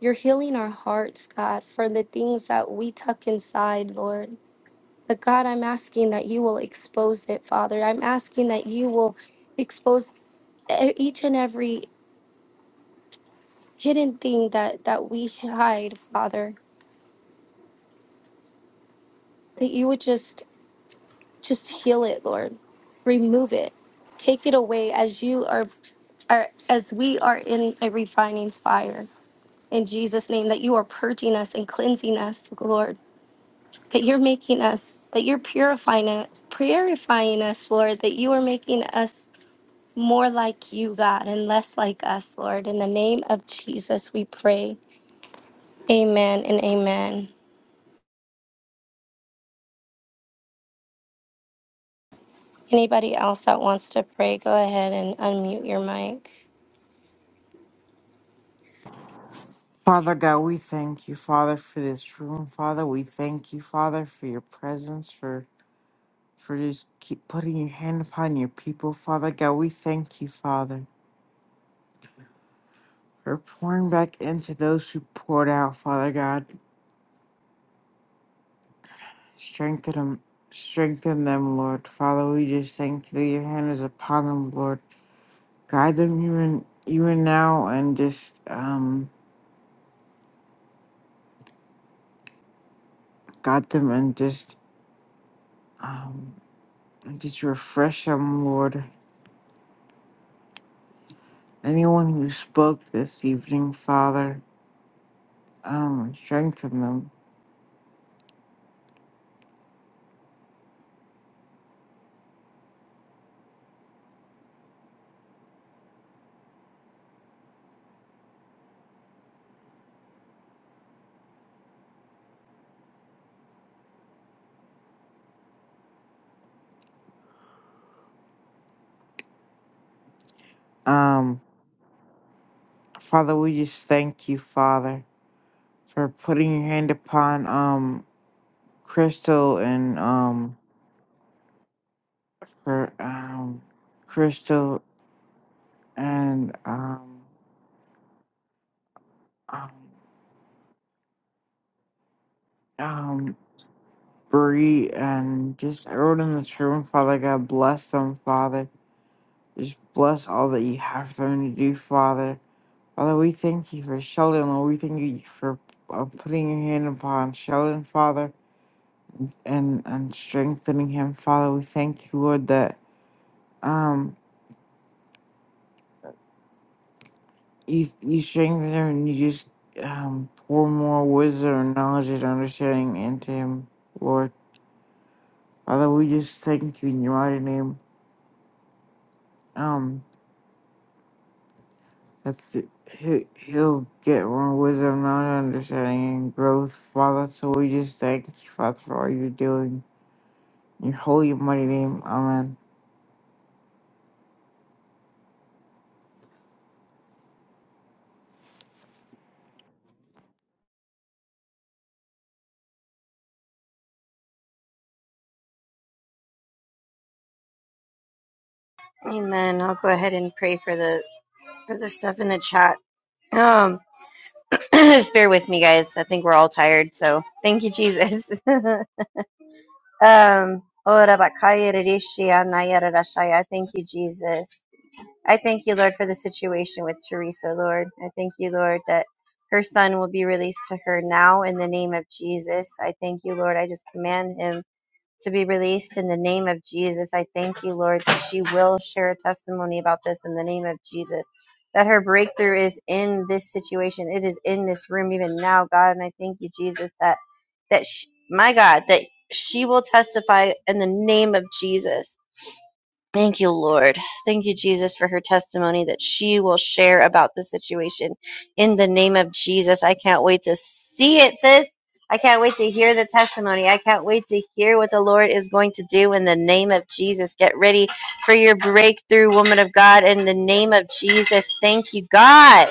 You're healing our hearts, God, for the things that we tuck inside, Lord. But God, I'm asking that you will expose it, Father. I'm asking that you will expose e- each and every hidden thing that that we hide, Father. That you would just just heal it, Lord. Remove it. Take it away as you are, are as we are in a refining fire. In Jesus' name, that you are purging us and cleansing us, Lord. That you're making us, that you're purifying it, purifying us, Lord. That you are making us more like you, God, and less like us, Lord. In the name of Jesus, we pray. Amen and amen. Anybody else that wants to pray, go ahead and unmute your mic. Father God, we thank you, Father, for this room. Father, we thank you, Father, for your presence, for for just keep putting your hand upon your people. Father God, we thank you, Father, for pouring back into those who poured out, Father God. Strengthen them, strengthen them, Lord. Father, we just thank you that your hand is upon them, Lord. Guide them even even now and just um guide them and just um and just refresh them, Lord. anyone who spoke this evening, Father, um, strengthen them. Um, Father, we just thank you, Father, for putting your hand upon um Crystal and um for um Crystal and um um um Bree and just everyone in this room, Father God, bless them, Father. Just bless all that you have for them to do, Father. Father, we thank you for Sheldon, Lord. We thank you for uh, putting your hand upon Sheldon, Father, and, and strengthening him, Father. We thank you, Lord, that um you you strengthen him and you just um pour more wisdom and knowledge and understanding into him, Lord. Father, we just thank you in your mighty name. Um, that it. He, he'll get more wisdom, knowledge, understanding, and growth, Father. So we just thank you, Father, for all you're doing. In your holy and mighty name, Amen. Amen. I'll go ahead and pray for the for the stuff in the chat. Um, just bear with me, guys. I think we're all tired. So thank you, Jesus. um. Ora bakaya rishi anaya rarashaya. Thank you, Jesus. I thank you, Lord, for the situation with Teresa, Lord. I thank you, Lord, that her son will be released to her now in the name of Jesus. I thank you, Lord. I just command him to be released in the name of Jesus. I thank you, Lord, that she will share a testimony about this in the name of Jesus. That her breakthrough is in this situation. It is in this room even now, God. And I thank you, Jesus, that that she, my God, that she will testify in the name of Jesus Thank you, Lord. Thank you, Jesus, for her testimony that she will share about the situation in the name of Jesus. I can't wait to see it, sis. I can't wait to hear the testimony. I can't wait to hear what the Lord is going to do in the name of Jesus. Get ready for your breakthrough, woman of God, in the name of Jesus. Thank you, God.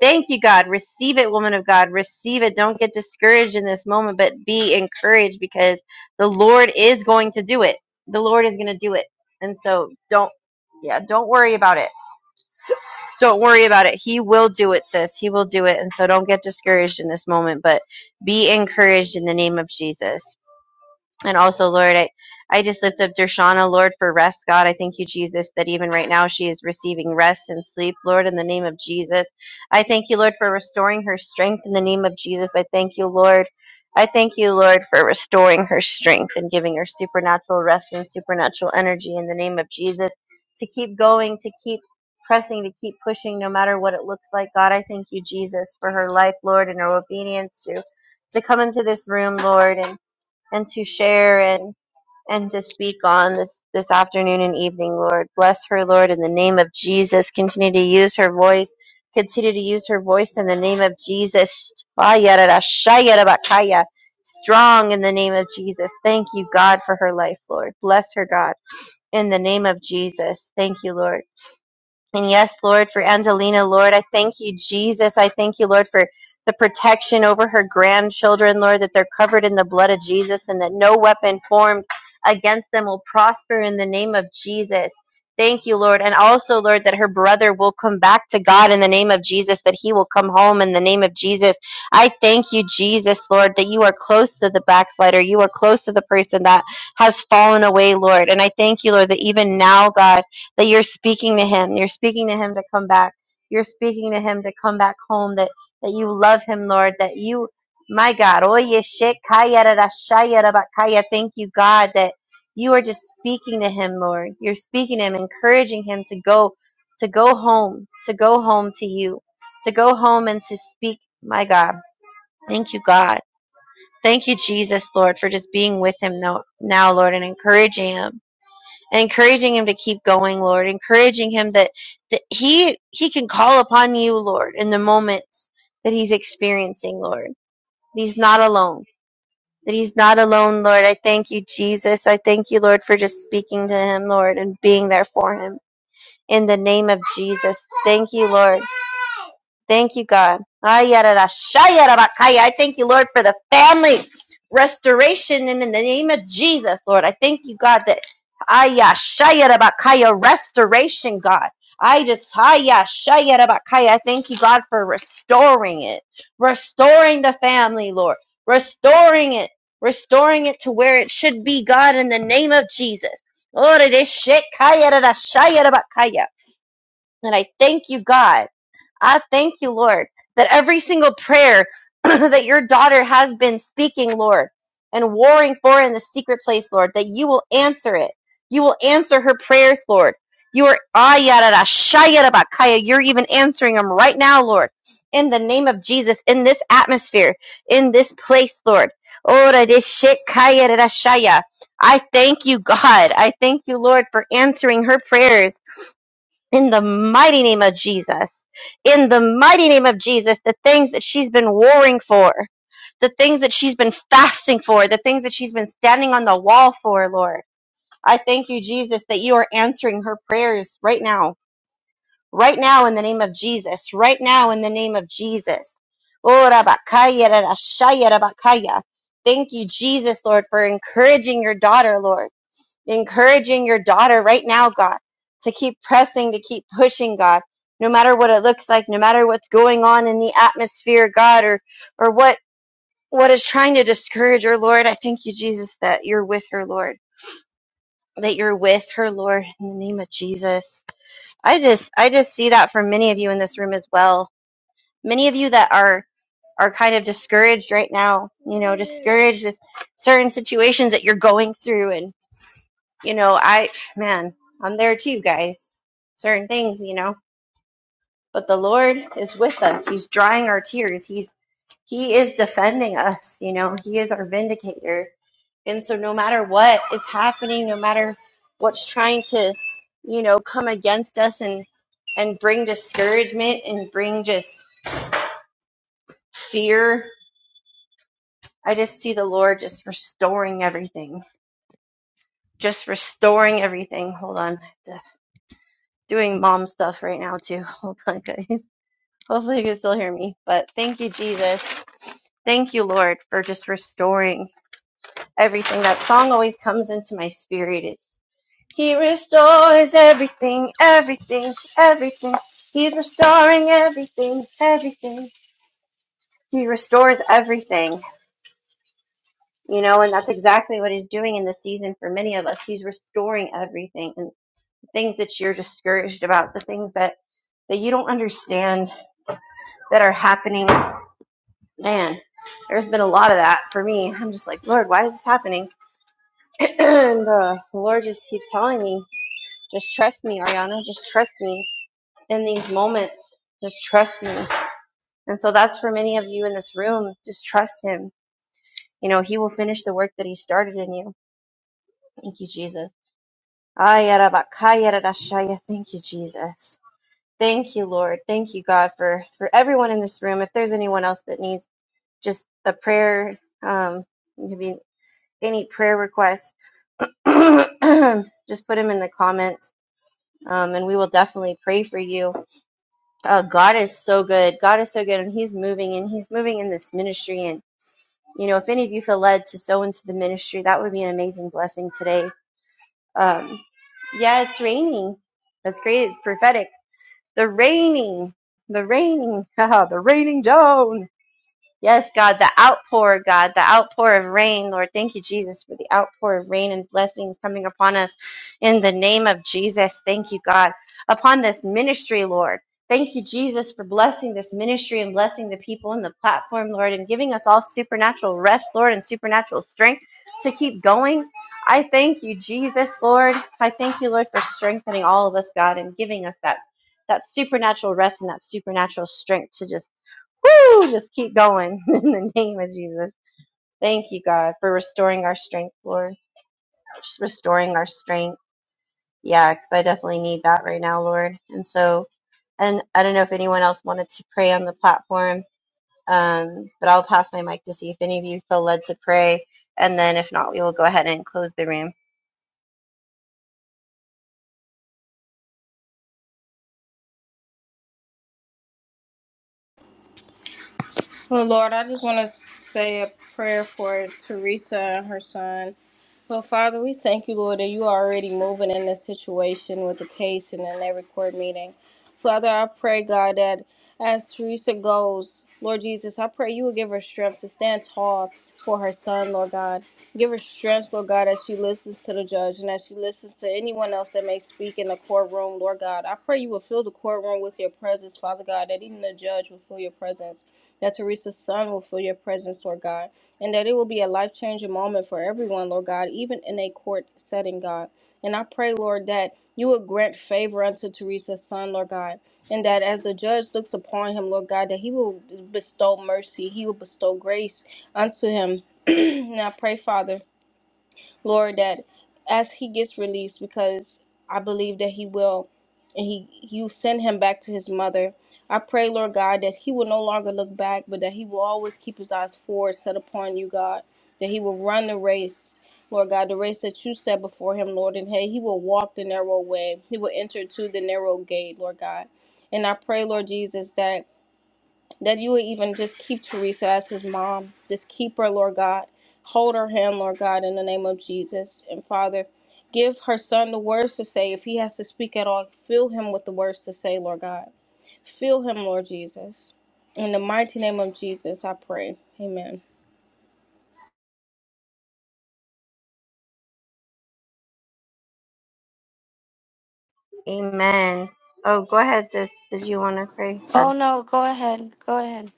Thank you, God. Receive it, woman of God. Receive it. Don't get discouraged in this moment, but be encouraged because the Lord is going to do it. The Lord is going to do it. And so don't, yeah, don't worry about it. Don't worry about it. He will do it, sis. He will do it. And so don't get discouraged in this moment, but be encouraged in the name of Jesus. And also, Lord, I, I just lift up Dershana, Lord, for rest, God. I thank you, Jesus, that even right now she is receiving rest and sleep, Lord, in the name of Jesus. I thank you, Lord, for restoring her strength in the name of Jesus. I thank you, Lord. I thank you, Lord, for restoring her strength and giving her supernatural rest and supernatural energy in the name of Jesus to keep going, to keep pressing, to keep pushing, no matter what it looks like. God, I thank you, Jesus, for her life, Lord, and her obedience to to come into this room, Lord, and and to share and and to speak on this this afternoon and evening lord bless her lord in the name of jesus continue to use her voice continue to use her voice in the name of jesus strong in the name of jesus thank you god for her life lord bless her god in the name of jesus thank you lord and yes, Lord, for Angelina, Lord, I thank you, Jesus. I thank you, Lord, for the protection over her grandchildren, Lord, that they're covered in the blood of Jesus and that no weapon formed against them will prosper in the name of Jesus. Thank you, Lord. And also, Lord, that her brother will come back to God in the name of Jesus, that he will come home in the name of Jesus. I thank you, Jesus, Lord, that you are close to the backslider. You are close to the person that has fallen away, Lord. And I thank you, Lord, that even now, God, that you're speaking to him you're speaking to him to come back you're speaking to him to come back home that that you love him lord that you my god oye shit kaya da da thank you god that you are just speaking to him lord you're speaking to him encouraging him to go to go home to go home to you to go home and to speak my god thank you god thank you jesus lord for just being with him now, now lord and encouraging him encouraging him to keep going, Lord, encouraging him that, that he he can call upon you, Lord, in the moments that he's experiencing, Lord. That He's not alone. That he's not alone, Lord. I thank you, Jesus. I thank you, Lord, for just speaking to him, Lord, and being there for him. In the name of Jesus. Thank you, Lord. Thank you, God. Ayararashayarabakaya. I thank you, Lord, for the family restoration in the name of Jesus, Lord. I thank you, God, that ayashayarabakaya, restoration, God. I just ayashayarabakaya. I thank you, God, for restoring it, restoring the family, Lord, restoring it, restoring it to where it should be, God, in the name of Jesus. Lord, it is shit. And I thank you, God. I thank you, Lord, that every single prayer that your daughter has been speaking, Lord, and warring for in the secret place, Lord, that you will answer it. You will answer her prayers, Lord. You are ayarara, shayarabakaya. You're even answering them right now, Lord. In the name of Jesus, in this atmosphere, in this place, Lord. Ora de shekayarara shaya. I thank you, God. I thank you, Lord, for answering her prayers in the mighty name of Jesus, in the mighty name of Jesus, the things that she's been warring for, the things that she's been fasting for, the things that she's been standing on the wall for, Lord. I thank you, Jesus, that you are answering her prayers right now, right now in the name of Jesus, right now in the name of Jesus. Oh, Rabakaya, Rarashaya, Rabakaya. Thank you, Jesus, Lord, for encouraging your daughter, Lord encouraging your daughter right now, God, to keep pressing, to keep pushing, God, no matter what it looks like, no matter what's going on in the atmosphere, God, or or what what is trying to discourage her, Lord. I thank you, Jesus, that you're with her, Lord. That you're with her, Lord, in the name of Jesus. I just I just see that for many of you in this room as well. Many of you that are are kind of discouraged right now, you know, discouraged with certain situations that you're going through and you know, I, man, I'm there too, guys. Certain things, you know, but the Lord is with us. He's drying our tears. He's, He is defending us, you know, He is our vindicator. And so, no matter what is happening, no matter what's trying to, you know, come against us and, and bring discouragement and bring just fear, I just see the Lord just restoring everything. Just restoring everything. Hold on. Doing mom stuff right now, too. Hold on, guys. Hopefully, you can still hear me. But thank you, Jesus. Thank you, Lord, for just restoring everything. That song always comes into my spirit. It's He restores everything, everything, everything. He's restoring everything, everything. He restores everything, you know, and that's exactly what He's doing in this season for many of us. He's restoring everything and things that you're discouraged about, the things that that you don't understand that are happening man, there's been a lot of that for me. I'm just like, Lord, why is this happening? and uh, the Lord just keeps telling me, just trust me, Ariana, just trust me in these moments. Just trust me. And so that's for many of you in this room. Just trust Him. You know, He will finish the work that He started in you. Thank you, Jesus. Ayarabakayarashaya. Thank you, Jesus. Thank you, Lord. Thank you, God, for, for everyone in this room. If there's anyone else that needs just a prayer, um, maybe any prayer requests, just put them in the comments, um, and we will definitely pray for you. Uh, God is so good. God is so good, and He's moving, and He's moving in this ministry. And you know, if any of you feel led to sow into the ministry, that would be an amazing blessing today. Um, yeah, it's raining. That's great. It's prophetic. The raining, the raining, the raining down. Yes, God, the outpour, God, the outpour of rain, Lord. Thank you, Jesus, for the outpour of rain and blessings coming upon us in the name of Jesus. Thank you, God, upon this ministry, Lord. Thank you, Jesus, for blessing this ministry and blessing the people in the platform, Lord, and giving us all supernatural rest, Lord, and supernatural strength to keep going. I thank you, Jesus, Lord. I thank you, Lord, for strengthening all of us, God, and giving us that that supernatural rest and that supernatural strength to just Woo! Just keep going in the name of Jesus. Thank you, God, for restoring our strength, Lord. Just restoring our strength. Yeah, because I definitely need that right now, Lord. And so, and I don't know if anyone else wanted to pray on the platform, um, but I'll pass my mic to see if any of you feel led to pray. And then if not, we will go ahead and close the room. Well, Lord, I just want to say a prayer for Teresa and her son. Well, Father, we thank you, Lord, that you are already moving in this situation with the case and in every court meeting. Father, I pray, God, that as Teresa goes, Lord Jesus, I pray you will give her strength to stand tall for her son, Lord God. Give her strength, Lord God, as she listens to the judge and as she listens to anyone else that may speak in the courtroom, Lord God. I pray you will fill the courtroom with your presence, Father God, that even the judge will feel your presence that Teresa's son will feel your presence, Lord God, and that it will be a life changing moment for everyone, Lord God, even in a court setting, God. And I pray, Lord, that you would grant favor unto Teresa's son, Lord God, and that as the judge looks upon him, Lord God, that he will bestow mercy, he will bestow grace unto him. and I pray, Father. Lord, that as he gets released, because I believe that he will, and he you send him back to his mother. I pray, Lord God, that he will no longer look back, but that he will always keep his eyes forward, set upon you, God. That he will run the race, Lord God, the race that you set before him, Lord. And hey, he will walk the narrow way. He will enter to the narrow gate, Lord God. And I pray, Lord Jesus, that that you would even just keep Teresa as his mom. Just keep her, Lord God. Hold her hand, Lord God, in the name of Jesus. And Father, give her son the words to say. If he has to speak at all, fill him with the words to say, Lord God. Fill him, Lord Jesus. In the mighty name of Jesus, I pray. Amen. Amen. Oh, go ahead, sis. Did you want to pray? Or Oh, no, go ahead. Go ahead.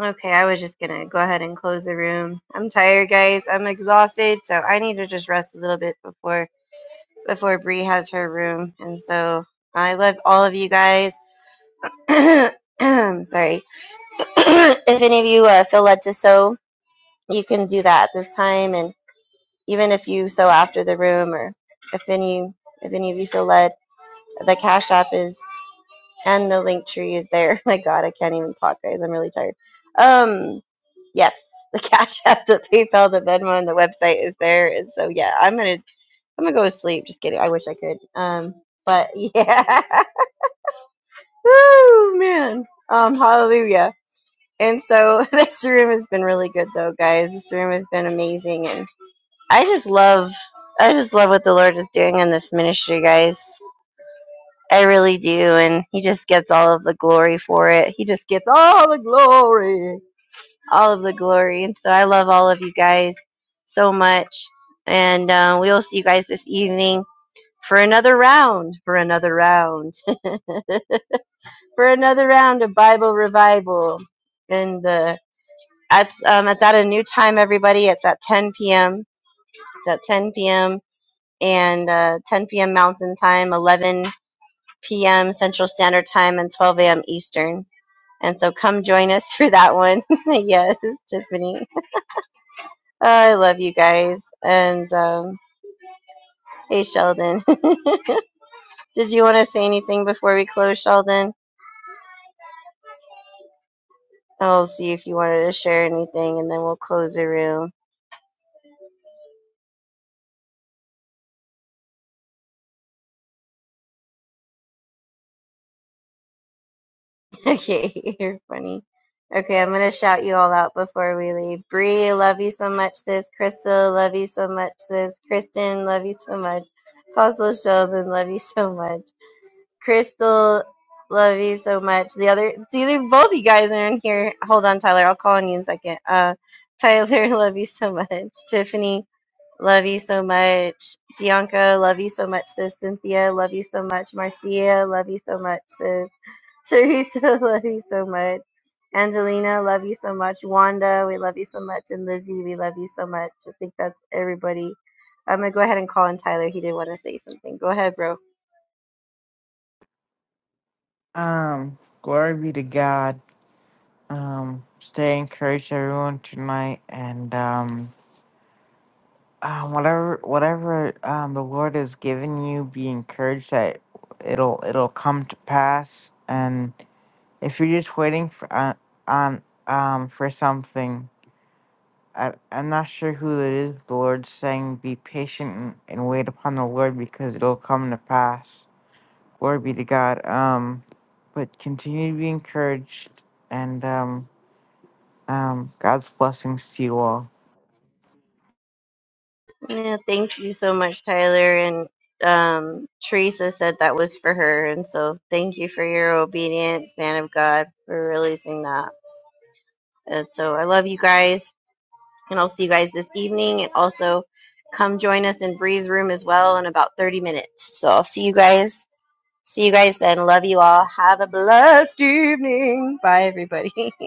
okay, I was just gonna go ahead and close the room. I'm tired, guys. I'm exhausted, so I need to just rest a little bit before before Bree has her room. And so I love all of you guys. Sorry. if any of you uh, feel led to sew, you can do that at this time. And even if you sew after the room, or if any if any of you feel led, the cash app is and the link tree is there. My God, I can't even talk, guys. I'm really tired. Um, yes, the cash app, the PayPal, the Venmo, and the website is there. And so yeah, I'm gonna I'm gonna go to sleep. Just kidding. I wish I could. Um, but yeah, Oh man. Um, hallelujah. And so this room has been really good though, guys. This room has been amazing and I just love I just love what the Lord is doing in this ministry, guys. I really do, and he just gets all of the glory for it. He just gets all the glory. All of the glory. And so I love all of you guys so much. And uh, we will see you guys this evening for another round. For another round. for another round of Bible revival. And the it's um it's at a new time, everybody. It's at 10 p.m. It's at 10 p.m. and uh, 10 p.m. Mountain Time, 11 p.m. Central Standard Time, and 12 a.m. Eastern. And so come join us for that one. yes, Tiffany. Oh, I love you guys. And um, hey, Sheldon, did you want to say anything before we close, Sheldon? I'll see if you wanted to share anything, and then we'll close the room. Okay, you're funny. Okay, I'm gonna shout you all out before we leave. Bree, love you so much, sis. Crystal, love you so much, sis. Kristen, love you so much. Apostle Sheldon, love you so much. Crystal, love you so much. The other, see, they- both you guys are in here. Hold on, Tyler. I'll call on you in a second. Uh, Tyler, love you so much. Tiffany, love you so much. Bianca, love you so much, sis. Cynthia, love you so much. Marcia, love you so much, sis. Teresa, love you so much. Angelina, love you so much. Wanda, we love you so much. And Lizzie, we love you so much. I think that's everybody. I'm gonna go ahead and call in Tyler. He did want to say something. Go ahead, bro. Um, glory be to God. Um, stay encouraged, everyone, tonight, and um, uh, whatever whatever um the Lord has given you, be encouraged that it'll it'll come to pass. And if you're just waiting for uh, on um for something, I I'm not sure who it is. but The Lord's saying, be patient and, and wait upon the Lord because it'll come to pass. Glory be to God. Um, but continue to be encouraged and um. Um, God's blessings to you all. Yeah, thank you so much, Tyler. And um, Teresa said that was for her, and so thank you for your obedience, man of God, for releasing that. And so I love you guys, and I'll see you guys this evening. And also, come join us in Bree's room as well in about 30 minutes. So I'll see you guys See you guys then. Love you all. Have a blessed evening. Bye, everybody.